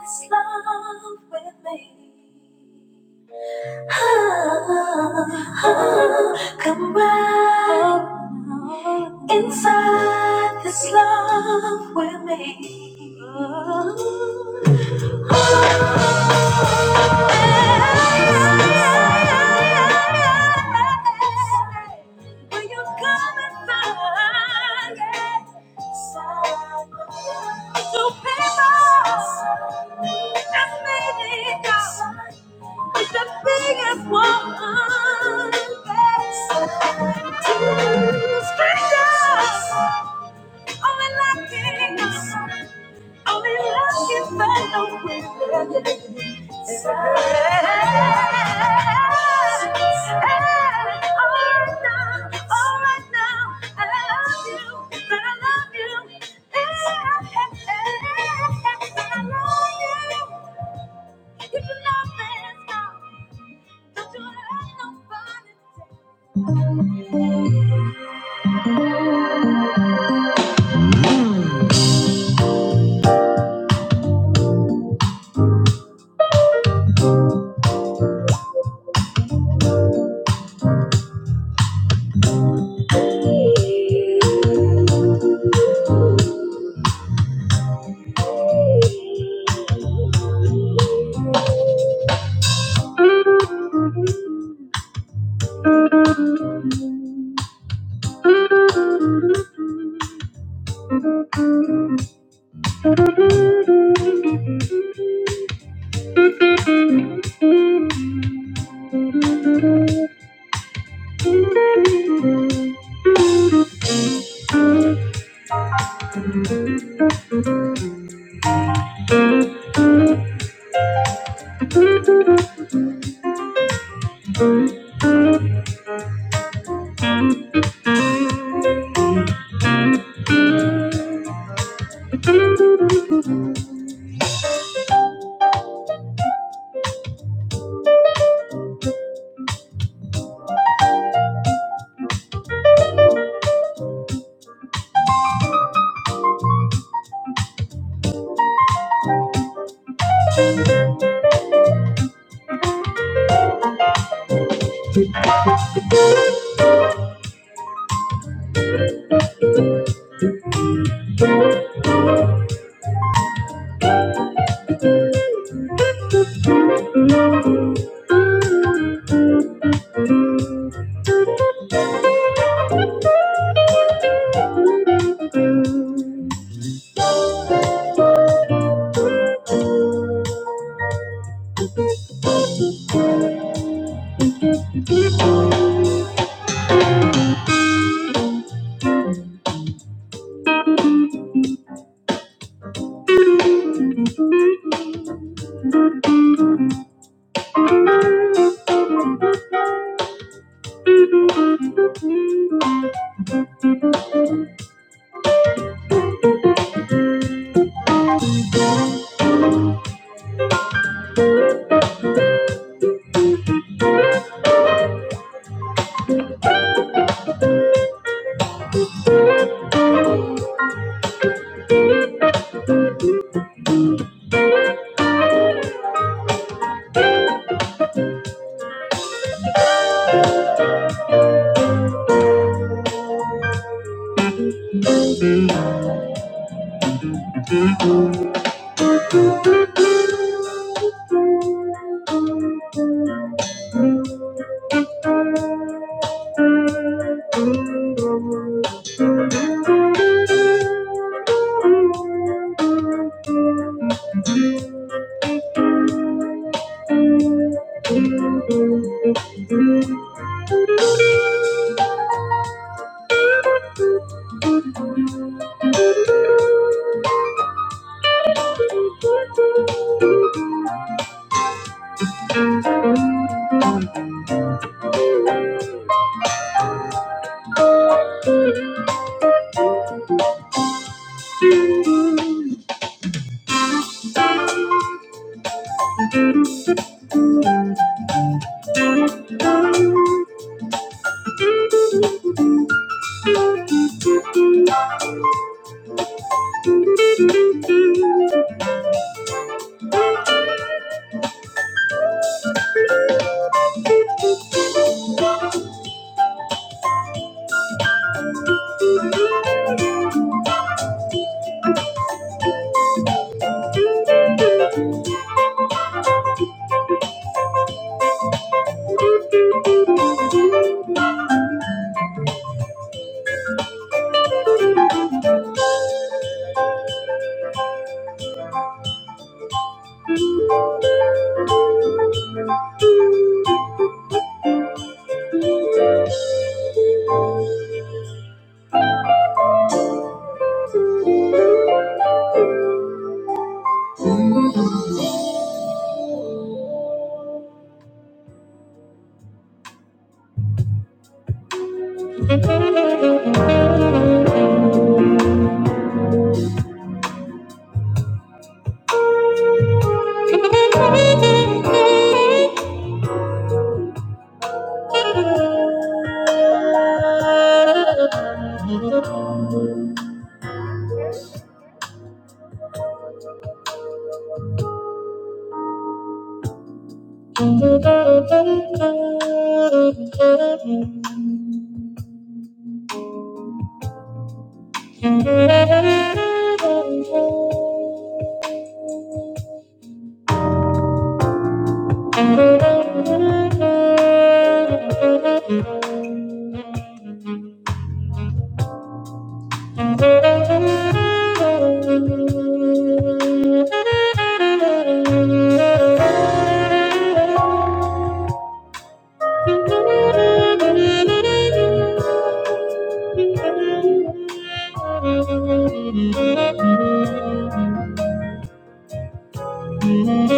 this love with me. Come right inside this love with me. Strangers, only like kings. Only love can find no way Thank Thank you. Thank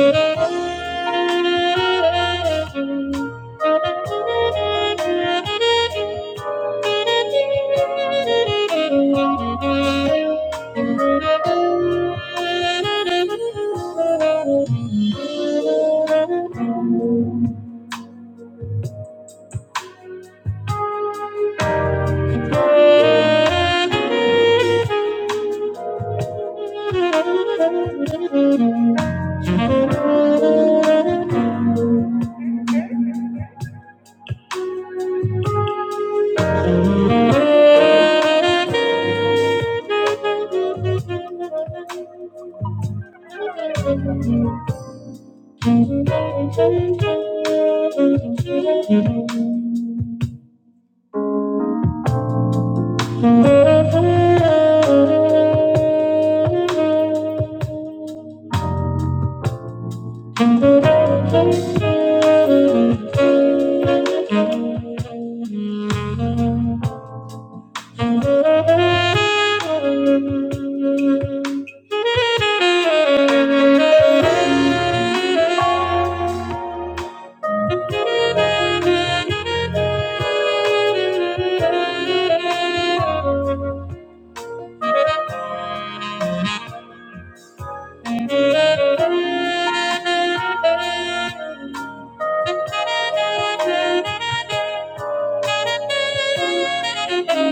you.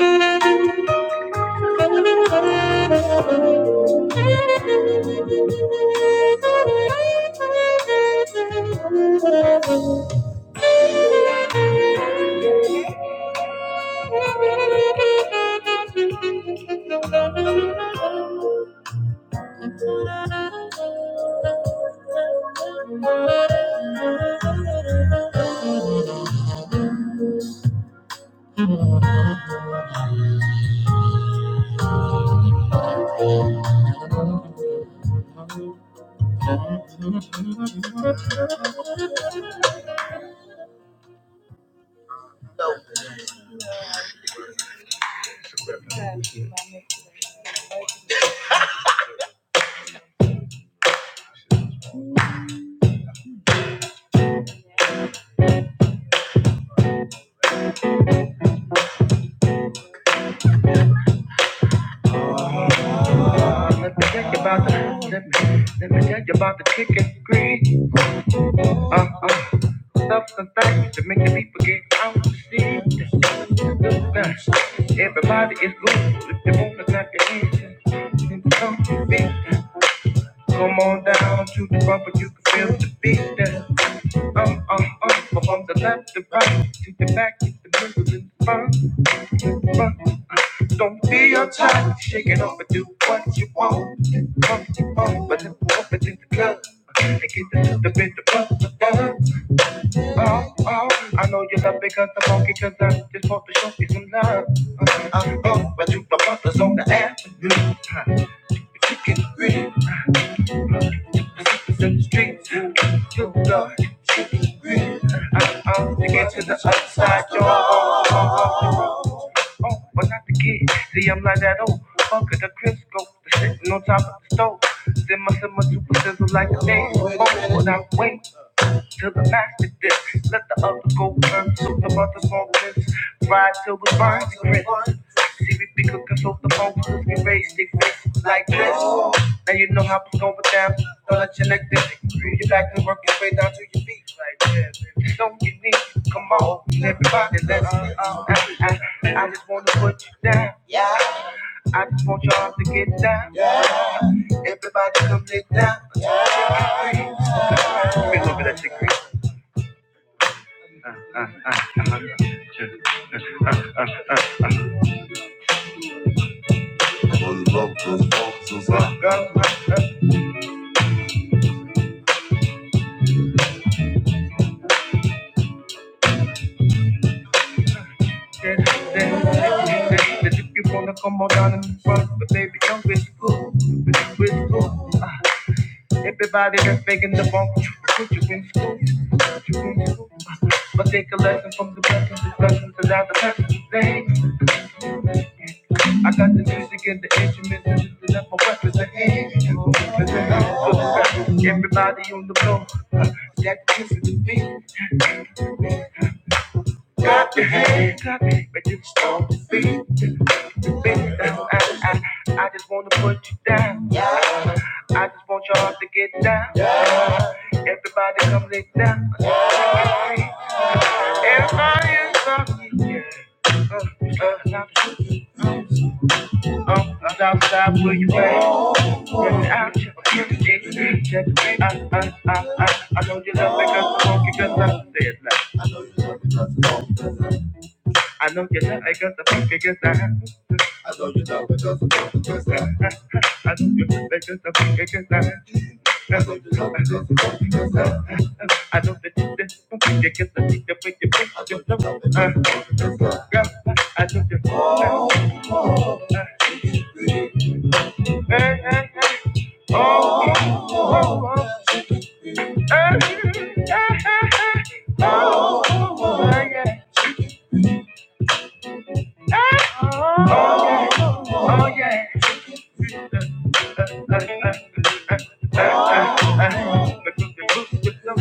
Thank you. Think about the, the, about the kick and scream. Uh, I'm something to make the people get out to see. Everybody is good if they want to clap your hands. then come, to me. come on down to the bumper, you can feel the beat there. Um, um, um, from the left to right, to the back, to the middle and the front, front. Don't be uptight, shake it off and do what you want. Come, come, but then walk into the club and get a little bit of fun. Oh, oh, I know you love me cause I'm funky cause I just want to show you some love. I'm broke, but you my brothers on the avenue. Huh. If you get free, the secrets in the streets. You you love, I'm on to get to the other side. You're on, on, on Oh, but not the kid. See, I'm like that old fucker, the Crisco, the sitting on top of the stove. Then my summer super sizzle like a day. Oh, when I wait. Till the master dip, let the other go first. So the mother smoke this, ride till we burn the grit. See, we be cooking so the motors we raise their fists like this. Now you know how we go with them. Don't let your neck dip. You back to work your way down to your feet like this. Come on, everybody, let's uh, uh, uh, I I just wanna put you down. I just want y'all to get down. Everybody come get down. Girl, girl, girl. Then, then, then, but if you wanna come on down in the front, but baby, don't get school, but you in school. Ah, everybody that's making the bump, put you in school, put you in school. Uh, But take a lesson from the lessons, discussions, and now the lessons you say. I got the music and the instruments, and just let my weapons in hand. Listen everybody on the floor. Ah, That is the beat, clap your hands, clap, but you stomp the beat. Bitch, that's I, I, I just wanna put you down. Yeah. I just want your heart to get down. Yeah. Everybody come lay down. Yeah. Everybody is up. Yeah. Uh, uh, uh, stop, stop, will you at? I I, I, I know you love me Uh, uh, uh, uh, i I'm funky 'cause I said that. I know you love me i am funky because i Oh, yeah.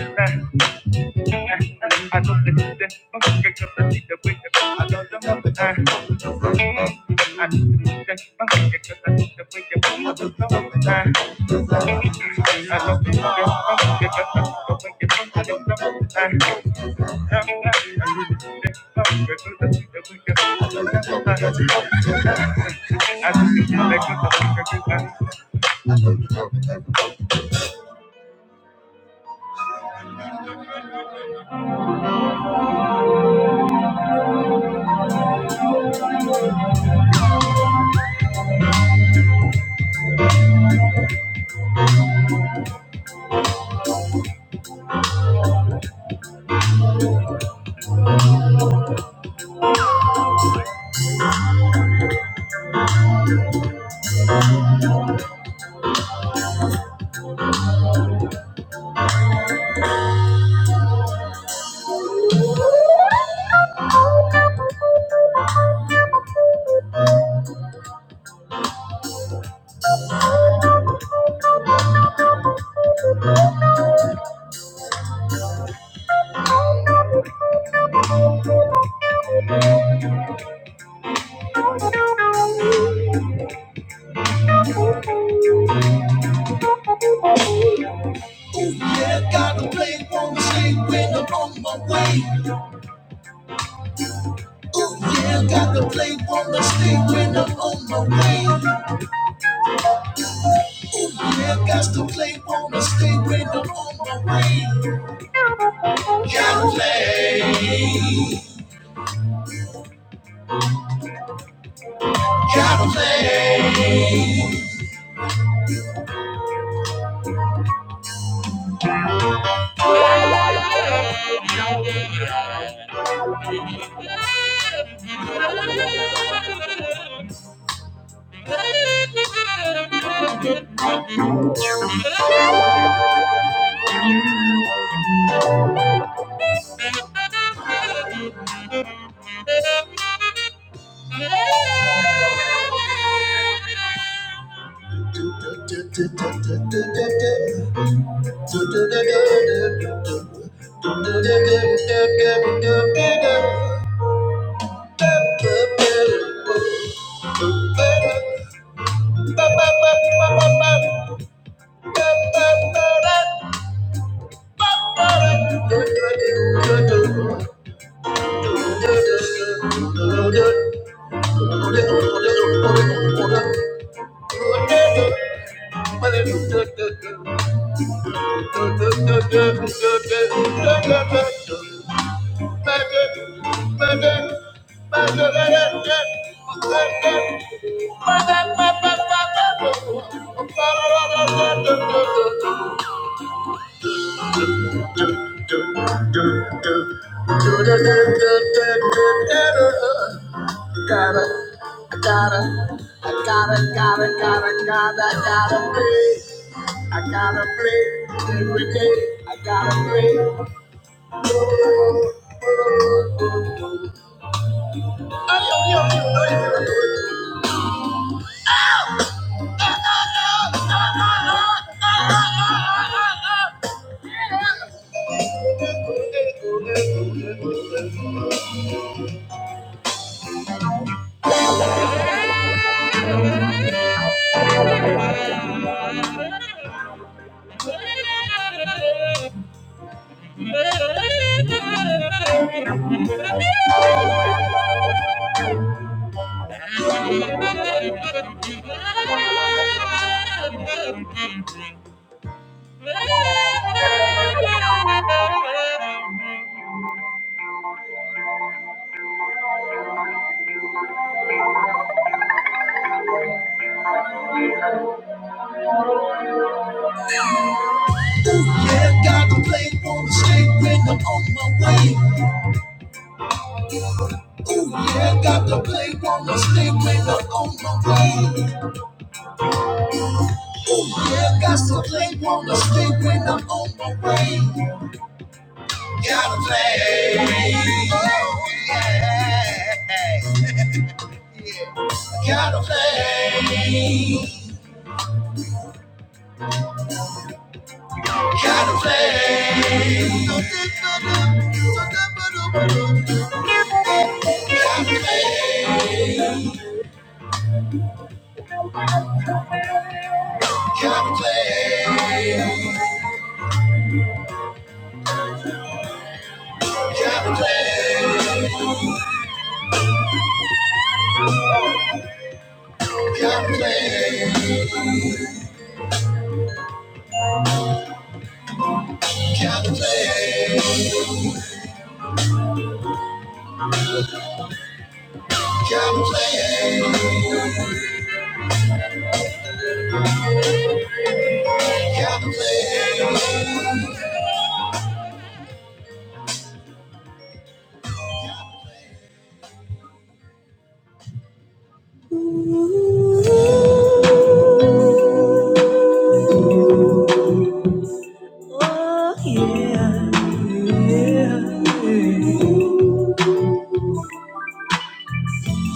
Gotta, gotta, I gotta, gotta, gotta, gotta, gotta, I gotta pray every day. I gotta pray Oh, yeah, yeah.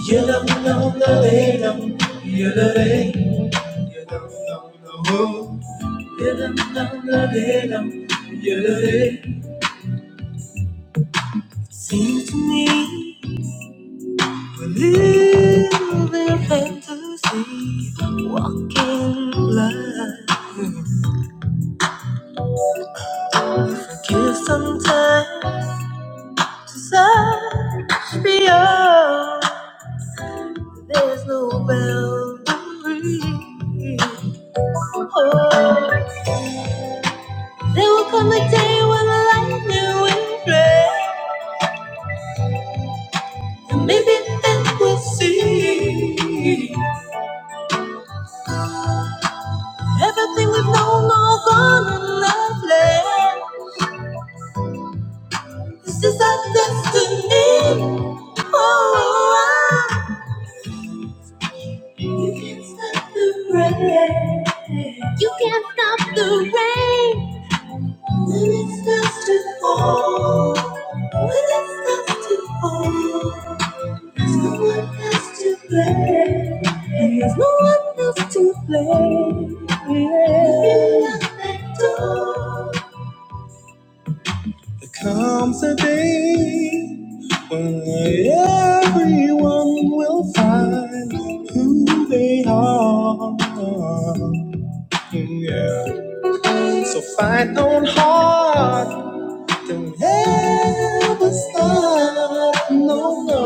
Yalam, lam, la, le, lam. Yalare, yalam, lam, la, ho. Seems to me, believe give some time to be beyond. There's no boundary. Oh, there will come a day when the lightning will play, and maybe then we'll see everything we've known all gone in love. land. This is our destiny. Oh, I You can not stop the rain. You can not stop the rain. When it starts to fall. There comes a day when everyone will find who they are. Yeah. So fight on hard. Don't ever stop. No, no.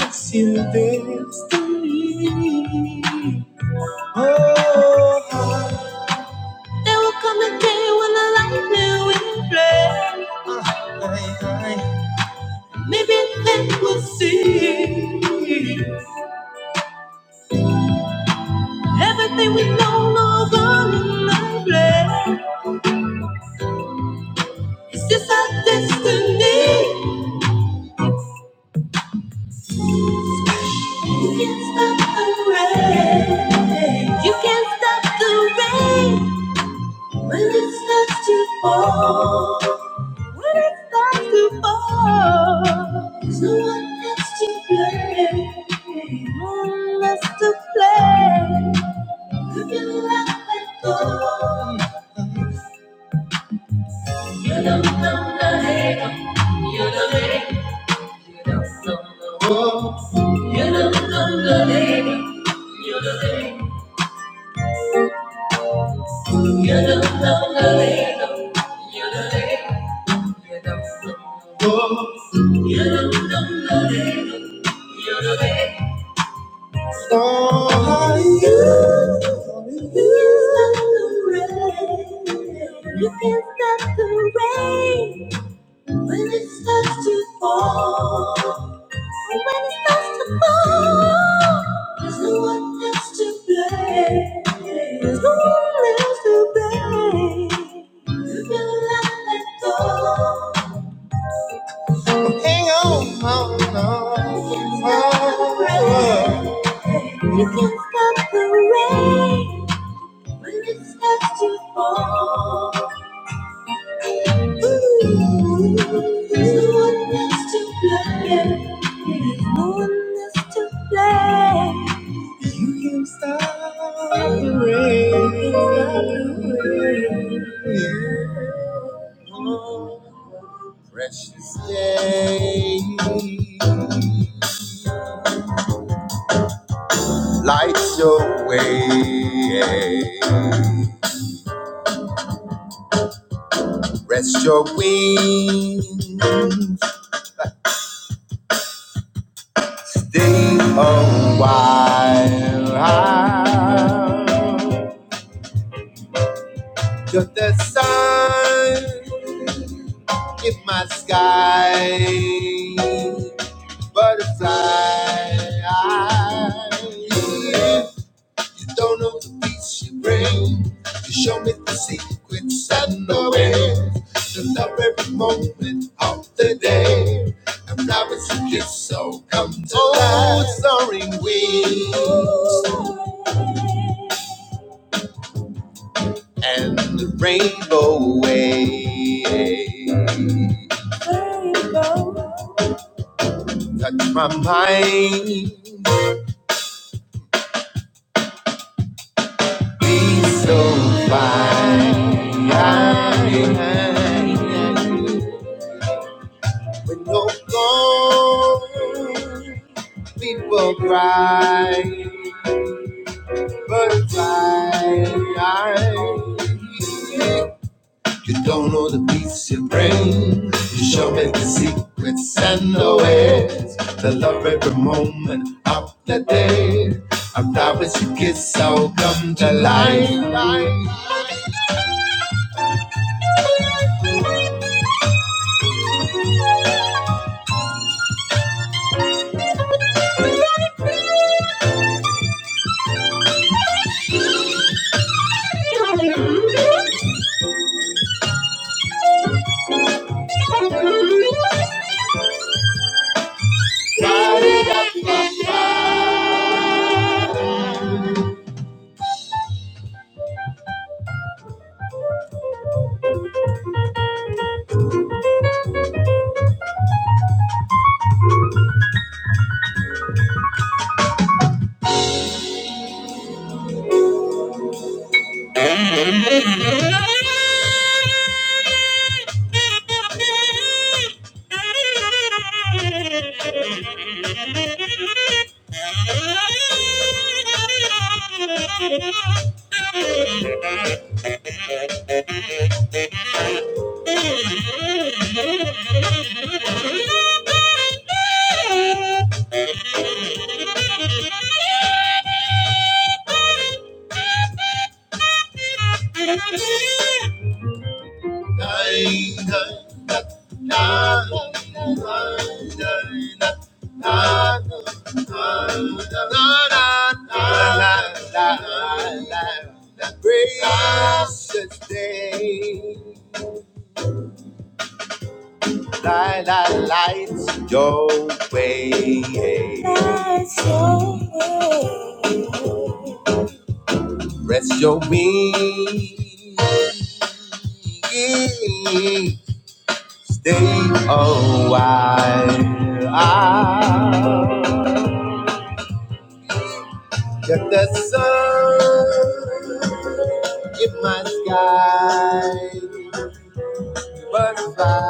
It's your destiny. Oh, oh, they will come and I, I will see everything we know, no burning flame. Is this our destiny? You can't stop the rain. You can't stop the rain when it starts to fall. When it starts to fall, someone has to play. Someone has to play. You can let it go. You don't know the hate. You don't hate. You don't know the wolves. You don't know the hate. You don't hate. You don't know the hate. You don't hate. You don't know the wolves. You don't know the hate. Oh, Hang on, on, on. on. You can stop the rain when it starts to fall. Ooh, there's no one else to blame. There's no one else to blame. You can stop the rain. You can stop the rain. Yeah. Precious day. lights your way. yeah. Rest your wings, stay a while. Just the sun in my sky, butterfly. You don't know the peace you bring. You show me the secrets and the ways to love every moment of the day. And promise you this so come to oh, life. soaring wings and the rainbow wave. Touch my mind, be so fine. I, I, I, When you're gone. People cry, but fly. You don't know the peace you bring. You show me the secrets and the ways. The love every moment of the day. I promise you kiss, I'll come to life. Thank you. Gracious day, light, light light, your way, rest your wings. Stay a while. Let the sun in my sky butterfly.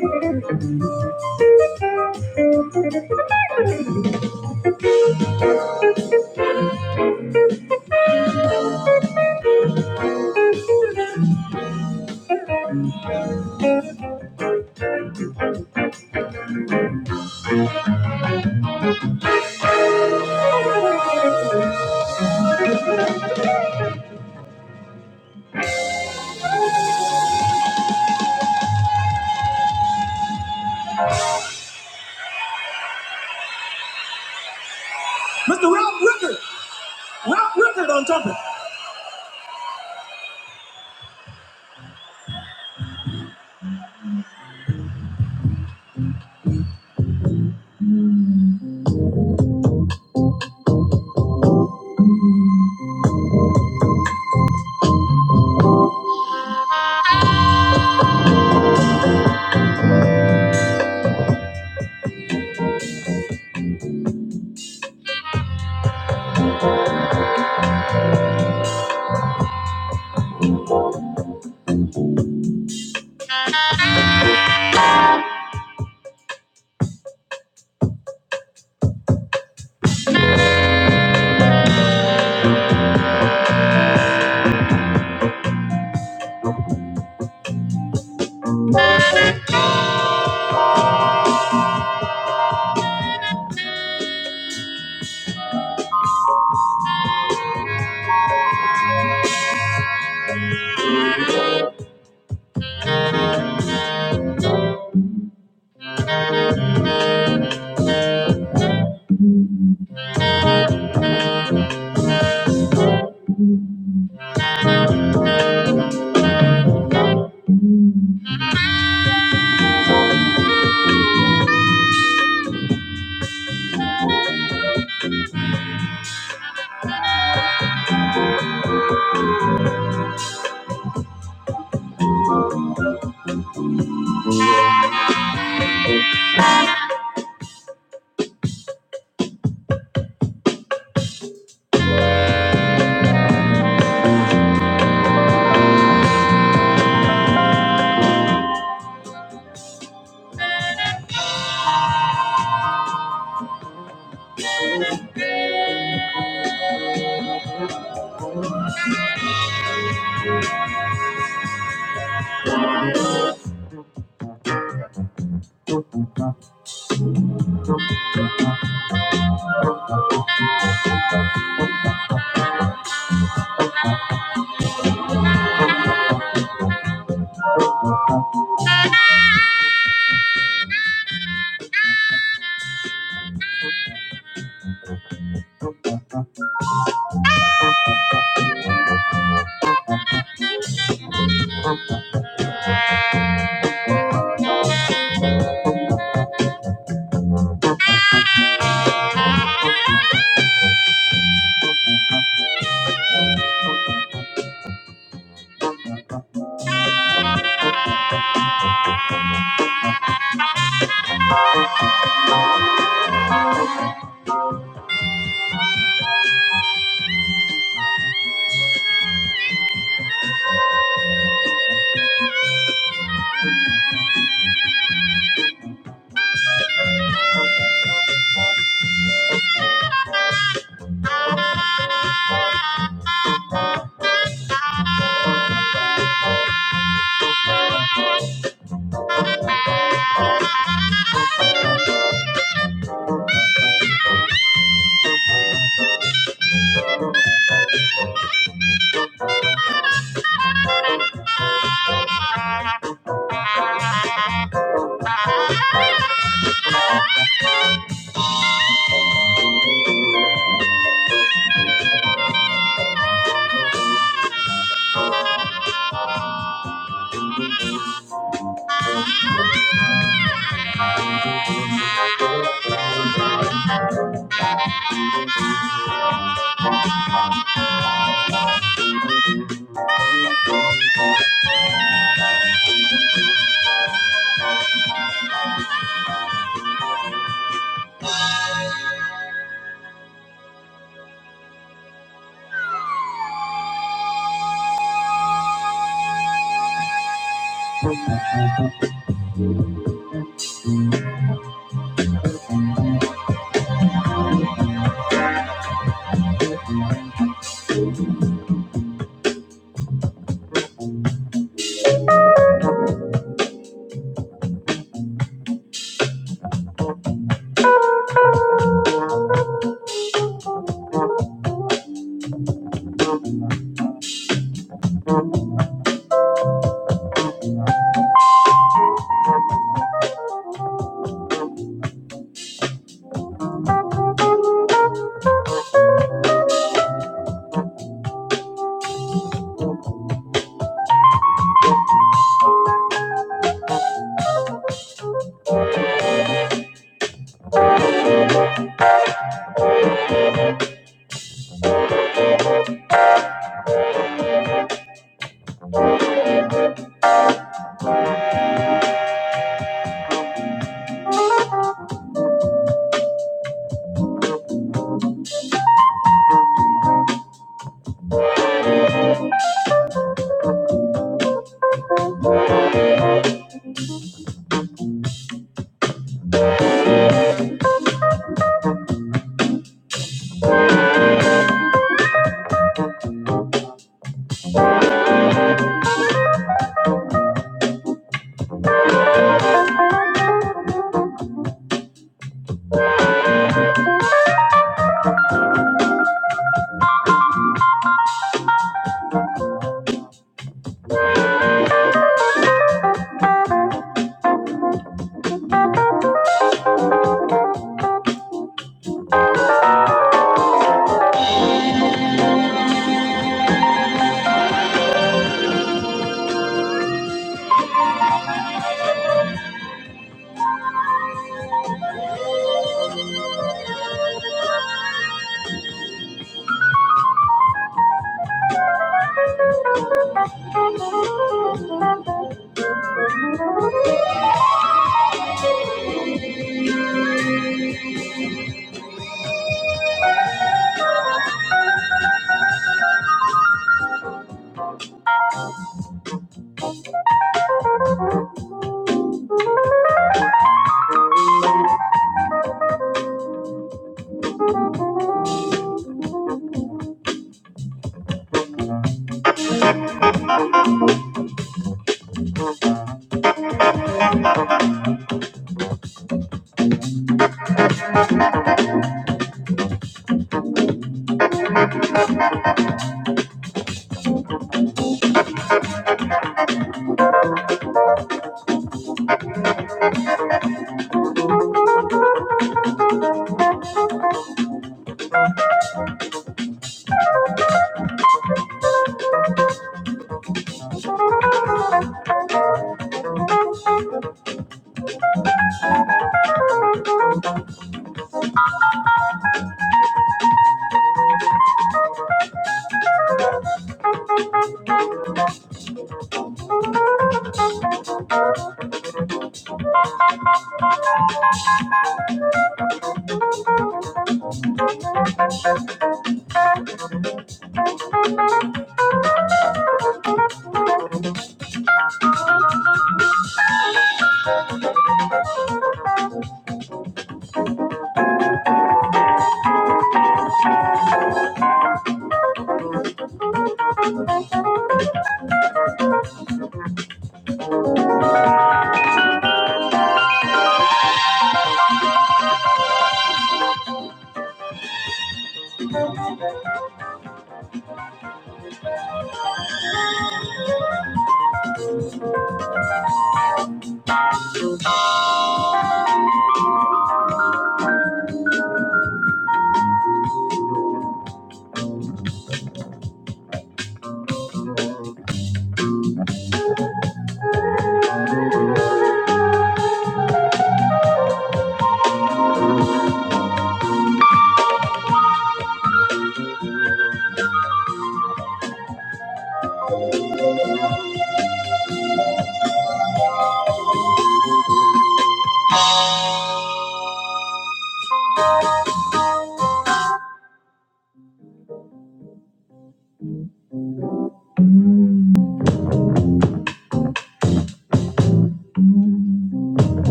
Mr. Ralph Rickard. Ralph Rickard on trumpet.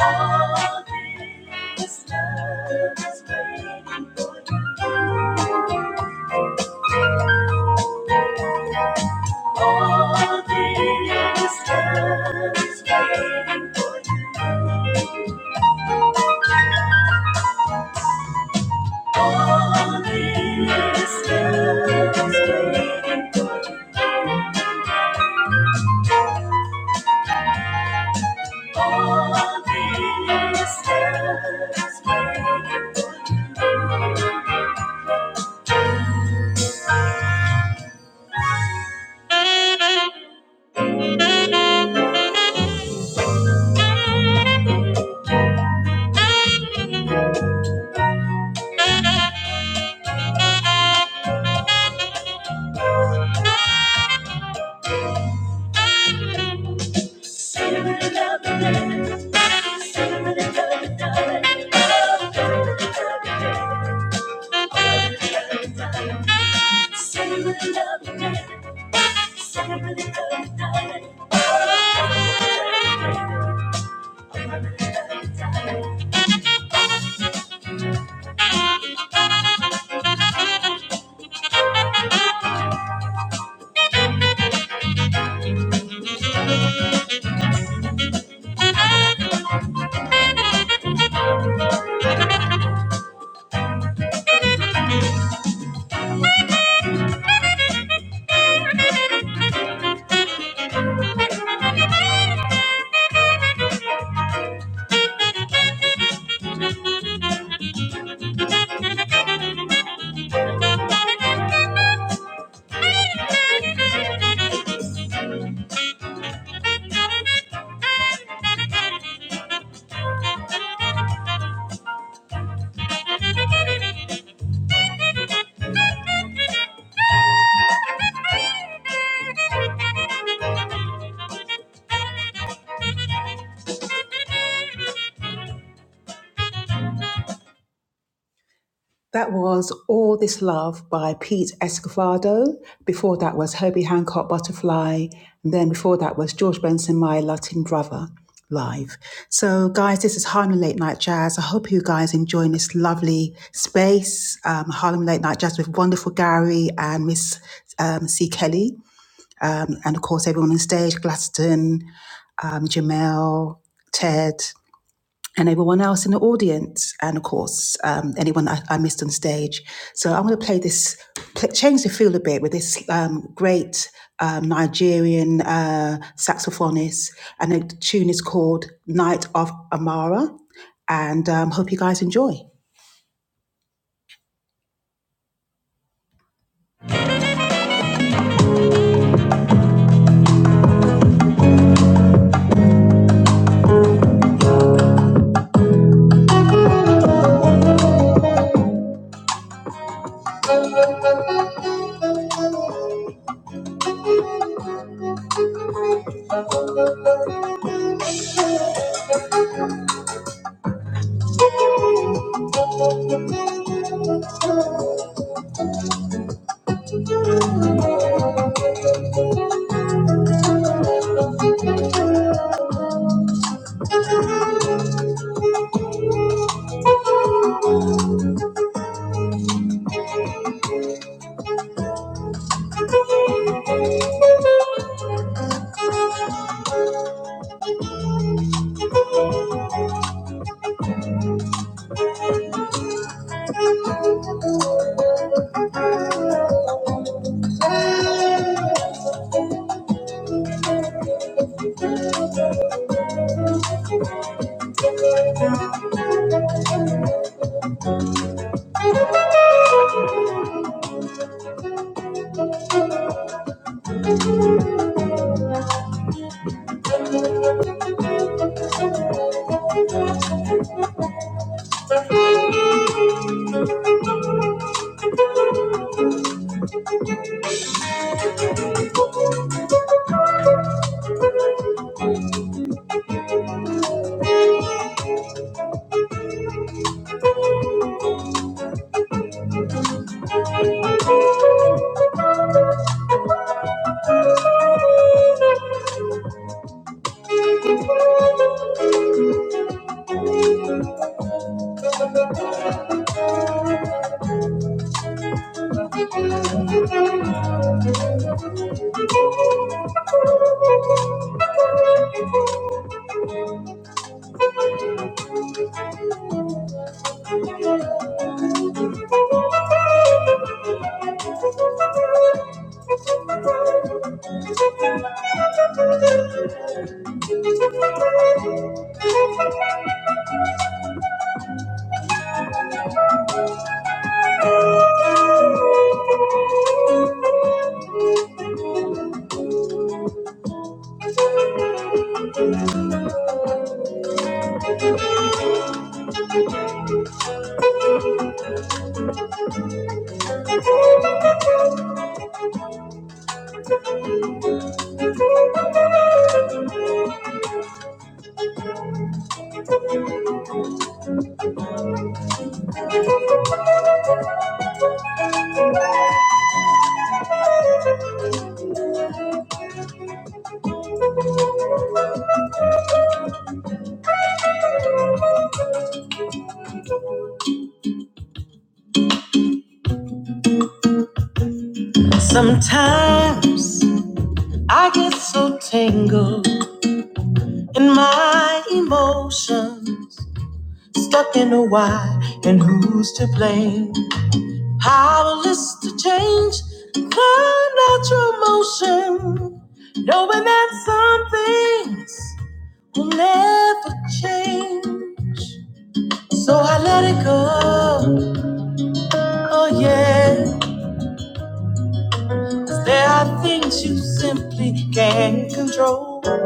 All this time is waiting. All this time is waiting. All this time is waiting. All this time is waiting. That was All This Love by Pete Escofado. Before that was Herbie Hancock Butterfly. And then before that was George Benson, My Latin Brother live. So, guys, this is Harlem Late Night Jazz. I hope you guys enjoying this lovely space, um, Harlem Late Night Jazz with wonderful Gary and Miss um, C. Kelly, and of course everyone on stage, Glaston, um, Jamel, Ted. and everyone else in the audience, and of course, um, anyone I, I missed on stage. So I'm going to play this, play, change the feel a bit with this um, great um, Nigerian uh, saxophonist, and the tune is called Night of Amara. And um, hope you guys enjoy. Stuck in a why and who's to blame? Powerless to change the natural motion, knowing that something. never change. Oh, yes, there are things you simply can't control.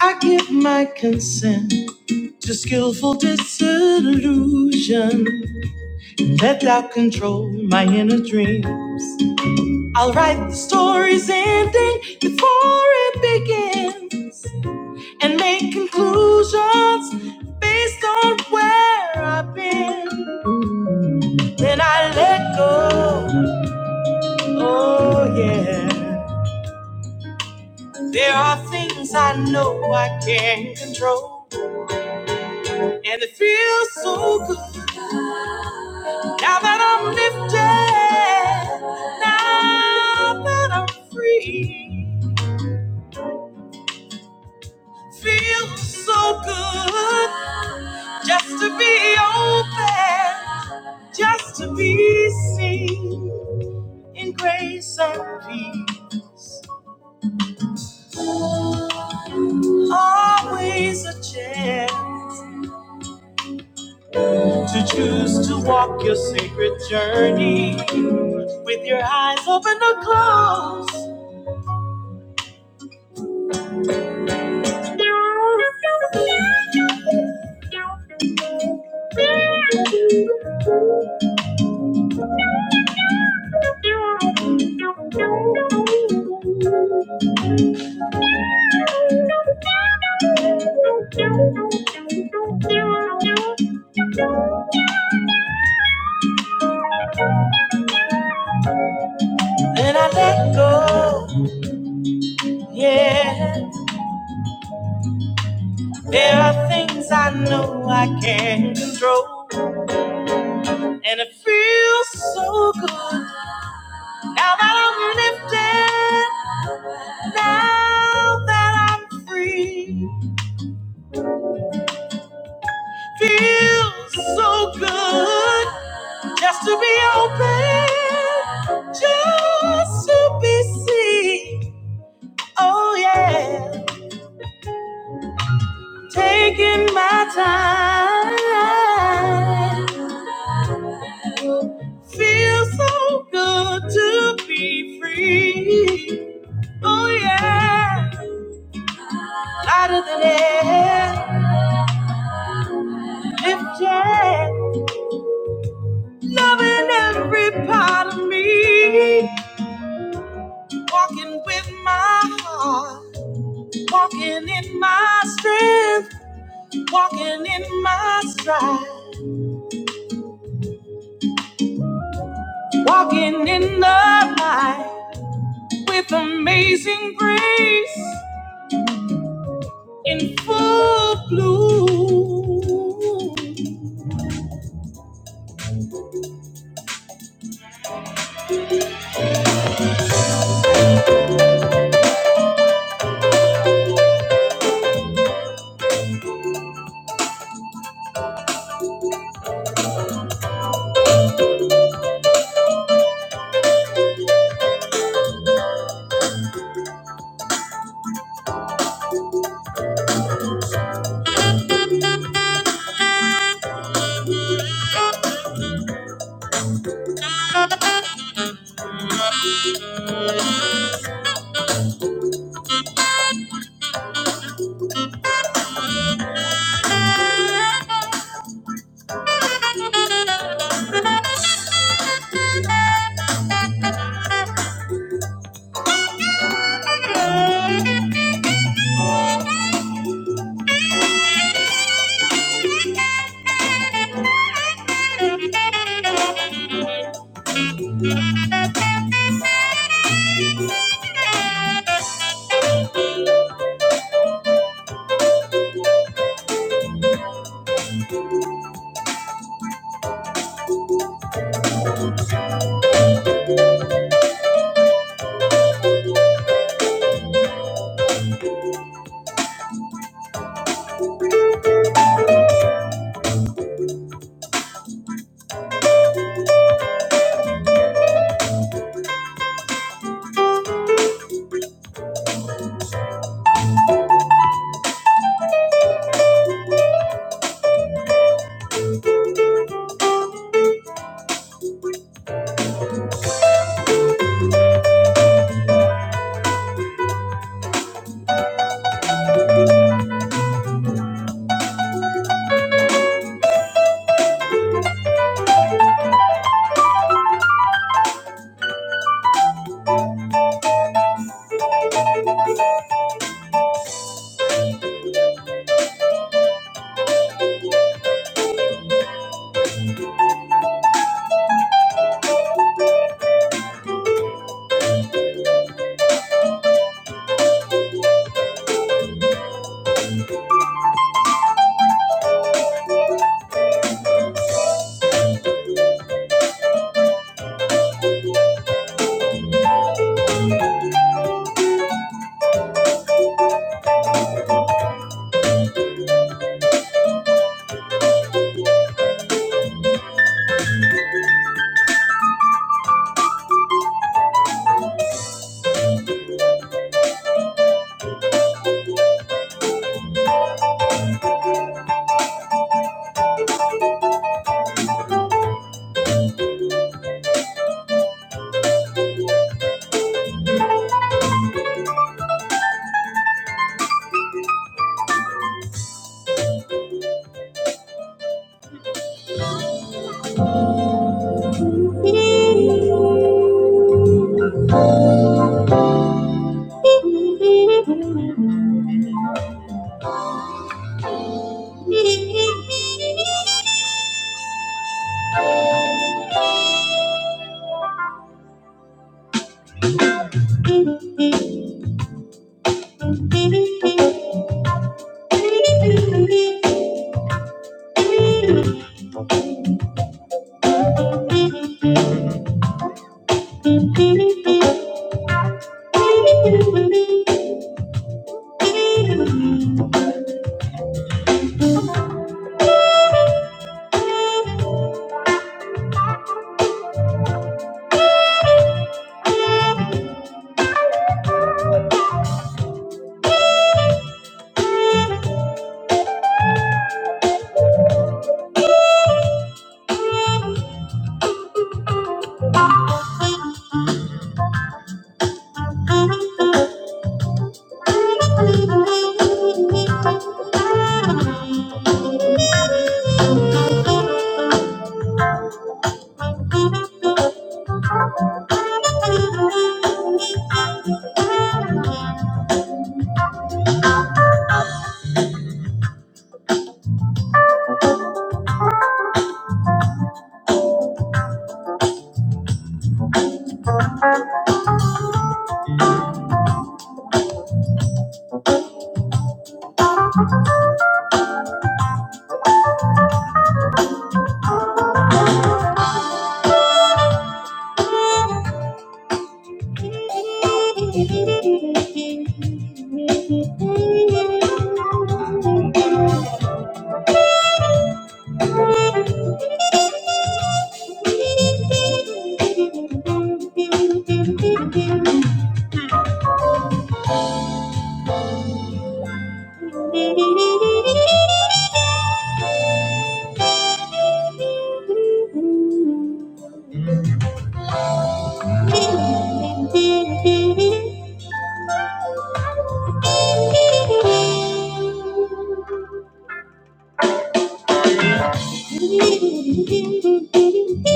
I give my consent to dreams and making please There are things I know I can't control, and it feels so good now that I'm lifted, now that I'm free. Feels so good just to be open, just to be seen in grace and peace. Always a chance to choose to walk your sacred journey with your eyes open or closed. Then I let go. Yeah, there are things I know I can't control. And it feels so good now that I'm lifted, now that I'm free. Feels so good just to be open, just to be seen. Oh, yeah. Taking my so good to be free. Oh, yeah. Lighter than air, lifted. Loving every part of me. Walking with my heart. Walking in my strength. Walking in my stride. Walking in the light with amazing grace in full bloom.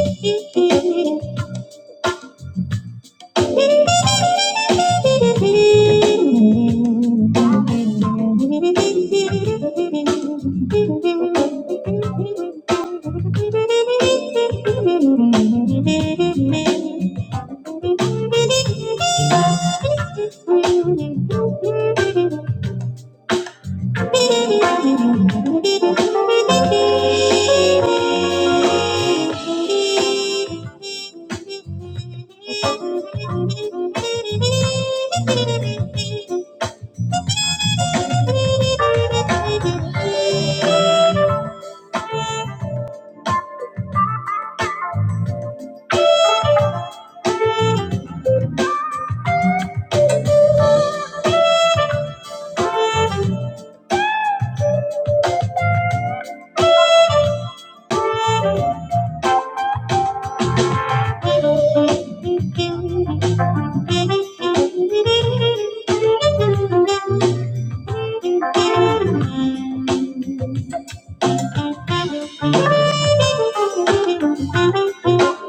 Thank you. Thank you. Trees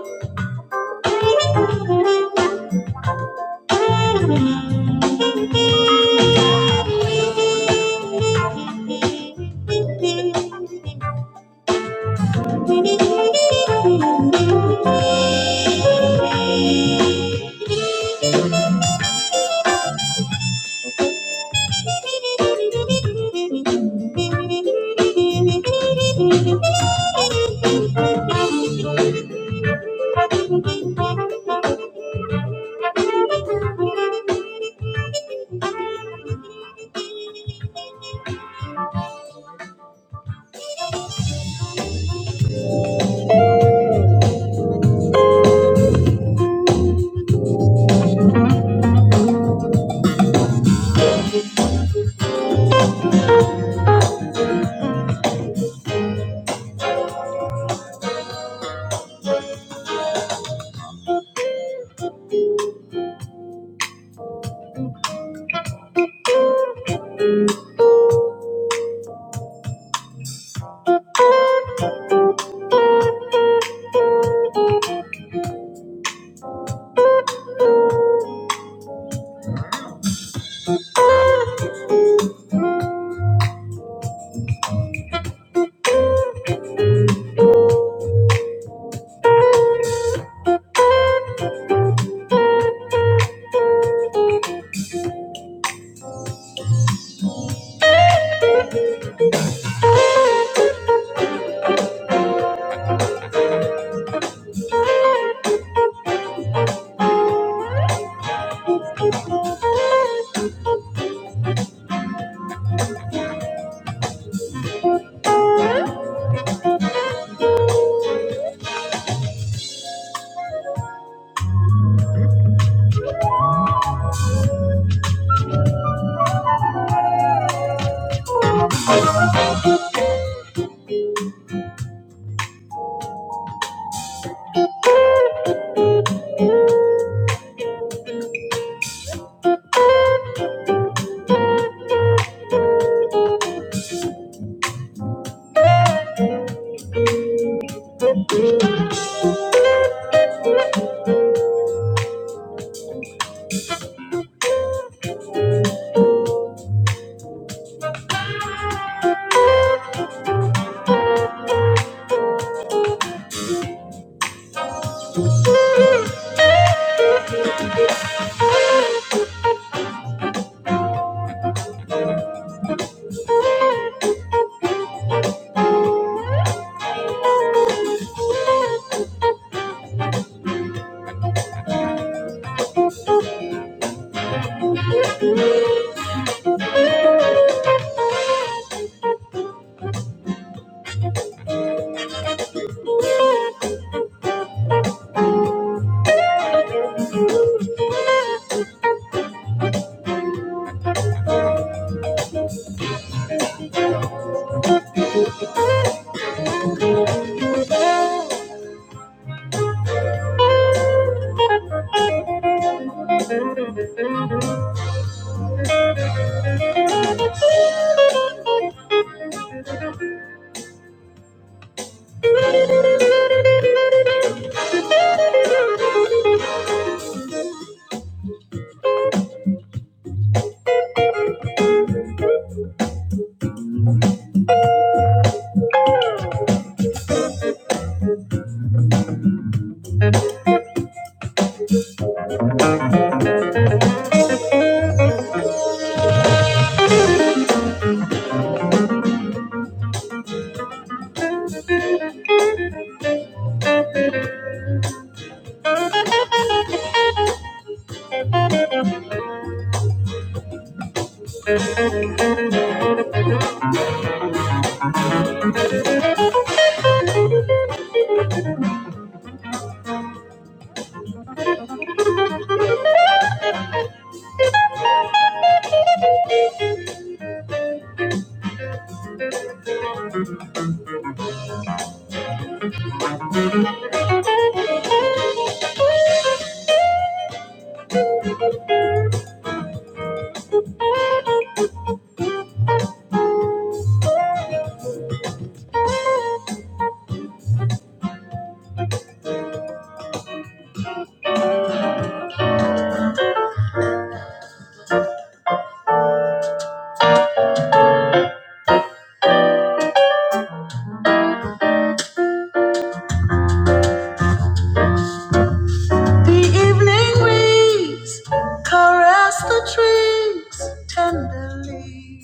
Caress the trees tenderly.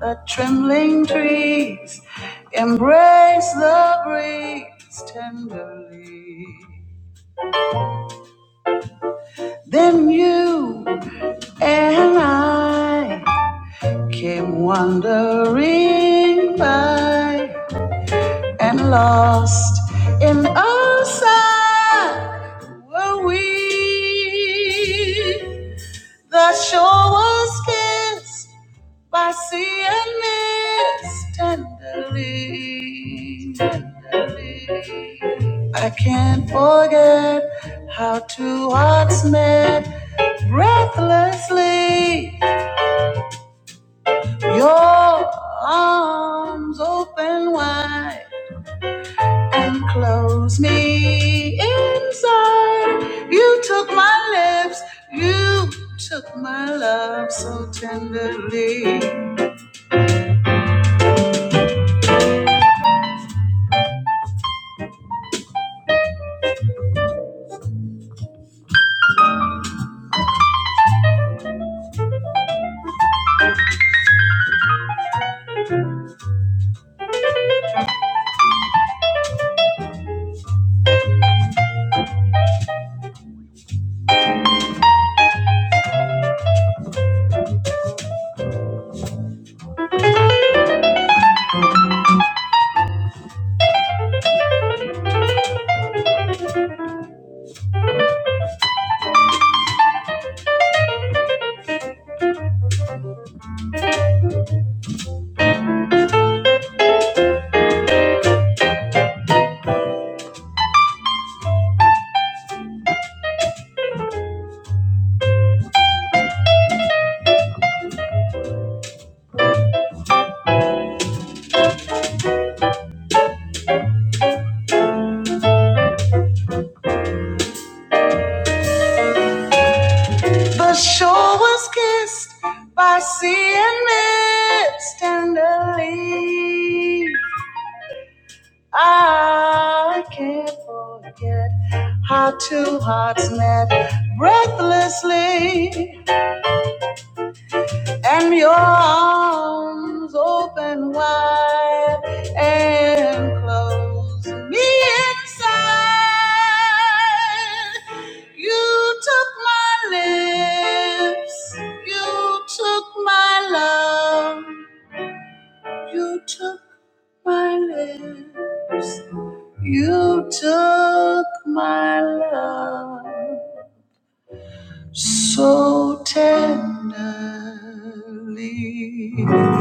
The trembling trees embrace the breeze tenderly. Then you and I came wandering by and lost in our sight were we. The shore was kissed Wasianes tenderly. tenderly. I can't forget how two hearts met breathlessly. Your arms open wide and close me inside. You took my lips, you took my love so tenderly. The shore was kissed by sea and mist tenderly. I can't forget how two hearts met breathlessly, and your arms open wide and close me inside. Look, my so tender, Deep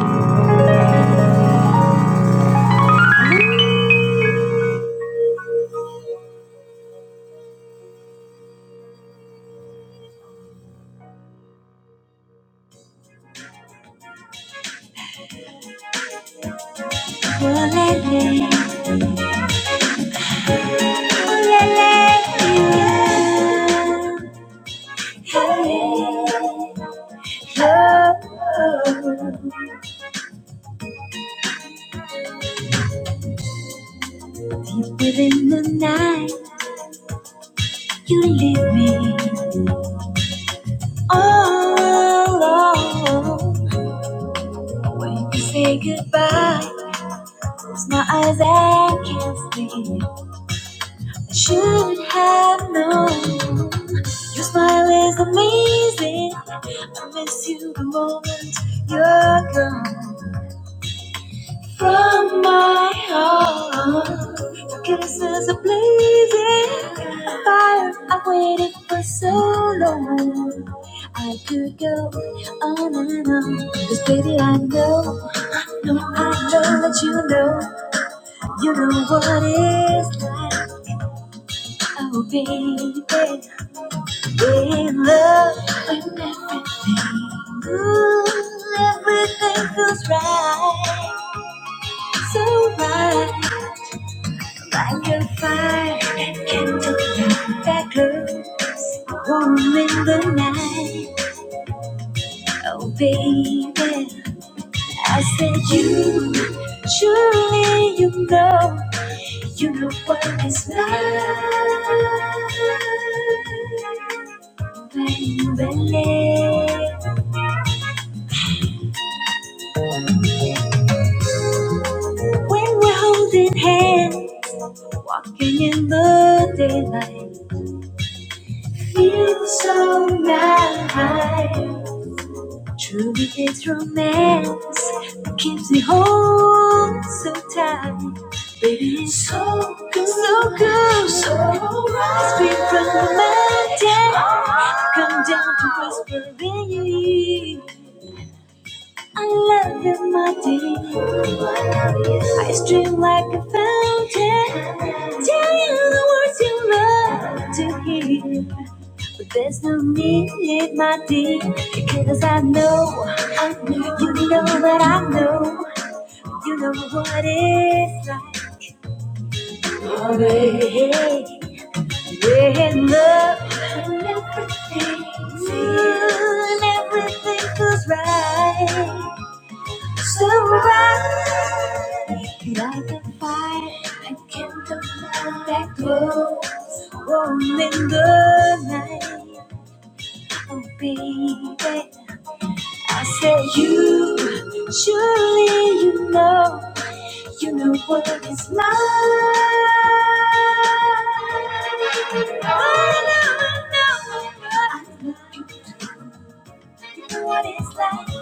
within the night, you leave me. All alone, When you say goodbye, close my eyes and can't sleep. I should have known. Your smile is amazing. I miss you the moment you're gone. From my heart, your kisses are blazing. Fire, I've waited for so long. I could go on and on, 'cause baby, I know No, I know that you know, you know what it's like. Oh, baby, in love, when every move, everything feels right, so right. Like a fire and candlelight that glows warm in the night. Oh, baby, I said you, surely you know. You know what is love, baby. When we're holding hands, walking in the daylight, feels so right. Truly, it's romance that keeps me whole so tight. Baby, it's so good, so good, so right. Speak from the mountain, come down to whisper in your ear. I love you, my dear. I stream like a fountain. Tell you the words you love to hear. But there's no need, my dear. Because I know, I know, you know that I know. You know what it's like in love. When everything feels, when everything feels right. So bright, like a fire, I can't deny that glow. Warm in the night, oh baby. I said you, surely you know, you know what is mine. Oh no, no, I love you. You know what it's like.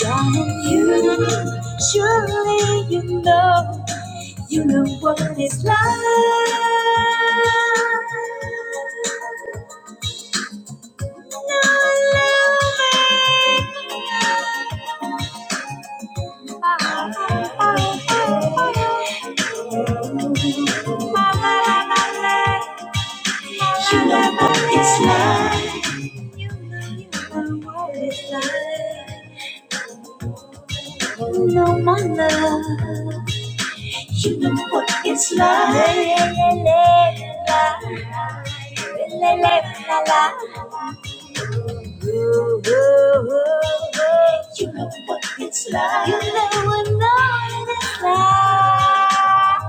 Darling, you surely you know You know what it's like. You know what it's like. You know what it's like. You know my love. You know what it's like. La, la, la, la, la. La, la, la, la, la. la. Ooh, ooh, ooh, ooh. You know what it's like. You know what knowing like.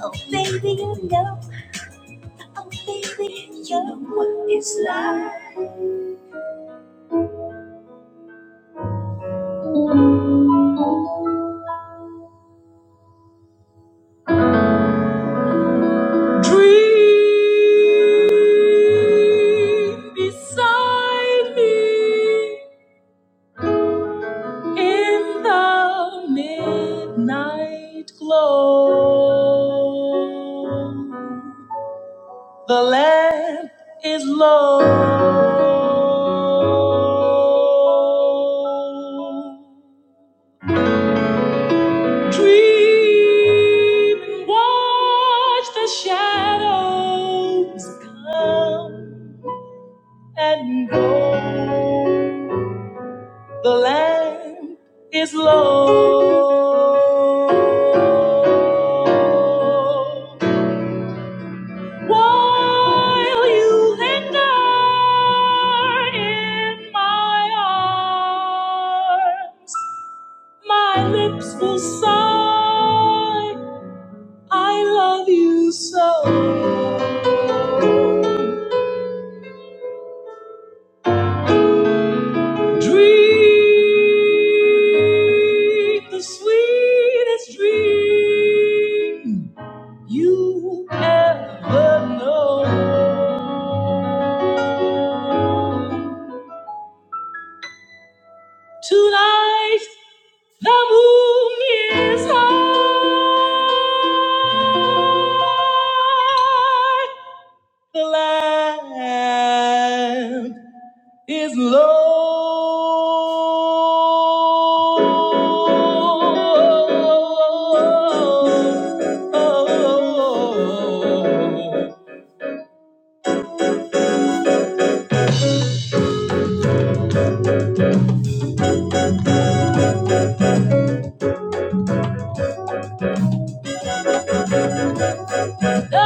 Oh, baby, you know. Oh, baby, you know what it's like. Dream beside me in the midnight glow. The land is low. Dream and watch the shadows come and go. The land is low. While you linger in my arms, my lips will sigh, I love you so. Dream the sweetest dream you ever know. Tonight the moon is high, the land is low. Dream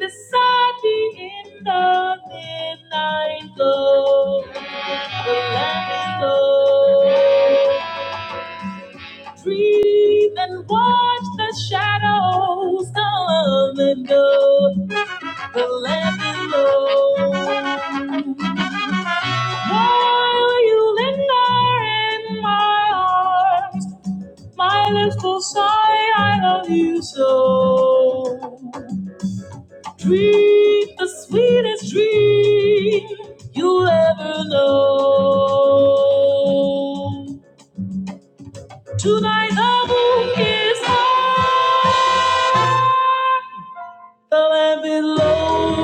beside me in the midnight glow, the land is low. Breathe and watch the shadows come and go. The land below. While you linger in my arms, my lips will sigh, I love you so. Dream the sweetest dream you will ever know. Tonight the moon is high. Till I belong.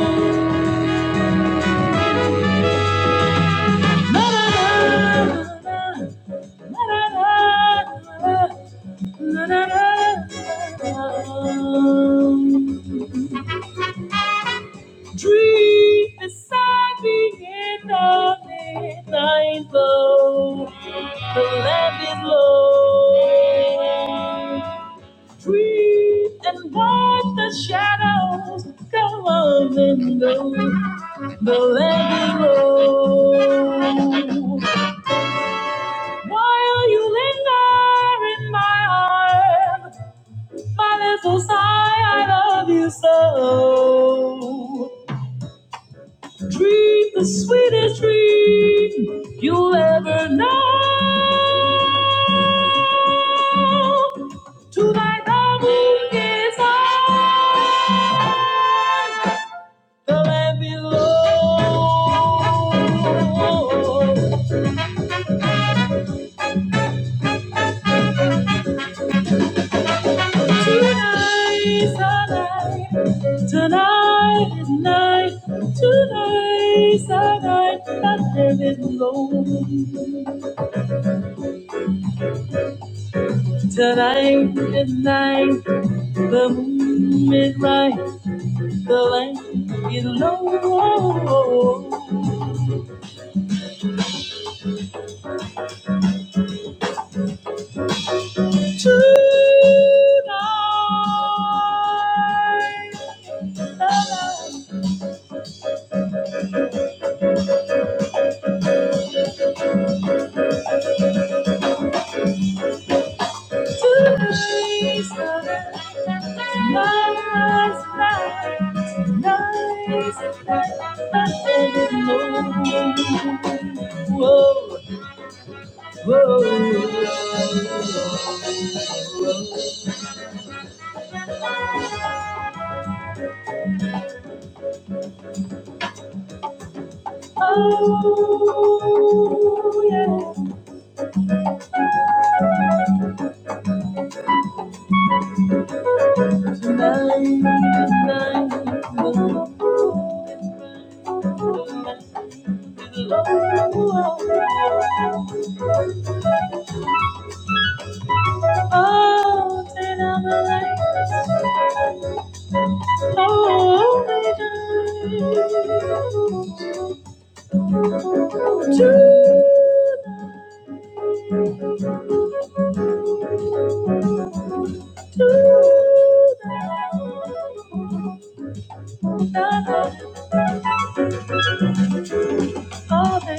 Dream beside me in the midnight glow. Till I belong. Dream and watch the shadows come on and go. The let it roll. While you linger in my heart, my little sigh, I love you so. Treat the sweetest treat you'll ever know. Tonight the moon is high, the lamp is low. Tonight is the night. Tonight is night, tonight's the night, that there is no. Tonight is night, the moon is bright, the light is low. Tonight, tonight's the night, tonight's the night, that there is no. Whoa, whoa. Oh, turn on the lights. Oh,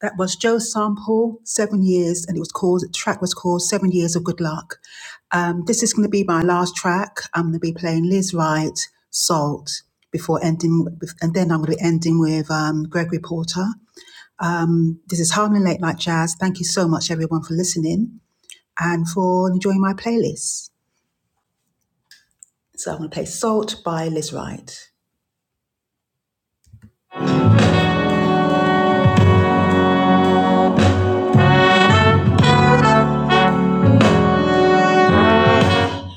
That was Joe Sample, Seven Years, and it was called, the track was called Seven Years of Good Luck. Um, this is going to be my last track. I'm going to be playing Liz Wright, Salt, before ending, and then I'm going to be ending with um, Gregory Porter. Um, this is Harlem Late Night Jazz. Thank you so much, everyone, for listening and for enjoying my playlist. So I'm going to play Salt by Liz Wright.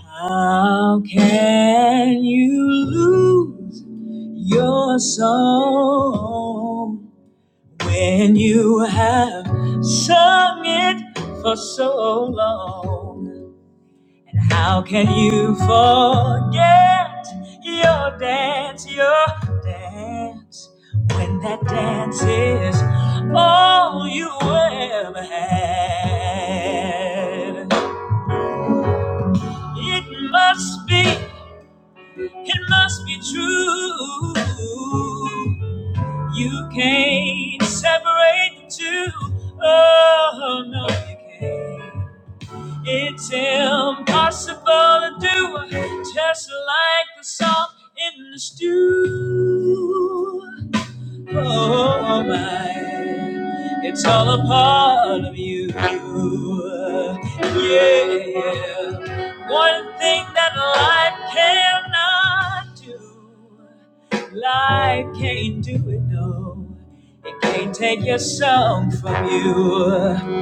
How can you lose your soul? When you have sung it for so long, how can you forget your dance, your dance? When that dance is all you ever had, it must be, it must be true. You can't separate the two. Oh, no, you can't. It's impossible to do, just like the salt in the stew. Oh my, it's all a part of you. Yeah. One thing that life cannot do, life can't do it, no. It can't take your song from you.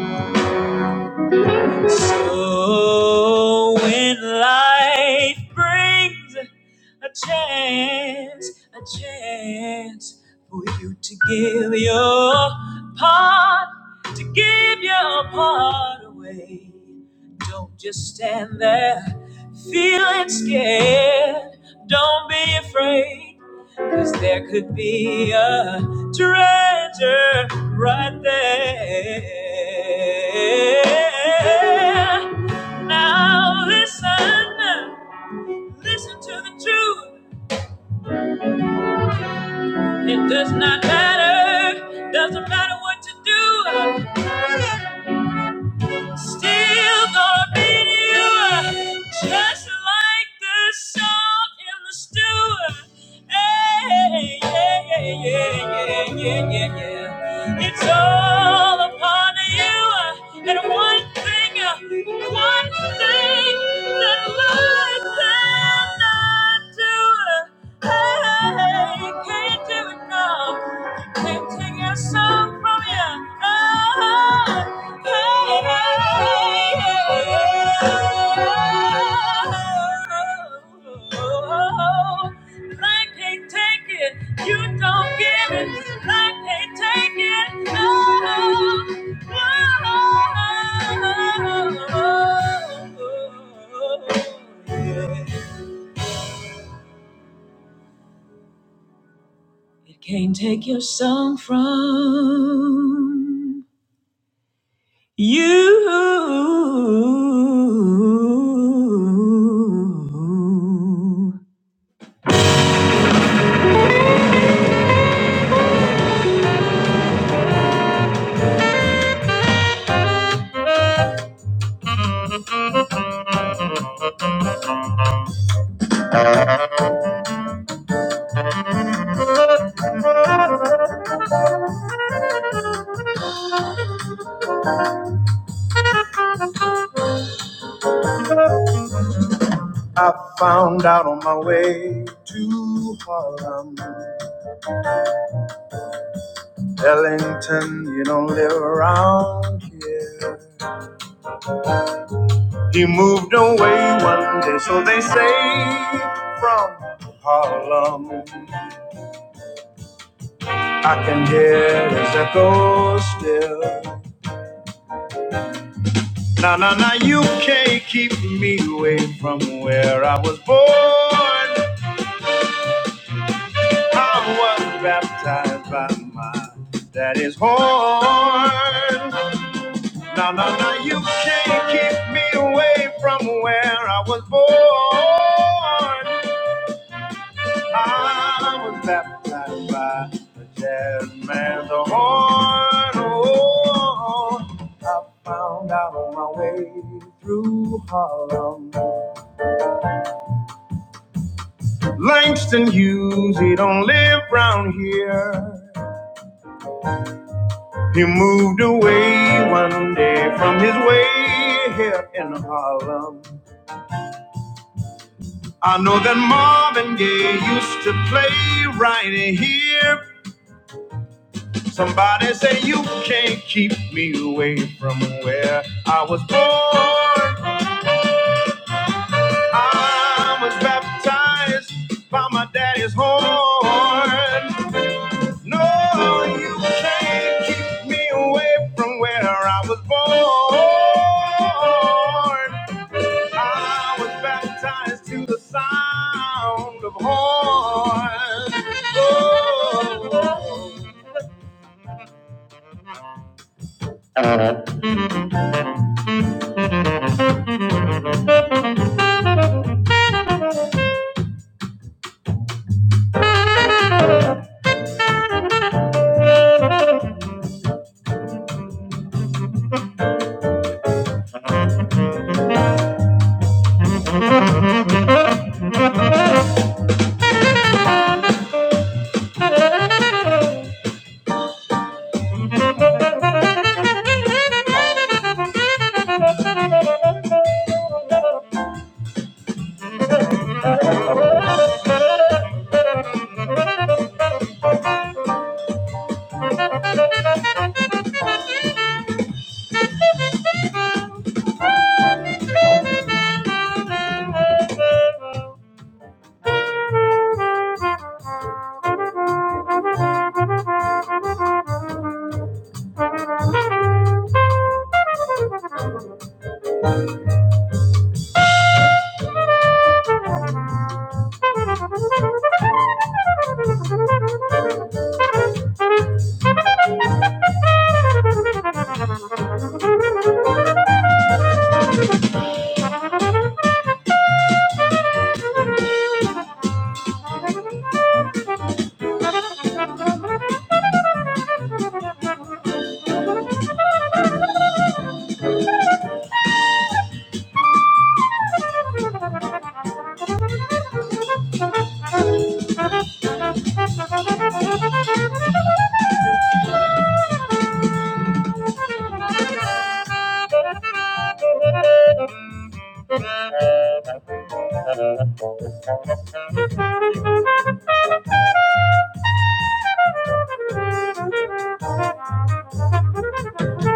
So when life brings a chance, a chance for you to give your part, to give your part away. Don't just stand there feeling scared. Don't be afraid, cause there could be a treasure right there. Now listen, listen to the truth. It does not matter, doesn't matter what you do, I'm still gonna beat you. Just like the song in the stew. Hey, yeah, yeah, yeah, yeah, yeah, yeah, yeah. It's all upon you. And one thing, one thing that I cannot do. Hey, can't do it now. Can't take your song from you. Oh, hey, hey, hey. I can't take it. You don't give it. I can't take it. Oh, oh, oh, oh, oh. oh. Can't take your song from you. I found out on my way to Harlem, Ellington, you don't live around here. He moved away one day, so they say from Harlem. I can hear his echo still. No, no, no, you can't keep me away from where I was born. I was baptized by my daddy's horn. No, no, no, you can't keep me away from where I was born. I was baptized by the jazz man's horn. Oh, I found out on my way through Harlem. Langston Hughes, he don't live round here. He moved away one day from his way here in Harlem. I know that Marvin Gaye used to play right here. Somebody say you can't keep me away from where I was born. I was baptized by my daddy's horn. No, you can't keep me away from where I was born. I was baptized to the sound of horn. Oh. Thank you. Thank you.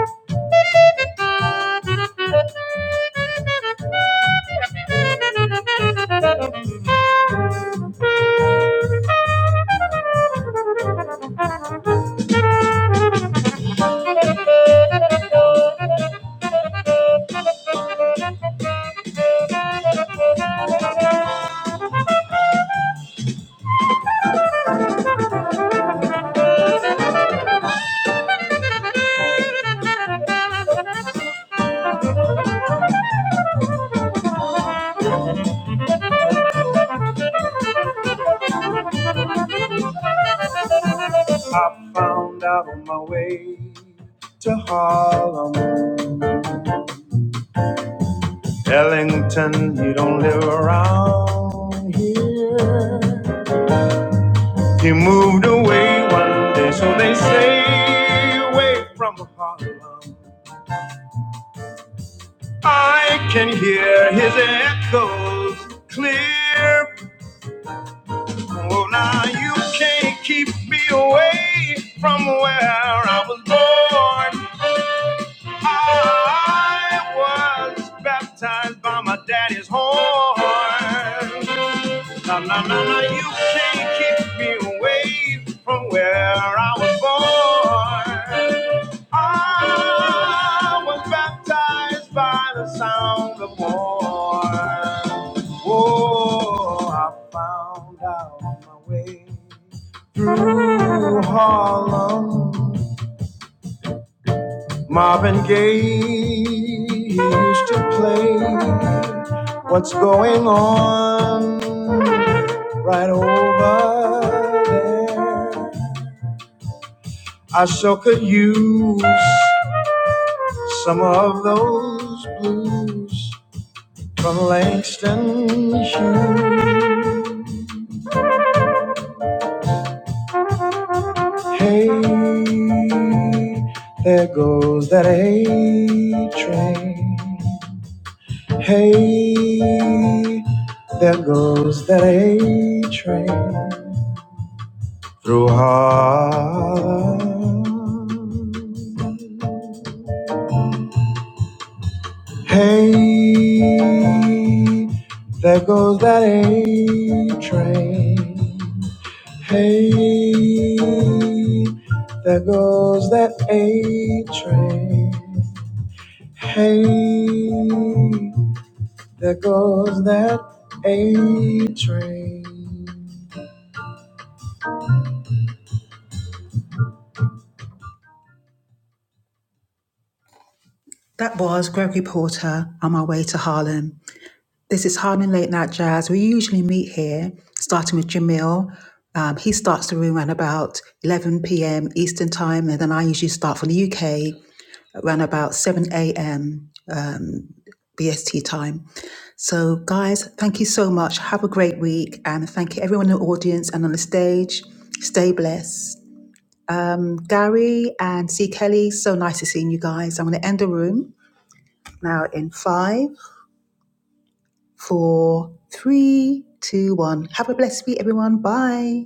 Thank you. I found out on my way to Harlem. Ellington, you don't live around here. He moved away one day, so they say, away from Harlem. I can hear his echoes clear Oh, now you can't keep me away from where I was born. I was baptized by my daddy's horn. No, no, no, no, you can't keep me away from where I was born. I was baptized by the sound of horn. Oh, I found out my way through Harlem. Marvin Gaye used to play. What's going on right over there? I sure could use some of those blues from Langston Hughes. Hey, there goes that A train. Hey, there. that A train. Hey, there goes that A train. Hey, there goes that A train. Hey. That was Gregory Porter on my way to Harlem. This is Harlem Late Night Jazz. We usually meet here, starting with Jamil. Um, he starts the room around about 11 p.m. Eastern Time, and then I usually start from the UK. around about 7 a.m. Um, BST time. So, guys, thank you so much. Have a great week. And thank you, everyone in the audience and on the stage. Stay blessed. Um, Gary and C. Kelly, so nice to seeing you guys. I'm going to end the room now in five, four, three, two, one. Have a blessed week, everyone. Bye.